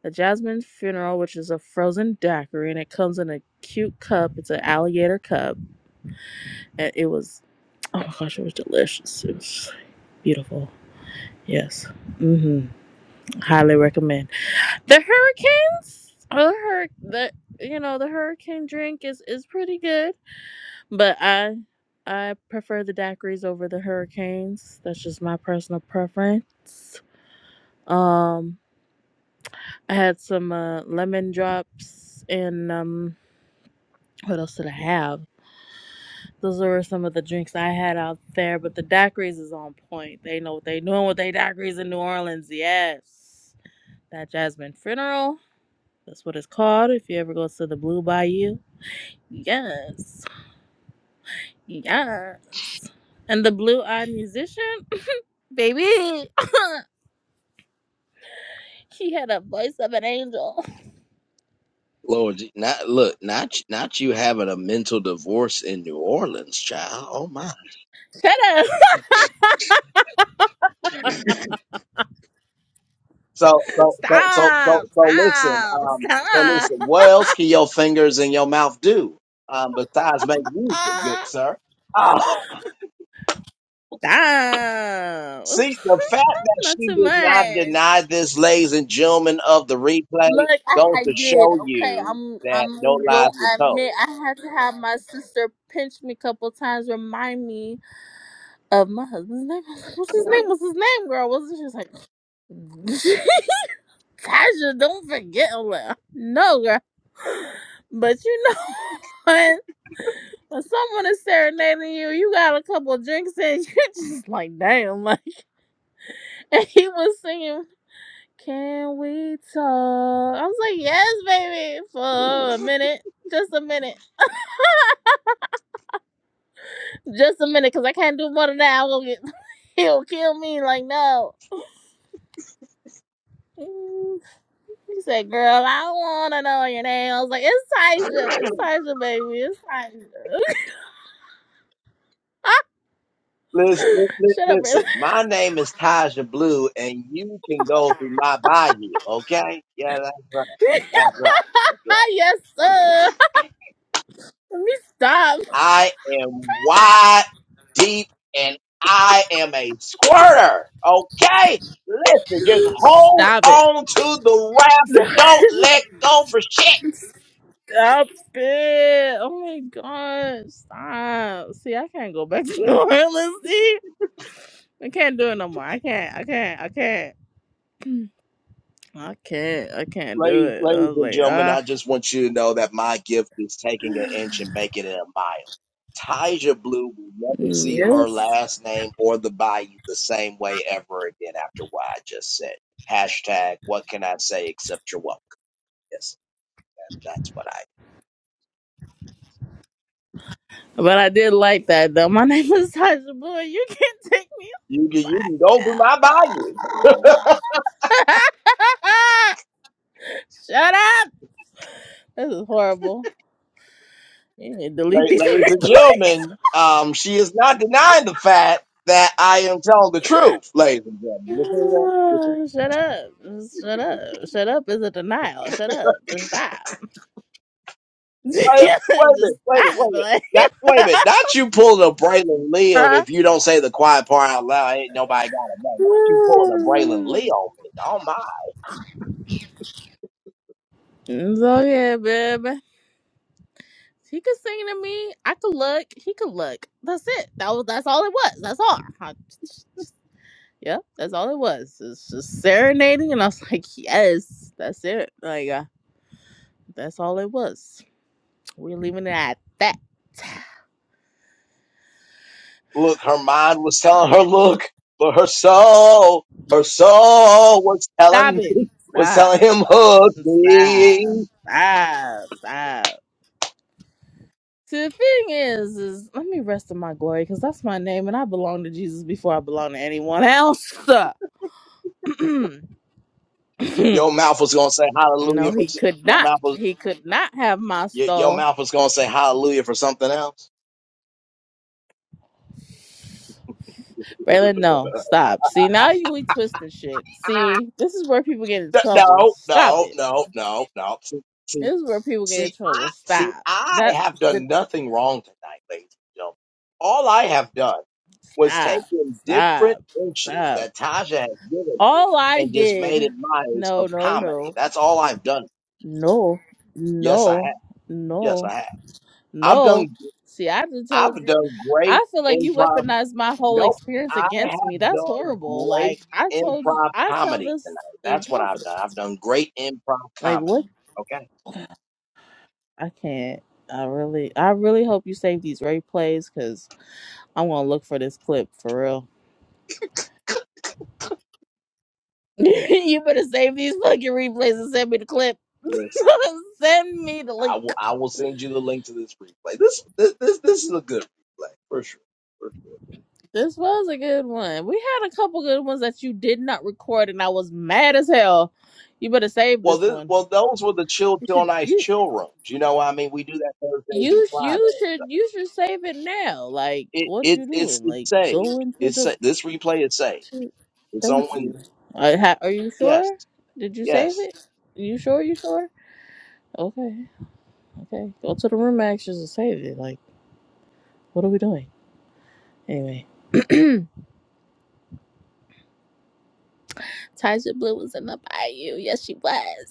Speaker 4: The Jasmine Funeral, which is a frozen daiquiri, and it comes in a cute cup. It's an alligator cup, and it was oh my gosh, it was delicious. It was beautiful. Yes. Mm-hmm. Highly recommend. The hurricanes. Or the hur- the you know the hurricane drink is is pretty good. But I I prefer the daiquiris over the hurricanes. That's just my personal preference. Um I had some uh, lemon drops and um what else did I have? Those were some of the drinks I had out there, but the daiquiris is on point. They know what they doing with they daiquiris in New Orleans, yes. That Jasmine funeral. That's what it's called if you ever go to the Blue Bayou. Yes. Yes. And the blue eyed musician? Baby, she had a voice of an angel.
Speaker 1: lord, Je- not look, not not you having a mental divorce in New Orleans, child. Oh my.
Speaker 4: Shut up.
Speaker 1: So so so so so
Speaker 4: Stop.
Speaker 1: so listen,
Speaker 4: Stop.
Speaker 1: um, so
Speaker 4: Stop.
Speaker 1: listen. What else can your fingers and your mouth do, um, besides make music, good sir? Uh,
Speaker 4: Stop.
Speaker 1: see the fact that
Speaker 4: Not
Speaker 1: she
Speaker 4: too
Speaker 1: did not
Speaker 4: much.
Speaker 1: deny this, ladies and gentlemen of the replay,
Speaker 4: Look, I,
Speaker 1: goes
Speaker 4: I
Speaker 1: to
Speaker 4: did.
Speaker 1: show
Speaker 4: Okay,
Speaker 1: you
Speaker 4: I'm
Speaker 1: that no
Speaker 4: I'm
Speaker 1: lies
Speaker 4: going to
Speaker 1: were told.
Speaker 4: admit I had to have my sister pinch me a couple times, remind me of my husband's name. What's his name? What's his name, girl? Wasn't she like Kaja, don't forget Lil. No, girl. But you know what? When someone is serenading you, you got a couple of drinks in, you're just like, damn, like. And he was singing, "Can we talk?" I was like, "Yes, baby," for a minute, just a minute, just a minute, cause I can't do more than that. I will get, he'll kill me. Like, no. He said, "Girl, I don't wanna know your name." I was like, "It's Taisha. It's Taisha, baby. It's Taisha."
Speaker 1: Listen, listen,
Speaker 4: Shut up, Braylon.
Speaker 1: listen. My name is Taja Blue, and you can go through my bio. Okay? Yeah, that's right. That's right. That's right.
Speaker 4: yes, sir. Let me stop.
Speaker 1: I am wide, deep, and I am a squirter. Okay? Listen, just hold
Speaker 4: Stop it.
Speaker 1: on to the raft and don't let go for shit.
Speaker 4: Stop it. Oh my god. Stop. See, I can't go back to New Orleans. See? I can't do it no more. I can't. I can't. I can't. I can't. I can't do
Speaker 1: Ladies,
Speaker 4: it. I
Speaker 1: ladies
Speaker 4: was
Speaker 1: and
Speaker 4: like,
Speaker 1: gentlemen,
Speaker 4: ah.
Speaker 1: I just want you to know that my gift is taking an inch and making it a mile. Tyja Blue will never see her
Speaker 4: Yes.
Speaker 1: last name or the bayou the same way ever again after what I just said. Hashtag, what can I say except you're welcome? Yes, that's what I.
Speaker 4: But I did like that though. My name is Tasha Boy. You can't take me
Speaker 1: You can,
Speaker 4: back.
Speaker 1: you can go to my bayou.
Speaker 4: Shut up! This is horrible. You need to
Speaker 1: La-
Speaker 4: delete these
Speaker 1: Ladies and
Speaker 4: replays.
Speaker 1: gentlemen, um, she is not
Speaker 4: Ah,
Speaker 1: denying the fact that I am telling the truth, ladies and gentlemen. You see that?
Speaker 4: shut up. Just shut up. Shut up is a denial. Shut up. Just stop.
Speaker 1: Wait, wait a
Speaker 4: Just
Speaker 1: minute, wait a minute, wait a
Speaker 4: stop.
Speaker 1: minute.
Speaker 4: Like
Speaker 1: Not, wait a minute, not you pulling a Braylon Lee
Speaker 4: Huh?
Speaker 1: if you don't say the quiet part out loud, ain't nobody got to know. Not you pulling a Braylon Lee on me. Oh my.
Speaker 4: It's okay, baby. He could sing to me. I could look. He could look. That's it. That was that's all it was. That's all. I- yeah, that's all it was. It's just serenading and I was like, yes, that's it. Like uh, That's all it was. We're leaving it at that.
Speaker 1: Look, her mind was telling her
Speaker 4: Yeah.
Speaker 1: look, but her soul, her soul was
Speaker 4: Stop
Speaker 1: telling
Speaker 4: it.
Speaker 1: was
Speaker 4: Stop.
Speaker 1: telling him hug
Speaker 4: Stop.
Speaker 1: me.
Speaker 4: Stop. Stop. See, the thing is, is let me rest in my glory because that's my name and I belong to Jesus before I belong to anyone else. no,
Speaker 1: Your mouth was gonna say hallelujah for
Speaker 4: he could
Speaker 1: your
Speaker 4: not.
Speaker 1: mouth was
Speaker 4: He could not have my
Speaker 1: Your, your
Speaker 4: soul.
Speaker 1: mouth is gonna say hallelujah for something else.
Speaker 4: Braylon, no. Stop. See, now you we twisting shit. See, this is where people get in trouble.
Speaker 1: No,
Speaker 4: Stop
Speaker 1: no, no,
Speaker 4: it.
Speaker 1: no, no. no. See, see,
Speaker 4: This is where people get in
Speaker 1: see, I,
Speaker 4: trouble.
Speaker 1: see,
Speaker 4: Stop.
Speaker 1: I
Speaker 4: That.
Speaker 1: have done nothing wrong tonight, ladies and gentlemen. All I have done was
Speaker 4: Stop.
Speaker 1: taken different
Speaker 4: Stop.
Speaker 1: inches
Speaker 4: Stop.
Speaker 1: that Taja has given me
Speaker 4: All I
Speaker 1: and just
Speaker 4: did.
Speaker 1: made it miles
Speaker 4: No,
Speaker 1: of
Speaker 4: no,
Speaker 1: comedy.
Speaker 4: no.
Speaker 1: That's all I've done.
Speaker 4: No.
Speaker 1: Yes, I have.
Speaker 4: No.
Speaker 1: Yes,
Speaker 4: No.
Speaker 1: I have. I've
Speaker 4: No.
Speaker 1: done.
Speaker 4: See, I just told
Speaker 1: I've
Speaker 4: you.
Speaker 1: done great
Speaker 4: I feel like you
Speaker 1: improv.
Speaker 4: weaponized my whole
Speaker 1: Nope.
Speaker 4: experience
Speaker 1: I
Speaker 4: against me.
Speaker 1: have
Speaker 4: That's
Speaker 1: done
Speaker 4: horrible.
Speaker 1: great
Speaker 4: Like I told you
Speaker 1: improv
Speaker 4: I tell
Speaker 1: comedy
Speaker 4: this
Speaker 1: tonight.
Speaker 4: in
Speaker 1: That's what I've
Speaker 4: confidence.
Speaker 1: done. I've done great improv
Speaker 4: Like
Speaker 1: comedy.
Speaker 4: what
Speaker 1: Okay.
Speaker 4: I can't. I really I really hope you save these replays because I'm gonna look for this clip for real. you better save these fucking replays and send me the clip.
Speaker 1: Listen,
Speaker 4: Send me the
Speaker 1: I
Speaker 4: link.
Speaker 1: will. I will send you the link to this replay. This this this, this is a good replay for sure. For sure.
Speaker 4: This was a good one. We had a couple good ones that you did not record, and I was mad as hell. You better save
Speaker 1: Well,
Speaker 4: this
Speaker 1: this,
Speaker 4: one.
Speaker 1: well, those were the chill,
Speaker 4: You
Speaker 1: chill,
Speaker 4: should
Speaker 1: nice
Speaker 4: you
Speaker 1: chill rooms. You know, what I mean, we do that Thursdays and
Speaker 4: you
Speaker 1: Fridays.
Speaker 4: you should
Speaker 1: So
Speaker 4: you should save it now. Like
Speaker 1: it,
Speaker 4: what
Speaker 1: it,
Speaker 4: you
Speaker 1: it's,
Speaker 4: doing?
Speaker 1: it's
Speaker 4: Like
Speaker 1: saved.
Speaker 4: go into
Speaker 1: It's
Speaker 4: the.
Speaker 1: sa- this replay is saved.
Speaker 4: to-
Speaker 1: It's on.
Speaker 4: Thank
Speaker 1: Wed-
Speaker 4: you. I ha- are you
Speaker 1: Yes,
Speaker 4: sure? Did you save
Speaker 1: yes.
Speaker 4: it? You sure? You sure? Okay, okay. Go to the room actions and save it. Like what are we doing? Anyway. Taja Blue was in the bayou. Yes, she was.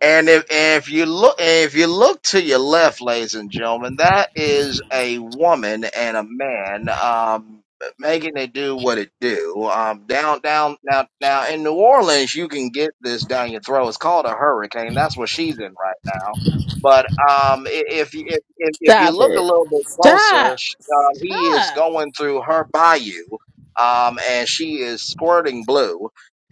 Speaker 1: And if if you look if you look to your left, ladies and gentlemen, that is a woman and a man um, making it do what it do. Um, down down now now in New Orleans, you can get this down your throat. It's called a hurricane. That's what she's in right now. But um, i- if you if, if if you
Speaker 4: Stop
Speaker 1: look a
Speaker 4: it.
Speaker 1: little bit closer,
Speaker 4: Stop.
Speaker 1: sh- um, he is
Speaker 4: Stop.
Speaker 1: going through her bayou, um, and she is squirting blue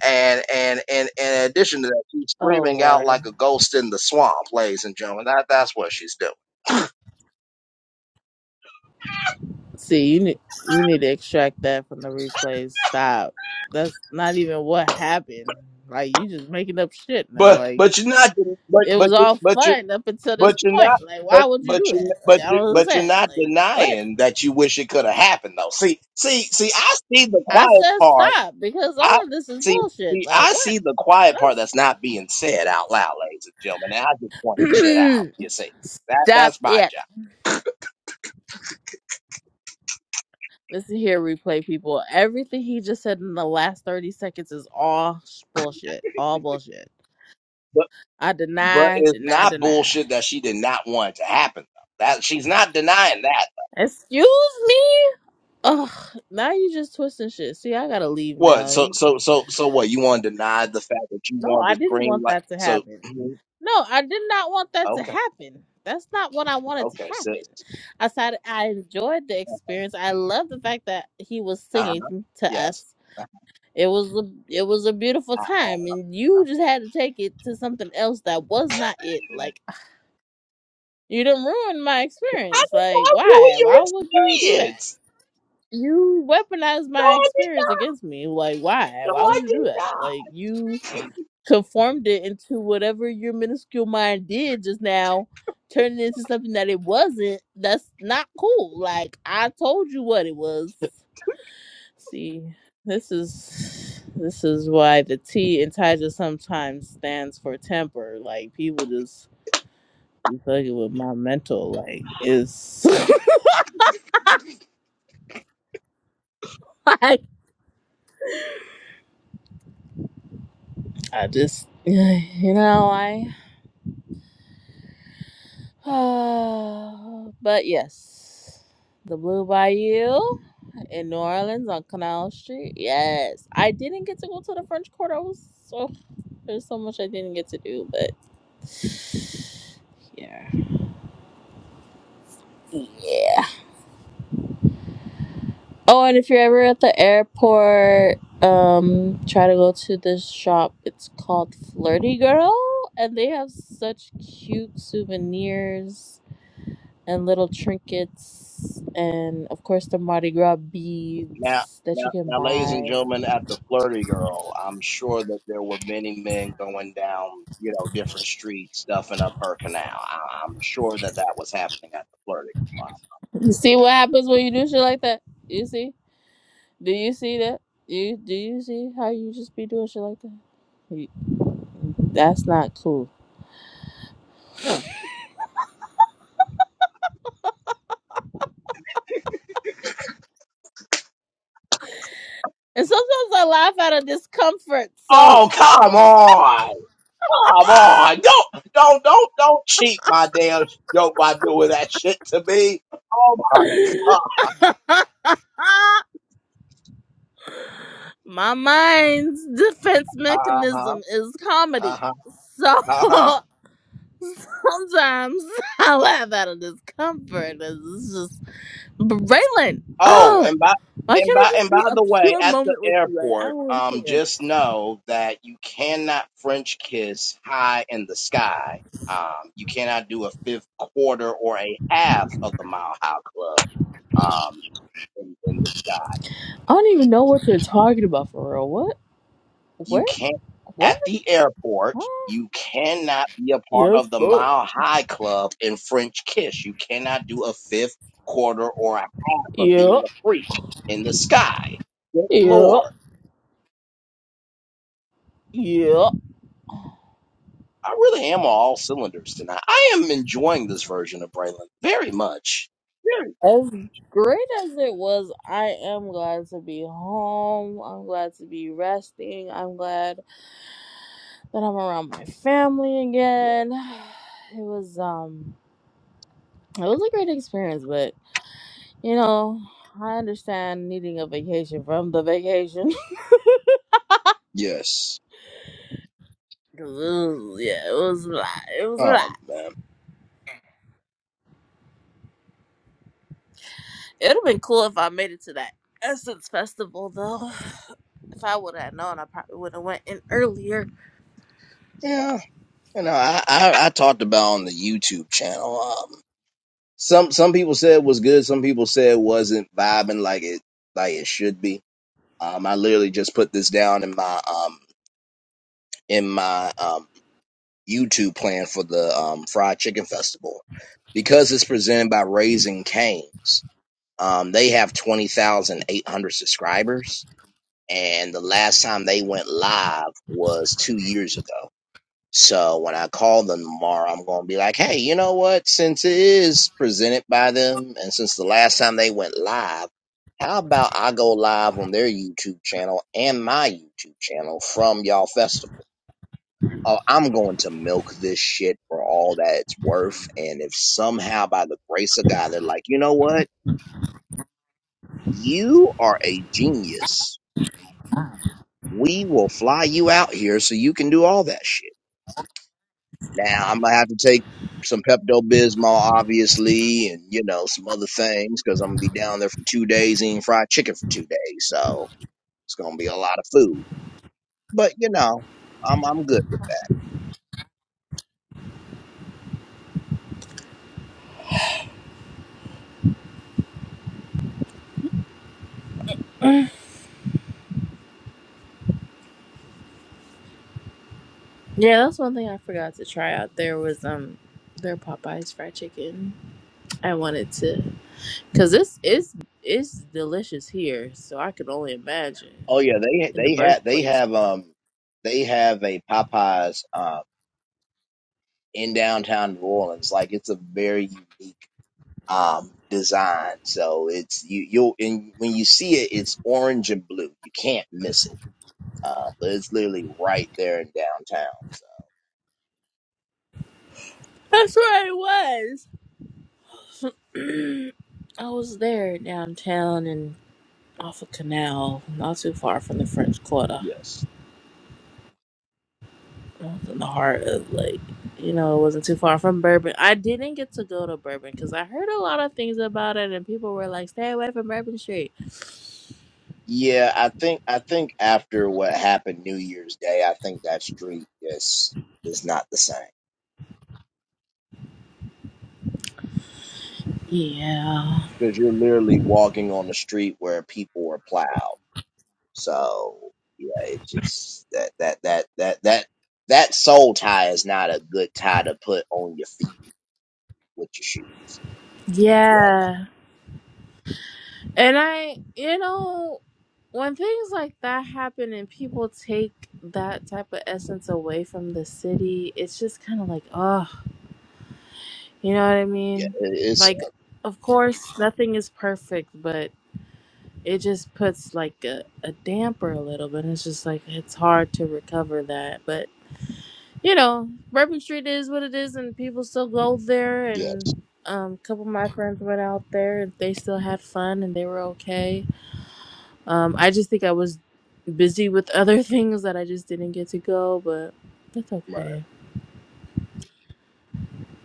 Speaker 1: and and and in addition to that, she's
Speaker 4: Oh
Speaker 1: screaming out
Speaker 4: Lord.
Speaker 1: like a ghost in the swamp, ladies and gentlemen. That that's what she's doing.
Speaker 4: See, you need you need to extract that from the replays. Stop. That's not even what happened. Like you just making up shit now.
Speaker 1: But
Speaker 4: Like
Speaker 1: but you're not den- but
Speaker 4: it
Speaker 1: but
Speaker 4: was
Speaker 1: you-
Speaker 4: all
Speaker 1: but you
Speaker 4: fun up until
Speaker 1: but
Speaker 4: this
Speaker 1: you're
Speaker 4: point.
Speaker 1: not
Speaker 4: Like why
Speaker 1: but
Speaker 4: would you
Speaker 1: but
Speaker 4: do
Speaker 1: you
Speaker 4: that?
Speaker 1: but
Speaker 4: Like I
Speaker 1: you
Speaker 4: don't
Speaker 1: but you're
Speaker 4: understand.
Speaker 1: not
Speaker 4: Like what?
Speaker 1: denying that you wish it could have happened though. See see see I see the
Speaker 4: I
Speaker 1: quiet
Speaker 4: said
Speaker 1: part.
Speaker 4: stop because
Speaker 1: I
Speaker 4: all of this is
Speaker 1: see
Speaker 4: bullshit.
Speaker 1: see
Speaker 4: Like
Speaker 1: I
Speaker 4: what?
Speaker 1: see the quiet part that's
Speaker 4: That's
Speaker 1: not being said out loud, ladies and gentlemen. And I just point shit out. You see that
Speaker 4: stop
Speaker 1: that's my
Speaker 4: it.
Speaker 1: job.
Speaker 4: Listen here, replay people. Everything he just said in the last 30 seconds is all sh- bullshit. All bullshit. I
Speaker 1: But
Speaker 4: deny,
Speaker 1: it's
Speaker 4: deny,
Speaker 1: not
Speaker 4: deny.
Speaker 1: bullshit that she did not want it to happen. though. That she's not denying that.
Speaker 4: Excuse me? Ugh, now you just twisting shit. See, I gotta leave
Speaker 1: What?
Speaker 4: now.
Speaker 1: So
Speaker 4: You-
Speaker 1: so so so what? You want to deny the fact that you
Speaker 4: No,
Speaker 1: wanted to
Speaker 4: I didn't
Speaker 1: scream
Speaker 4: want
Speaker 1: like
Speaker 4: that to
Speaker 1: so?
Speaker 4: happen.
Speaker 1: mhm,
Speaker 4: No, I did not want that to
Speaker 1: Okay,
Speaker 4: happen. That's not what I wanted to
Speaker 1: okay, so
Speaker 4: happen. I said I enjoyed the experience. I love the fact that he was
Speaker 1: uh huh,
Speaker 4: singing to us.
Speaker 1: yes.
Speaker 4: It was a it was a beautiful
Speaker 1: I,
Speaker 4: time, and you just had to take it to something else that was not it. Like you done ruined my
Speaker 1: I did
Speaker 4: experience. Like
Speaker 1: not ruin
Speaker 4: why?
Speaker 1: your
Speaker 4: Why would you do that?
Speaker 1: experience.
Speaker 4: You weaponized
Speaker 1: No,
Speaker 4: my
Speaker 1: I did
Speaker 4: experience against me. Like why?
Speaker 1: not. No,
Speaker 4: Why
Speaker 1: I-
Speaker 4: would you do that? Like you conformed it into whatever your minuscule mind did just now, turned it into something that it wasn't. That's not cool. Like I told you what it was. See, this is this is why the T in Tiger sometimes stands for temper. Like people just be fucking with my mental. Like it's like I just you know I. but yes, the Blue Bayou in New Orleans on Canal Street. Yes, I didn't get to go to the French Quarter. I was so there's so much I didn't get to do, but yeah, yeah. Oh, and if you're ever at the airport, um, try to go to this shop. It's called Flirty Girl, and they have such cute souvenirs and little trinkets, and of course the Mardi Gras
Speaker 1: Now,
Speaker 4: beads that you
Speaker 1: now,
Speaker 4: can
Speaker 1: now, ladies and
Speaker 4: buy.
Speaker 1: gentlemen, at the flirty girl, I'm sure that there were many men going down, you know, different streets, stuffing up her canal. I, I'm sure that that was happening at the flirty. Girl.
Speaker 4: You see what happens when you do shit like that? You see? Do you see that? You do you see how you just be doing shit like that? You- That's not cool. And sometimes I laugh out of discomfort, so.
Speaker 1: Oh, come on. Come on. Don't don't don't don't cheat my damn joke by doing that shit to me. Oh my god.
Speaker 4: My mind's defense
Speaker 1: Uh-huh.
Speaker 4: mechanism is comedy.
Speaker 1: Uh-huh.
Speaker 4: So
Speaker 1: Uh-huh.
Speaker 4: sometimes I laugh out of discomfort. It's just, but Raylan,
Speaker 1: Oh,
Speaker 4: uh,
Speaker 1: and by
Speaker 4: why can't
Speaker 1: and
Speaker 4: it
Speaker 1: by
Speaker 4: just
Speaker 1: and
Speaker 4: be
Speaker 1: by
Speaker 4: a
Speaker 1: the way,
Speaker 4: pure
Speaker 1: at the
Speaker 4: moment with you? Like, I
Speaker 1: airport,
Speaker 4: don't
Speaker 1: um,
Speaker 4: understand.
Speaker 1: just know that you cannot French kiss high in the sky. Um, you cannot do a fifth quarter or a half of the Mile High Club. Um, in, in the sky,
Speaker 4: I don't even know what you're talking about for real. What?
Speaker 1: you
Speaker 4: Where?
Speaker 1: can't. At
Speaker 4: What?
Speaker 1: the airport,
Speaker 4: Huh?
Speaker 1: you cannot be a part
Speaker 4: Yes,
Speaker 1: of the
Speaker 4: sir.
Speaker 1: Mile High Club in French kiss. You cannot do a fifth quarter or a half of
Speaker 4: Yeah.
Speaker 1: being a freak in the sky. Good
Speaker 4: Yeah.
Speaker 1: lord.
Speaker 4: Yeah.
Speaker 1: I really am on all cylinders tonight. I am enjoying this version of Braylon very much. Very, very.
Speaker 4: As great as it was, I am glad to be home. I'm glad to be resting. I'm glad that I'm around my family again. It was um it was a great experience, but you know, I understand needing a vacation from the vacation.
Speaker 1: Yes.
Speaker 4: 'Cause it was, yeah, it was a lot. It was a lot.
Speaker 1: Um.
Speaker 4: It would have been cool if I made it to that Essence Festival though. If I would have known, I probably would have went in earlier.
Speaker 1: Yeah. And um, some some people said it was good. Some people said it wasn't vibing like it like it should be. Um. I literally just put this down in my um in my um YouTube plan for the um fried chicken festival because it's presented by Raising Canes. Um. They have twenty thousand eight hundred subscribers and the last time they went live was two years ago. So when I call them tomorrow, I'm going to be like, hey, you know what? Since it is presented by them, and since the last time they went live, how about I go live on their YouTube channel and my YouTube channel from y'all festival? Oh, I'm going to milk this shit for all that it's worth. And if somehow by the grace of God, they're like, you know what? You are a genius we will fly you out here so you can do all that shit. Now I'm gonna have to take some Pepto Bismol, obviously, and you know some other things because I'm gonna be down there for two days eating fried chicken for two days, so it's gonna be a lot of food. But you know, I'm I'm good with. It.
Speaker 4: Yeah, that's one thing I forgot to try out there was um their Popeyes fried chicken. I wanted to cuz this is it's delicious here, so I could only imagine
Speaker 1: Oh yeah, they
Speaker 4: in the
Speaker 1: they had they
Speaker 4: birthplace.
Speaker 1: have um they have a Popeyes uh, in downtown New Orleans. Like it's a very unique um design so it's you you'll and when you see it it's orange and blue you can't miss it uh, but it's literally right there in downtown so
Speaker 4: That's where I was. I was there downtown and off a canal, not too far from the French Quarter.
Speaker 1: yes
Speaker 4: I was in the heart of like you know, it wasn't too far from Bourbon. I didn't get to go to Bourbon because I heard a lot of things about it, and people were like, "Stay away from Bourbon Street."
Speaker 1: yeah i think i think after what happened new year's day i think that street just is not the same
Speaker 4: Yeah,
Speaker 1: because you're literally walking on the street where people are plowed so yeah it just that that that that that that soul tie is not a good tie to put on your feet with your shoes
Speaker 4: Yeah. And I, you know, when things like that happen and people take that type of essence away from the city, it's just kind of like, oh, you know what I
Speaker 1: Yeah, it-
Speaker 4: mean?
Speaker 1: it's
Speaker 4: Like,
Speaker 1: uh,
Speaker 4: of course, nothing is perfect, but it just puts like a, a damper a little bit. It's just like, it's hard to recover that. But, you know, Bourbon Street is what it is, and people still go there.
Speaker 1: yeah,
Speaker 4: And um, a couple of my friends went out there and they still had fun and they were okay Um, I just think I was busy with other things that I just didn't get to go, but that's
Speaker 1: right,
Speaker 4: okay.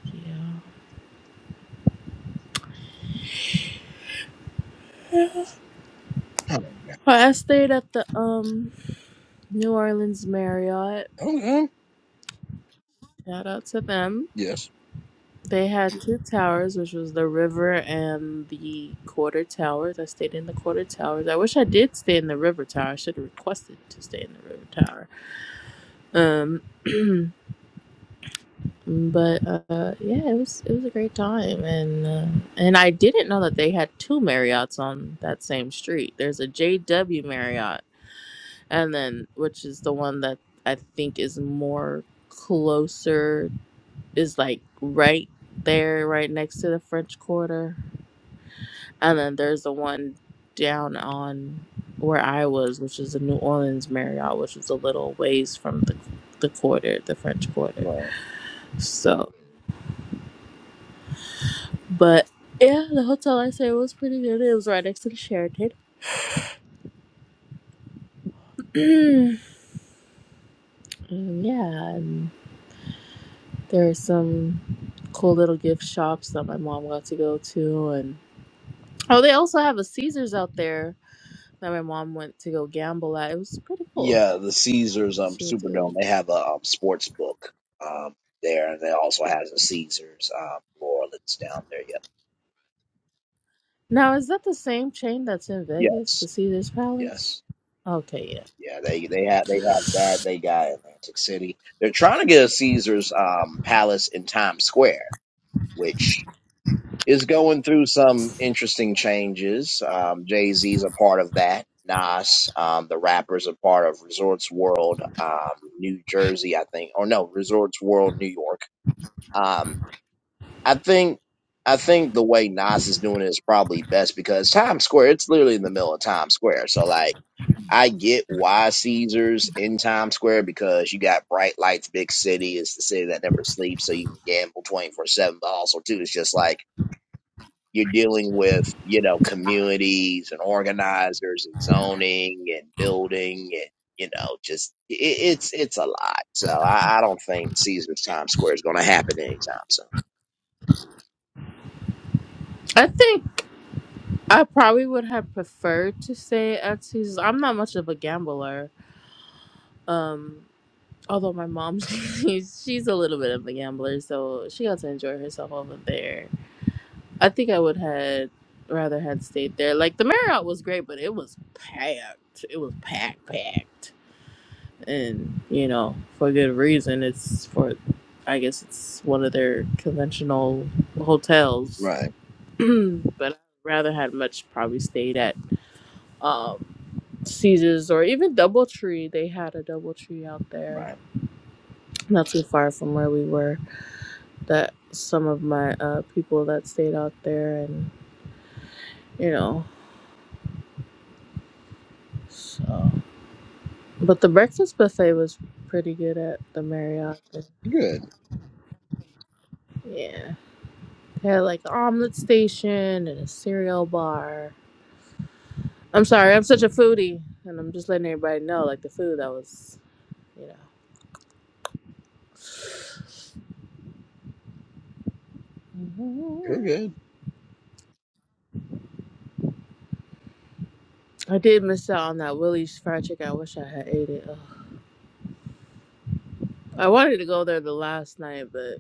Speaker 4: Yeah. But I stayed at the um New Orleans Marriott.
Speaker 1: Okay.
Speaker 4: Shout out to them. They had two towers, which was the river and the quarter towers. I stayed in the quarter towers. I wish I did stay in the river tower. I should have requested to stay in the river tower. Um but uh, yeah, it was it was a great time, and uh, and I didn't know that they had two Marriotts on that same street. There's a JW Marriott, and then which is the one that I think is more closer, is like right there, right next to the French Quarter, and then there's the one down on where I was, which is the New Orleans Marriott, which is a little ways from the the quarter, the French Quarter.
Speaker 1: right.
Speaker 4: So, But yeah, the hotel I stayed was pretty good. It was right next to the Sheraton. and yeah, and there are some cool little gift shops that my mom got to go to, and oh, they also have a Caesars out there that my mom went to go gamble at. It was pretty cool.
Speaker 1: Yeah, the Caesars um
Speaker 4: She went to
Speaker 1: Superdome
Speaker 4: go.
Speaker 1: they have a um, sports book um there, and they also has a Caesars um New Orleans down there. Yeah,
Speaker 4: Now, is that the same chain that's in Vegas,
Speaker 1: yes,
Speaker 4: the Caesars Palace?
Speaker 1: yes,
Speaker 4: Okay, yeah.
Speaker 1: yeah. They they have they have that. They got Atlantic City. They're trying to get a Caesars um Palace in Times Square, which is going through some interesting changes. Um, Jay Z's a part of that. Nas, um, the rappers, a part of Resorts World, um, New Jersey, I think, or no, Resorts World, New York. Um, I think, I think the way Nas is doing it is probably best because Times Square, it's literally in the middle of Times Square, so like. I get why Caesars in Times Square because you got bright lights, big city. It's the city that never sleeps, so you can gamble twenty four seven. But also, too, it's just like you're dealing with you know communities and organizers and zoning and building and you know just it, it's it's a lot so I, I don't think caesar's times square is going to happen anytime soon
Speaker 4: I think I probably would have preferred to stay at Caesars. I'm not much of a gambler. Um, Although my mom, she's, she's a little bit of a gambler, so she got to enjoy herself over there. I think I would had rather had stayed there. Like the Marriott was great, but it was packed. It was packed, packed, and you know for good reason. It's for, I guess it's one of their conventional hotels,
Speaker 1: Right,
Speaker 4: but I'd rather had much probably stayed at um, Caesar's or even DoubleTree. They had a DoubleTree out there,
Speaker 1: right.
Speaker 4: not too far from where we were that some of my uh, people that stayed out there and you know so but the breakfast buffet was pretty good at the marriott yeah they had like an omelet station and a cereal bar i'm sorry i'm such a foodie and i'm just letting everybody know like the food that was you
Speaker 1: You're
Speaker 4: know
Speaker 1: good.
Speaker 4: i did miss out on that willie's fried chicken i wish i had ate it Ugh. i wanted to go there the last night but.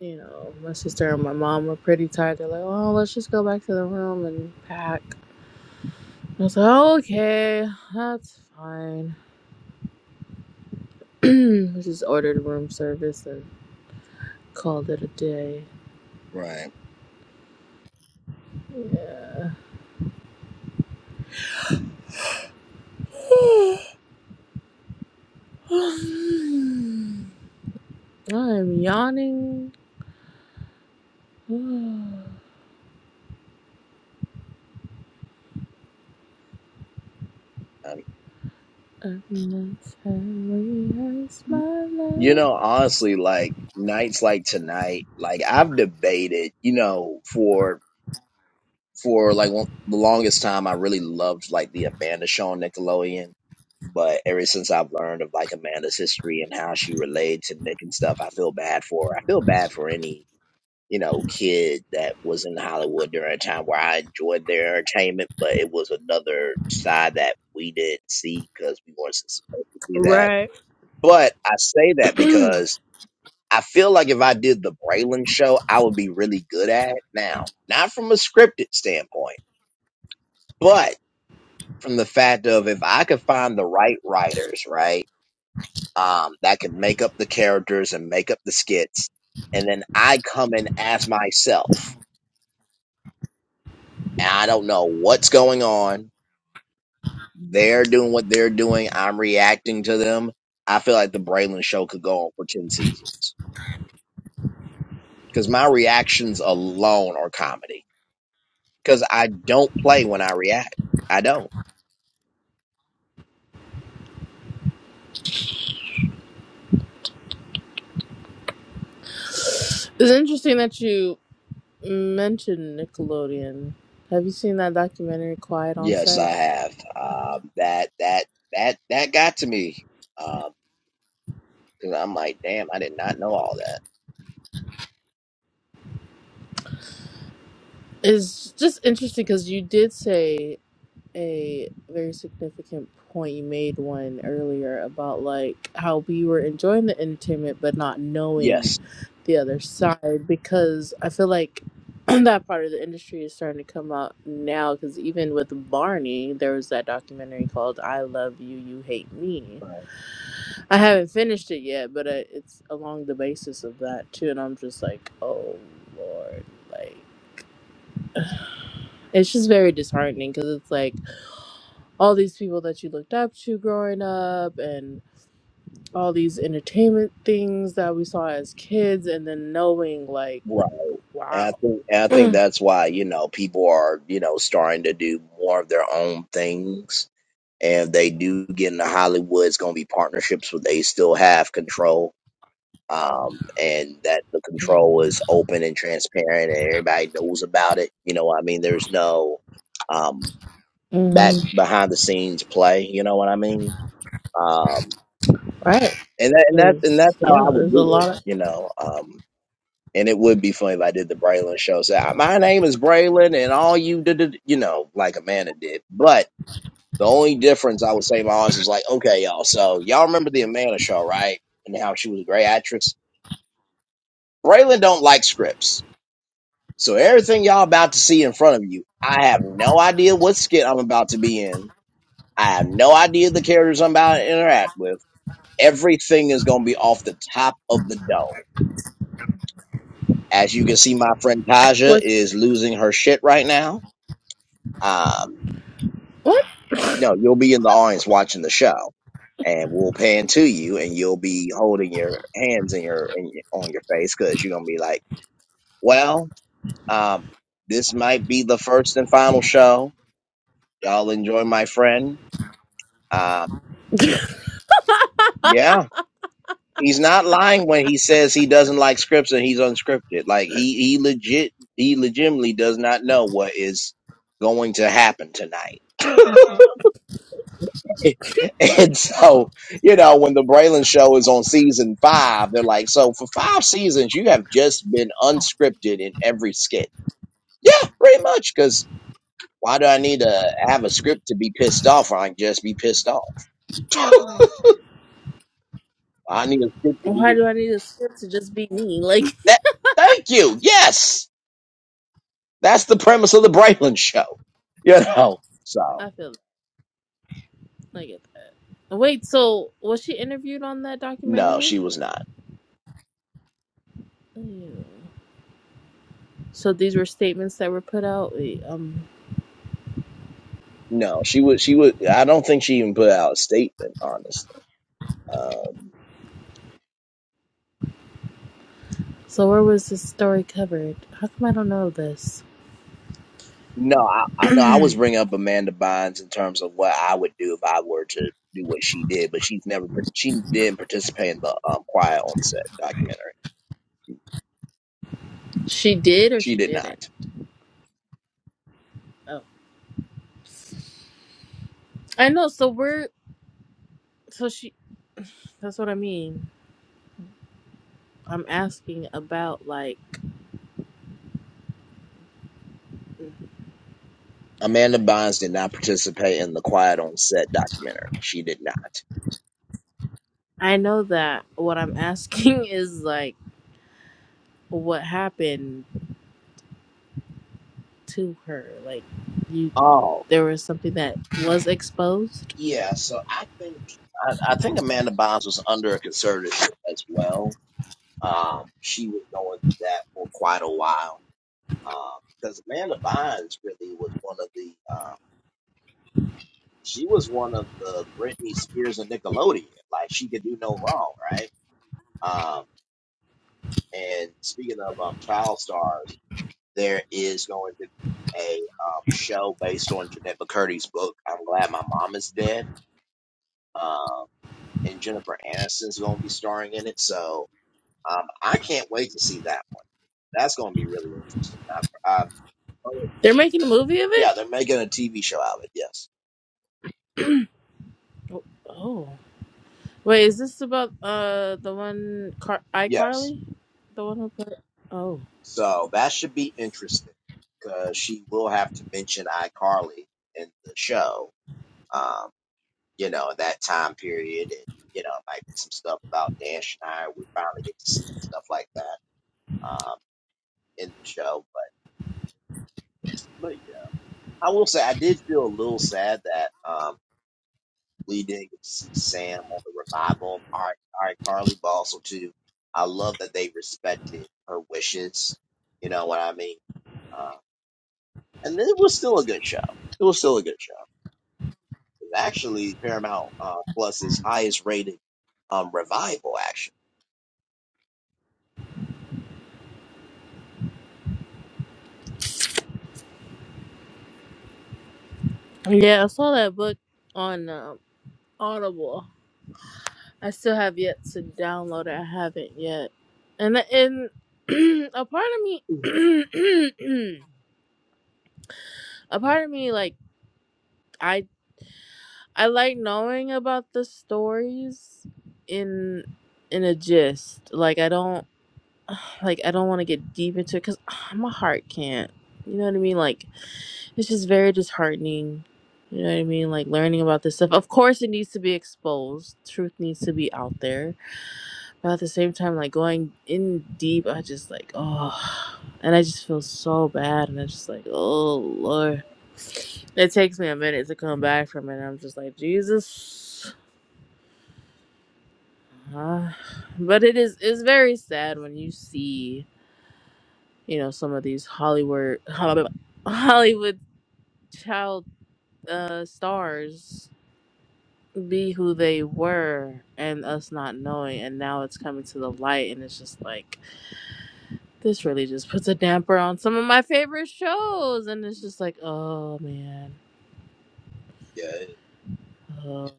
Speaker 4: you know, my sister and my mom were pretty tired. They're like, oh, let's just go back to the room and pack. I was like, okay, that's fine. I just ordered room service and called it a day.
Speaker 1: Right.
Speaker 4: Yeah. I'm yawning. Every time I
Speaker 1: Um, you
Speaker 4: smile.
Speaker 1: know honestly like nights like tonight like i've debated you know for for like one, the longest time I really loved like the Amanda show on Nickelodeon. But ever since I've learned of like Amanda's history and how she related to Nick and stuff, I feel bad for her. I feel bad for any, you know, kid that was in Hollywood during a time where I enjoyed their entertainment, but it was another side that we didn't see because we weren't so supposed to see that.
Speaker 4: Right.
Speaker 1: But I say that because I feel like if I did the Braylon show, I would be really good at it now. Not from a scripted standpoint. but from the fact of if I could find the right writers, right, um, that could make up the characters and make up the skits, and then I come in as myself, and I don't know what's going on. They're doing what they're doing. I'm reacting to them. I feel like the Braylon Show could go on for ten seasons because my reactions alone are comedy. Because I don't play when I react. I don't.
Speaker 4: It's interesting that you mentioned Nickelodeon. Have you seen that documentary, Quiet on
Speaker 1: Yes,
Speaker 4: Set?
Speaker 1: I have. Um, that that that that got to me. Um, Cause I'm like, damn, I did not know all that.
Speaker 4: It's just interesting because you did say a very significant point you made one earlier about like how we were enjoying the entertainment but not knowing
Speaker 1: Yes,
Speaker 4: the other side because I feel like that part of the industry is starting to come out now because even with Barney, there was that documentary called I Love You, You Hate Me. I haven't finished it yet, but uh, it's along the basis of that too. And I'm just like, oh Lord, like, it's just very disheartening because it's like all these people that you looked up to growing up and all these entertainment things that we saw as kids and then knowing like
Speaker 1: right. And I
Speaker 4: wow
Speaker 1: think and I think that's why you know people are you know starting to do more of their own things, and if they do get into Hollywood. It's going to be partnerships where they still have control, um, and that the control
Speaker 4: mm
Speaker 1: is open and transparent, and everybody knows about it. You know, what I mean, there's no um, back behind the scenes play. You know what I mean? Um,
Speaker 4: right
Speaker 1: and that, and that and that's
Speaker 4: 'Cause,
Speaker 1: how
Speaker 4: yeah
Speaker 1: I would
Speaker 4: there's a
Speaker 1: do
Speaker 4: lot
Speaker 1: it.
Speaker 4: of
Speaker 1: You know, um, And it would be funny if I did the Braylon show. So I- my name is Braylon, and all you did, you know, like Amanda did. But the only difference I would say, my honest, is like, okay, y'all. So y'all remember the Amanda show, right? And how she was a great actress. Braylon don't like scripts, so everything y'all about to see in front of you, I have no idea what skit I'm about to be in. I have no idea the characters I'm about to interact with. Everything is going to be off the top of the dome. As you can see, my friend Taja
Speaker 4: what's
Speaker 1: is losing her shit right now Um,
Speaker 4: what
Speaker 1: no, you'll be in the audience watching the show, and we'll pan to you, and you'll be holding your hands in your, in your on your face because you're gonna be like, "Well, um, this might be the first and final show. Y'all enjoy my friend. Um, yeah, he's not lying when he says he doesn't like scripts and he's unscripted. Like he he legit he legitimately does not know what is going to happen tonight." And so, you know, when the Braylon show is on season five, they're like, so for five seasons, you have just been unscripted in every skit. Yeah, pretty much. Because why do I need to have a script to be pissed off? I can just be pissed off. I need a script to
Speaker 4: why
Speaker 1: be
Speaker 4: do i need a script to just be me like
Speaker 1: that. Thank you. Yes, that's the premise of the Braylon show. You know, so
Speaker 4: i feel that. i get that wait so was she interviewed on that
Speaker 1: no,
Speaker 4: documentary
Speaker 1: she was not.
Speaker 4: Ew. so these were statements that were put out Wait, um,
Speaker 1: No, she would. She would. I don't think she even put out a statement. Honestly. Um,
Speaker 4: So where was this story covered? How come I don't know this?
Speaker 1: No, I, I, no, I was bringing up Amanda Bynes in terms of what I would do if I were to do what she did, but she's never, par- she didn't participate in the um, Quiet on Set documentary.
Speaker 4: she did or
Speaker 1: She
Speaker 4: she
Speaker 1: did not.
Speaker 4: didn't? Oh, I know. So we're so she. That's what I mean. I'm asking about like. mm, Never
Speaker 1: Amanda
Speaker 4: mind.
Speaker 1: Bynes did not participate in the Quiet on Set documentary. She did not.
Speaker 4: I know that what I'm asking is like what happened to her. Like you,
Speaker 1: Oh,
Speaker 4: there was something that was exposed.
Speaker 1: yeah. So I think, I, I think Amanda Bynes was under a conservative as well. Um, she was going through that for quite a while. Um, because Amanda Bynes really was one of the she was one of the Britney Spears and Nickelodeon. Like she could do no wrong, right? Um, and speaking of um, child stars, there is going to be a um, show based on Jeanette McCurdy's book. I'm glad my mom is dead. Um, and Jennifer Aniston's going to be starring in it, so um, I can't wait to see that one. That's going to be really interesting. I've, I've, oh,
Speaker 4: They're making a movie of
Speaker 1: yeah,
Speaker 4: it.
Speaker 1: they're making a TV show out of it. Yes,
Speaker 4: Oh, wait, is this about uh the one Car-
Speaker 1: yes.
Speaker 4: iCarly, the one who put? Oh.
Speaker 1: So that should be interesting because she will have to mention iCarly in the show, um, you know, that time period. And, you know, might be some stuff about Dan Schneider. We finally get to see stuff like that um, in the show. But, but yeah, I will say I did feel a little sad that um, we didn't get to see Sam on the revival of I- iCarly, but also, too, I love that they respected her wishes. You know what I mean? Um, and it was still a good show. It was still a good show. It's Actually, Paramount uh, Plus's highest rated um, revival. Actually,
Speaker 4: Yeah, I saw that book on um, Audible. I still have yet to download it. I haven't yet, and and a part of me, a part of me, like I I like knowing about the stories in in a gist. Like I don't like I don't want to get deep into it because my heart can't. You know what I mean? Like It's just very disheartening. You know what I mean? Like learning about this stuff. Of course, it needs to be exposed. Truth needs to be out there. But at the same time, like going in deep, I just like, oh. And I just feel so bad. And I'm just like, oh, Lord. It takes me a minute to come back from it. And I'm just like, Jesus. Uh, but it is, it's very sad when you see, you know, some of these Hollywood, Hollywood child uh, stars be who they were and us not knowing and now it's coming to the light and it's just like this really just puts a damper on some of my favorite shows and it's just like oh man
Speaker 1: yeah,
Speaker 4: oh.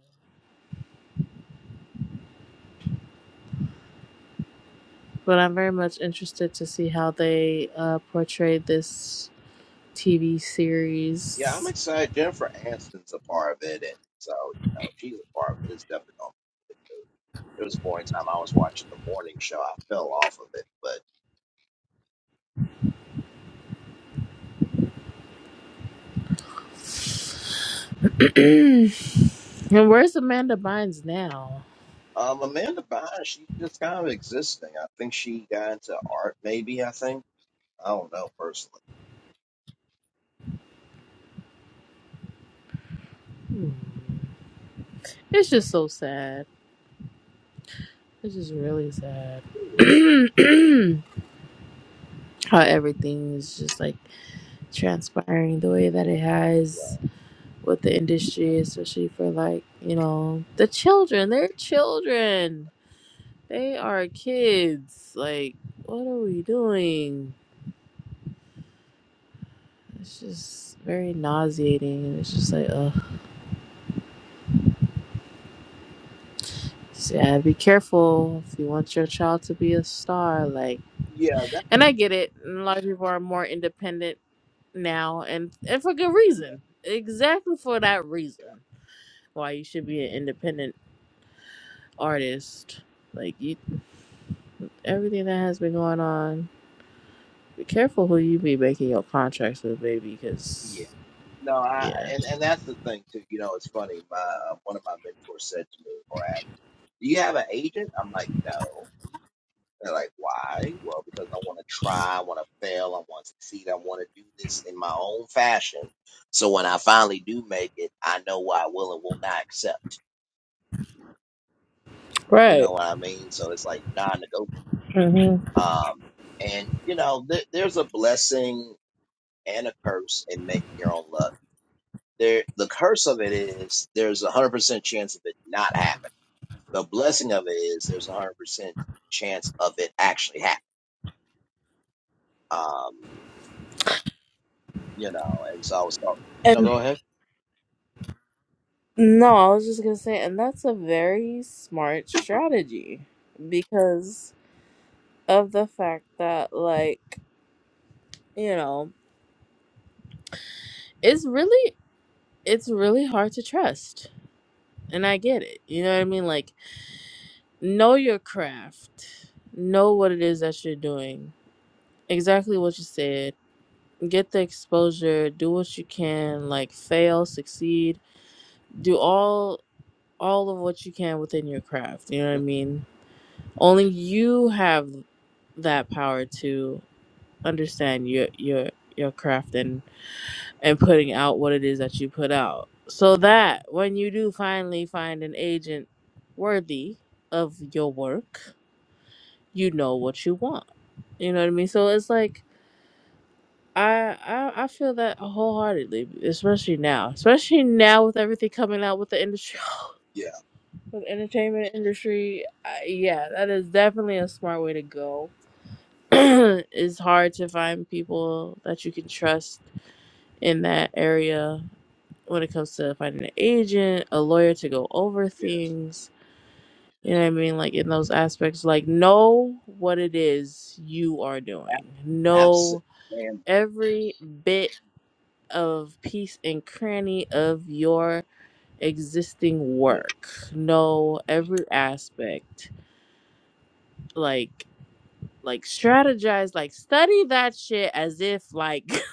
Speaker 4: but i'm very much interested to see how they uh, portray this tv
Speaker 1: yeah, I'm
Speaker 4: series
Speaker 1: excited. Jennifer Aniston's a part of it, and so you know she's a part of it. It's definitely gonna be good. There was one time I was watching the morning show, I fell off of it, but.
Speaker 4: and where's amanda bynes now
Speaker 1: Um, Amanda Bynes, she's just kind of existing. I think she got into art, maybe. I think I don't know personally.
Speaker 4: Hmm. it's just so sad it's just really sad how everything is just like transpiring the way that it has with the industry, especially for like, you know, the children. They're children. They are kids. Like, what are we doing? It's just very nauseating. And it's just like, ugh. So, yeah, be careful if you want your child to be a star. Like,
Speaker 1: Yeah,
Speaker 4: and I get it. and A lot of people are more independent now, and and for good reason. Exactly for that reason, why you should be an independent artist. Like you everything that has been going on, be careful who you be making your contracts with, baby, because,
Speaker 1: No, I
Speaker 4: yeah.
Speaker 1: and, and that's the thing too. You know, it's funny. My uh, one of my mentors said to me, or asked, "Do you have an agent?" I'm like, "No." They're like, "Why?" Well, because I want to try, I want to fail, I want to succeed, I want to do this in my own fashion. So when I finally do make it, I know what I will and will not accept. You
Speaker 4: Right.
Speaker 1: know what I mean? So it's like non-negotiable.
Speaker 4: hmm
Speaker 1: Um, and you know, th- there's a blessing and a curse in making your own luck. There, the curse of it is there's a hundred percent chance of it not happening The blessing of it is there's a hundred percent chance of it actually happening. Um, you know, and so I was talking. No,
Speaker 4: And
Speaker 1: go ahead.
Speaker 4: no, I was just going to say, and that's a very smart strategy because of the fact that, like, you know, it's really, it's really hard to trust. And I get it. You know what I mean? Like, know your craft, know what it is that you're doing, exactly what you said. get the exposure do what you can like fail succeed do all all of what you can within your craft you know what i
Speaker 1: Yep.
Speaker 4: mean only you have that power to understand your your your craft and and putting out what it is that you put out so that when you do finally find an agent worthy of your work you know what you want you know what i mean so it's like I, I I feel that wholeheartedly, especially now, especially now with everything coming out with the industry,
Speaker 1: Yeah.
Speaker 4: with entertainment industry. I, yeah, that is definitely a smart way to go. it's hard to find people that you can trust in that area when it comes to finding an agent, a lawyer to go over
Speaker 1: Yes.
Speaker 4: things. You know what I mean? Like in those aspects, like know what it is you are doing.
Speaker 1: A- absent.
Speaker 4: Know
Speaker 1: Man.
Speaker 4: every bit of piece and cranny of your existing
Speaker 1: Yeah.
Speaker 4: work. Know every aspect. Like like strategize, like study that shit as if like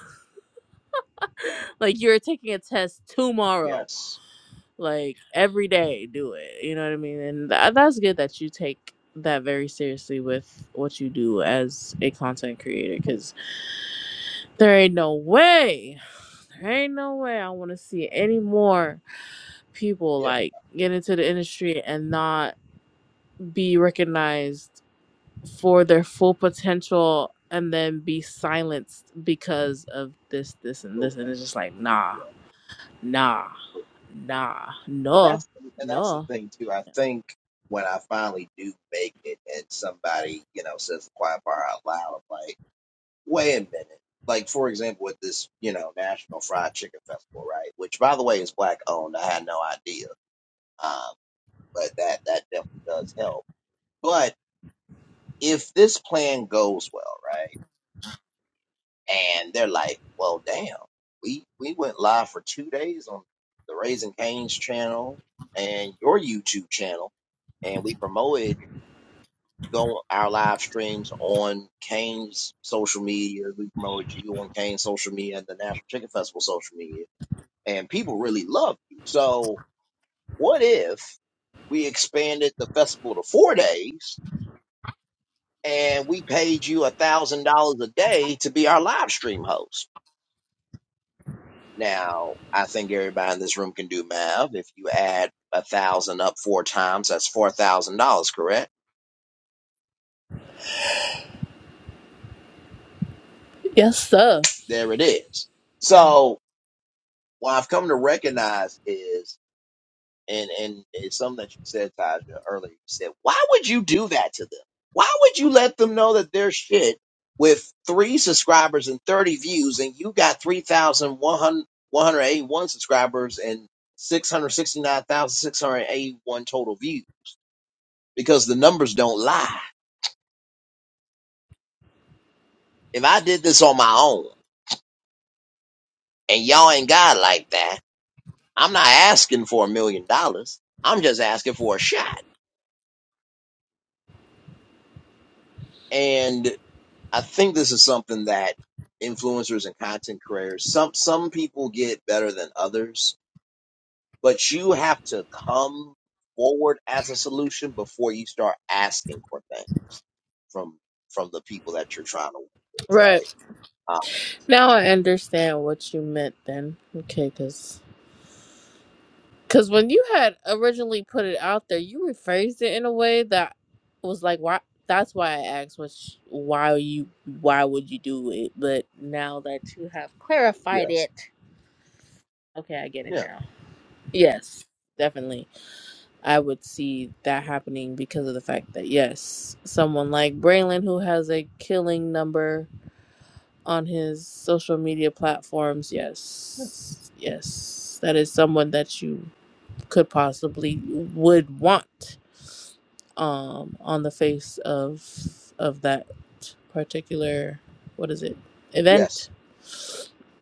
Speaker 4: like you're taking a test tomorrow.
Speaker 1: Yes.
Speaker 4: Like every day do it. You know what I mean? And tha- that's good that you take that very seriously with what you do as a content creator cuz there ain't no way. There ain't no way I want to see any more people
Speaker 1: Yeah.
Speaker 4: like get into the industry and not be recognized for their full potential and then be silenced because of this this and this and it's just like nah nah
Speaker 1: Correct.
Speaker 4: nah
Speaker 1: and
Speaker 4: no
Speaker 1: that's and that's the
Speaker 4: no
Speaker 1: thing too. I think when I finally do make it, and somebody you know says the quiet bar out loud, I'm like, wait a minute. Like for example, with this you know National Fried Chicken Festival, right? Which by the way is black owned. I had no idea, um, but that that definitely does help. But if this plan goes well, right? and they're like, "Well, damn, we we went live for two days on the Raising Canes channel and your YouTube channel, and we promoted go our live streams on Kane's social media. We promoted you on Kane's social media and the National Chicken Festival social media, and people really loved you. So, what if we expanded the festival to four days?" And we paid you a thousand dollars a day to be our live stream host Now, I think everybody in this room can do math. If you add a thousand up four times, that's four thousand dollars, correct?
Speaker 4: yes sir
Speaker 1: There it is.
Speaker 4: Mhm.
Speaker 1: So what I've come to recognize is, and and it's something that you said, Taja, earlier. You said, why would you do that to them? Why would you let them know that they're shit with three subscribers and thirty views, and you got three thousand one hundred one hundred eighty one subscribers and six hundred sixty nine thousand six hundred eighty one total views? because the numbers don't lie. If I did this on my own and y'all ain't got like that, I'm not asking for a million dollars. I'm just asking for a shot. And I think this is something that influencers and content creators, some some people get better than others, but you have to come forward as a solution before you start asking for things from from the people that you're trying to work with, right?
Speaker 4: right
Speaker 1: Uh,
Speaker 4: now i understand what you meant then okay because Because when you had originally put it out there, you rephrased it in a way that was like, why? That's why I asked, was why you, why would you do it? But now that you have clarified
Speaker 1: yes.
Speaker 4: it, okay, I get it
Speaker 1: Yeah.
Speaker 4: now. Yes, definitely, I would see that happening because of the fact that yes, someone like Braylon who has a killing number on his social media platforms, yes, yes, that is someone that you could possibly would want um, on the face of of that particular what is it
Speaker 1: Yes.
Speaker 4: event.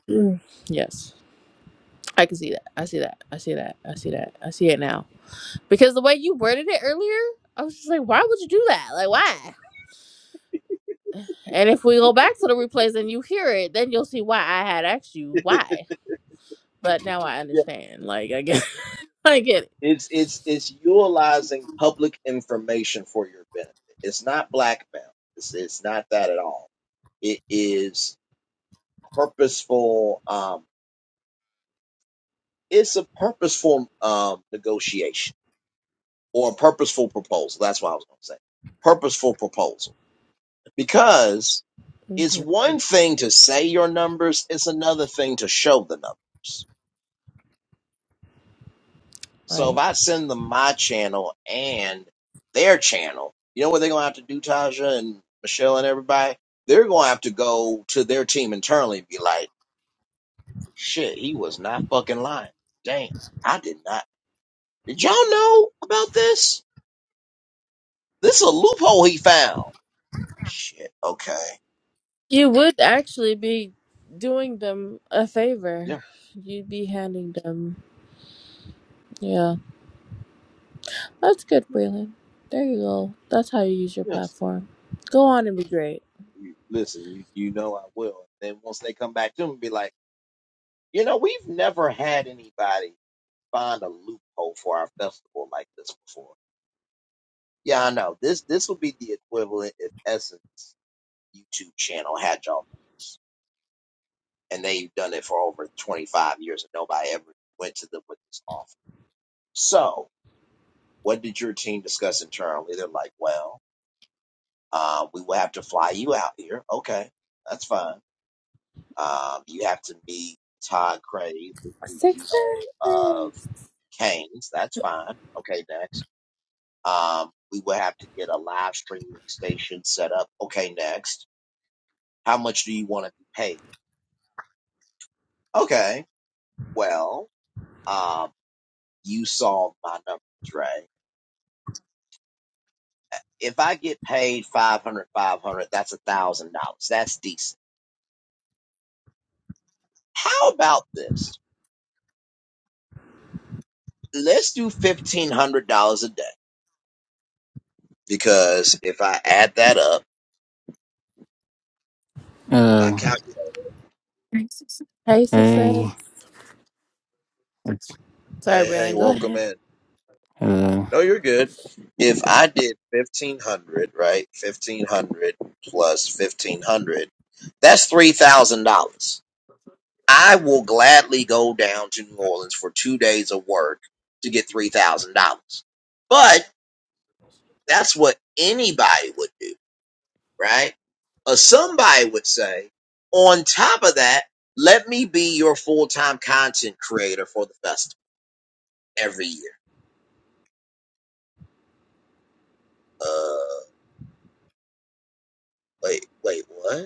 Speaker 4: Mm. Yes, I can see that. I see that. I see that. I see that. I see it now because the way you worded it earlier, I was just like, why would you do that? Like, why? And if we go back to the replays and you hear it, then you'll see why I had asked you why. But now I
Speaker 1: Yeah.
Speaker 4: understand. Like I get, I get it.
Speaker 1: It's it's it's utilizing public information for your benefit. It's not blackmail. It's it's not that at all. It is purposeful. Um, it's a purposeful um negotiation. or a purposeful proposal. That's what I was going to say. Purposeful proposal. Because it's
Speaker 4: Mhm.
Speaker 1: one thing to say your numbers, it's another thing to show the numbers. So
Speaker 4: Right.
Speaker 1: if I send them my channel and their channel, you know what they're going to have to do, Taja and Michelle and everybody? They're going to have to go to their team internally and be like, shit, he was not fucking lying. Damn, I did not. Did y'all know about this? This is a loophole he found. Shit, okay.
Speaker 4: You would actually be doing them a
Speaker 1: Yeah,
Speaker 4: favor. You'd be handing them. Yeah, that's good, Breland. There you go. That's how you use your
Speaker 1: yes.
Speaker 4: platform. Go on and be great.
Speaker 1: You, listen, you you know I will. Then once they come back to me and be like, you know, we've never had anybody find a loophole for our festival like this before. Yeah, I know. This this would be the equivalent if Essence YouTube channel had y'all numbers. And they've done it for over twenty five years and nobody ever went to them with this offer. So what did your team discuss internally? They're like, Well, uh, we will have to fly you out here. Okay, that's fine Um, you have to meet Todd Craig, the
Speaker 4: Success.
Speaker 1: CEO of Canes. That's fine. Okay, next. Um, we will have to get a live streaming station set up. Okay, next. How much do you want to be paid? Okay, well, um, you saw my numbers, right? If I get paid 500, 500, that's a thousand dollars. That's decent. How about this? Let's do fifteen hundred dollars a day because if I add that up in my
Speaker 5: Uh,
Speaker 1: calculator.
Speaker 4: Hey,
Speaker 5: hey,
Speaker 4: success.
Speaker 5: it's
Speaker 4: Sorry,
Speaker 1: Hey, hey,
Speaker 4: Breland. Go
Speaker 1: welcome
Speaker 4: ahead.
Speaker 1: in.
Speaker 5: hello.
Speaker 1: No, you're good. If I did 1500, right? 1500 plus 1500, that's $3,000. I will gladly go down to New Orleans for two days of work to get $3,000. But that's what anybody would do, right? Or somebody would say, on top of that, let me be your full time content creator for the festival every year. Uh, wait, wait, what?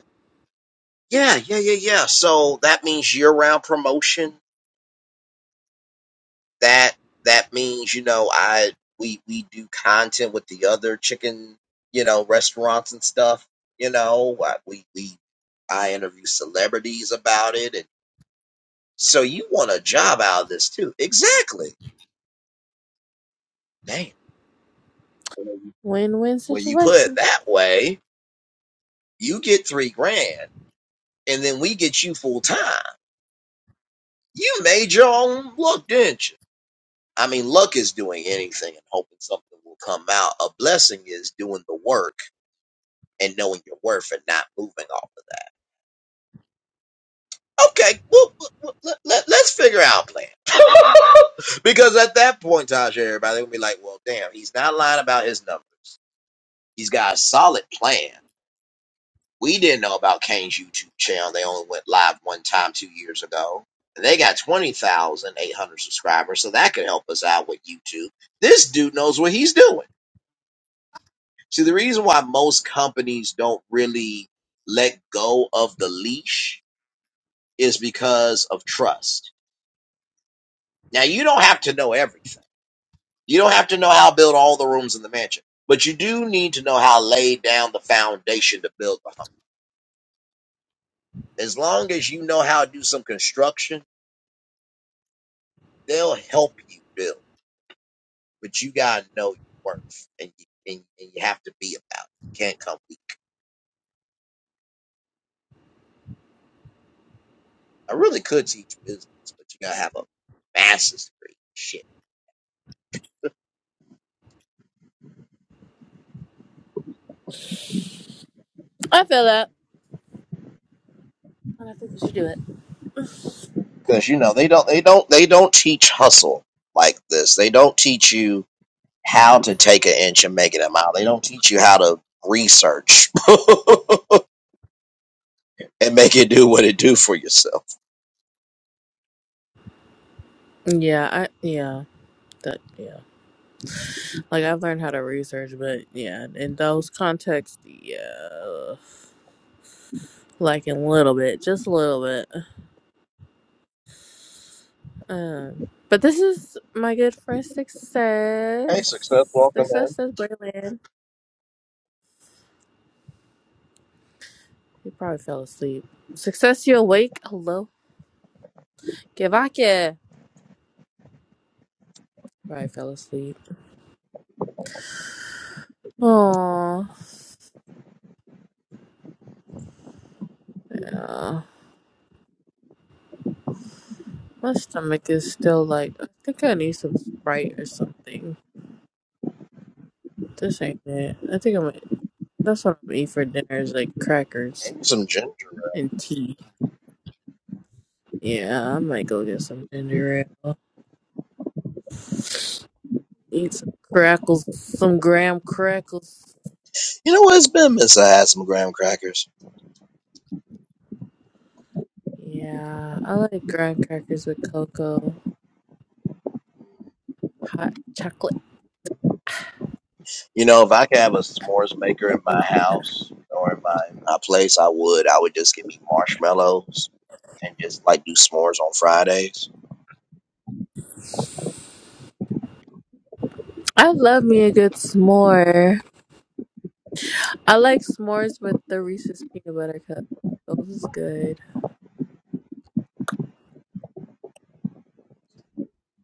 Speaker 1: Yeah, yeah, yeah, yeah. So that means year-round promotion. That that means you know I we we do content with the other chicken you know restaurants and stuff. You know I, we we I interview celebrities about it, and so you want a job out of this too? Exactly. Damn.
Speaker 4: Win-win
Speaker 1: When you put it
Speaker 4: situation.
Speaker 1: that way, you get three grand, and then we get you full time. You made your own look, didn't you? I mean, luck is doing anything and hoping something will come out. A blessing is doing the work and knowing your worth and not moving off of that. Okay, well, well, well, let, let, us figure out a plan. because at that point, Taj, everybody would be like, well, damn, he's not lying about his numbers. He's got a solid plan. We didn't know about Kane's YouTube channel. They only went live one time two years ago. And They got 20,800 subscribers, so that could help us out with YouTube. This dude knows what he's doing. See, the reason why most companies don't really let go of the leash is because of trust. Now, you don't have to know everything. You don't have to know how to build all the rooms in the mansion, but you do need to know how to lay down the foundation to build the home. As long as you know how to do some construction, they'll help you build, but you got to know your worth and you, and, and you have to be about it. You can't come weak. I really could teach business, but you got to have a master's degree. Shit.
Speaker 4: I feel that, and I think you should do it.
Speaker 1: because you know they don't they don't they don't teach hustle like this. They don't teach you how to take an inch and make it a mile. They don't teach you how to research and make it do what it do for yourself.
Speaker 4: Yeah, I yeah that yeah. Like I've learned how to research, but yeah, in those contexts, yeah, like in a little bit, just a little bit. Um, but this is my good friend
Speaker 1: Hey, success,
Speaker 4: Success.
Speaker 1: welcome
Speaker 4: Success
Speaker 1: in.
Speaker 4: says Braylon. He probably fell asleep. Success, you awake? Hello? Givake. Probably fell asleep. Aww. Yeah. My stomach is still like, I think I need some Sprite or something. This ain't it. I think I'm, that's what I'm gonna eat for dinner is like crackers
Speaker 1: Maybe some ginger.
Speaker 4: and tea. Yeah, I might go get some ginger ale. Eat some crackles, some graham crackles.
Speaker 1: You know what? It's been missing. I had some graham crackers.
Speaker 4: Yeah, I like graham crackers with cocoa, hot chocolate.
Speaker 1: You know, if I could have a s'mores maker in my house or in my, my place, I would. I would just give me marshmallows and just like do s'mores on Fridays.
Speaker 4: I love me a good s'more. I like s'mores with the Reese's peanut butter cup. Those is good.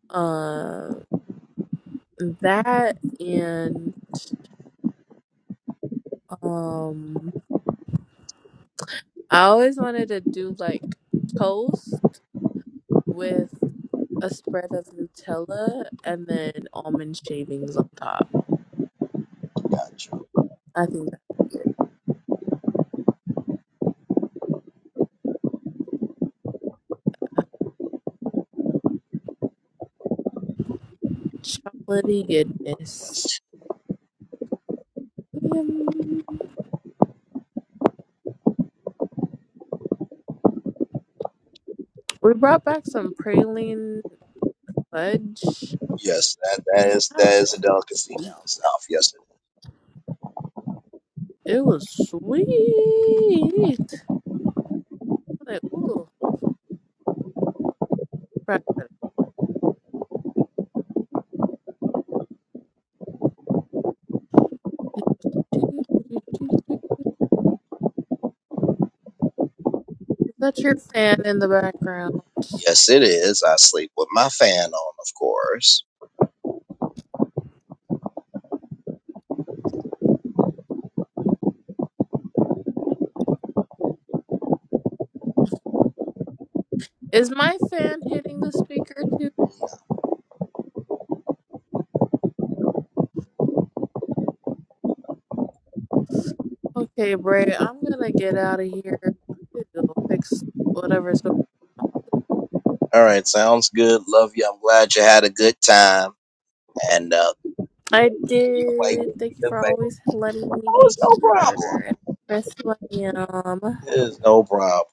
Speaker 4: Um, that and um, I always wanted to do like toast with a spread of Nutella and then almond shavings on top.
Speaker 1: Gotcha.
Speaker 4: I think that's good. Chocolatey
Speaker 1: Yes.
Speaker 4: goodness. Yum. We brought back some praline fudge.
Speaker 1: Yes, that, that
Speaker 4: It's
Speaker 1: is that
Speaker 4: not
Speaker 1: is a delicacy
Speaker 4: sweet.
Speaker 1: down south. Yes, it,
Speaker 4: It was sweet. Like, ooh, breakfast. Is that your fan in the background?
Speaker 1: yes, it is. I sleep with my fan on, of course.
Speaker 4: Is my fan hitting the speaker too? Okay, Bray, I'm gonna get out of here. I need to go fix whatever's going
Speaker 1: All right, sounds good. Love you. I'm glad you had a good time. And uh,
Speaker 4: I
Speaker 1: you play with
Speaker 4: did.
Speaker 1: me
Speaker 4: Thank you
Speaker 1: the
Speaker 4: for
Speaker 1: favor.
Speaker 4: always letting me
Speaker 1: Oh,
Speaker 4: be
Speaker 1: it's no
Speaker 4: here
Speaker 1: problem.
Speaker 4: and express who I am.
Speaker 1: It is no problem.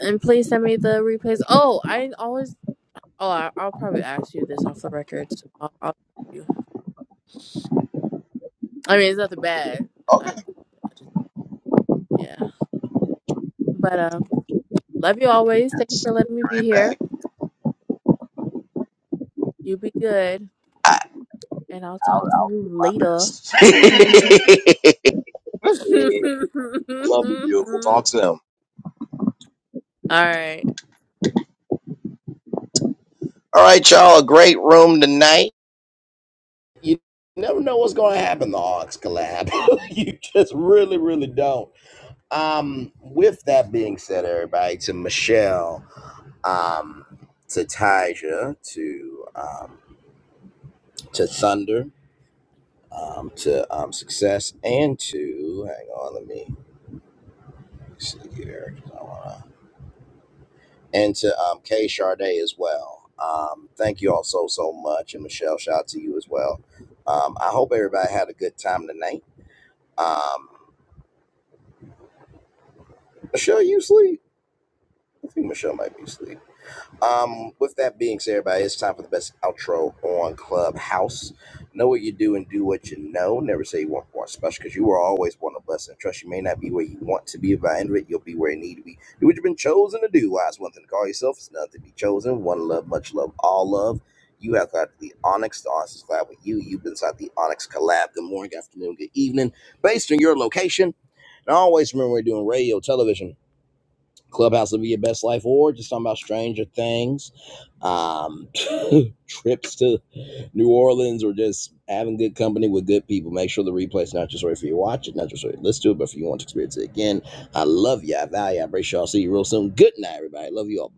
Speaker 4: And please send me the replays. Oh, I always Oh, I, I'll probably ask you this off the records. I'll, I'll ask you. I mean, it's nothing bad. I, I
Speaker 1: Okay,
Speaker 4: just yeah. But um, love you always. Thank you
Speaker 1: yes.
Speaker 4: for
Speaker 1: Be
Speaker 4: letting me be
Speaker 1: right
Speaker 4: here.
Speaker 1: back.
Speaker 4: You be good,
Speaker 1: I,
Speaker 4: and I'll talk
Speaker 1: I'll,
Speaker 4: to
Speaker 1: I'll
Speaker 4: you
Speaker 1: do my
Speaker 4: later.
Speaker 1: best. Yeah, Love you, beautiful. Talk soon. All
Speaker 4: All right.
Speaker 1: right, y'all. A great room tonight. you never know what's going to happen. The Hawks collab. you just really, really don't. Um, with that being said, everybody, to Michelle, um, to Tyja, to um, to Thunder, um, to um, Success, and to hang on, let me see here, I wanna, and to um, Kay Charday as well. Um, thank you all so so much, and Michelle, shout out to you as well. Um, I hope everybody had a good time tonight. Um, Michelle, you sleep. I think Michelle might be asleep. Um, with that being said, everybody, it's time for the best outro on Clubhouse. Know what you do and do what you know. Never say you want more special because you are always one of us. And trust you may not be where you want to be, but by the end of it, you'll be where you need to be. Do what you've been chosen to do. Why it's one thing to call yourself, it's another to be chosen. One love, much love, all love. You have got the Onyx. The Onyx is glad with you. You've been inside the Onyx collab. Good morning, good afternoon, good evening, based on your location. And always remember we're doing radio, television. Clubhouse Live Your Best Life or just talking about Stranger Things, um, trips to New Orleans, or just having good company with good people. Make sure the replay is not just right for you to watch it, not just right to listen to it, but if you want to experience it again, I love you. I value you. I appreciate you. all see you real soon. Good night, everybody. Love you all.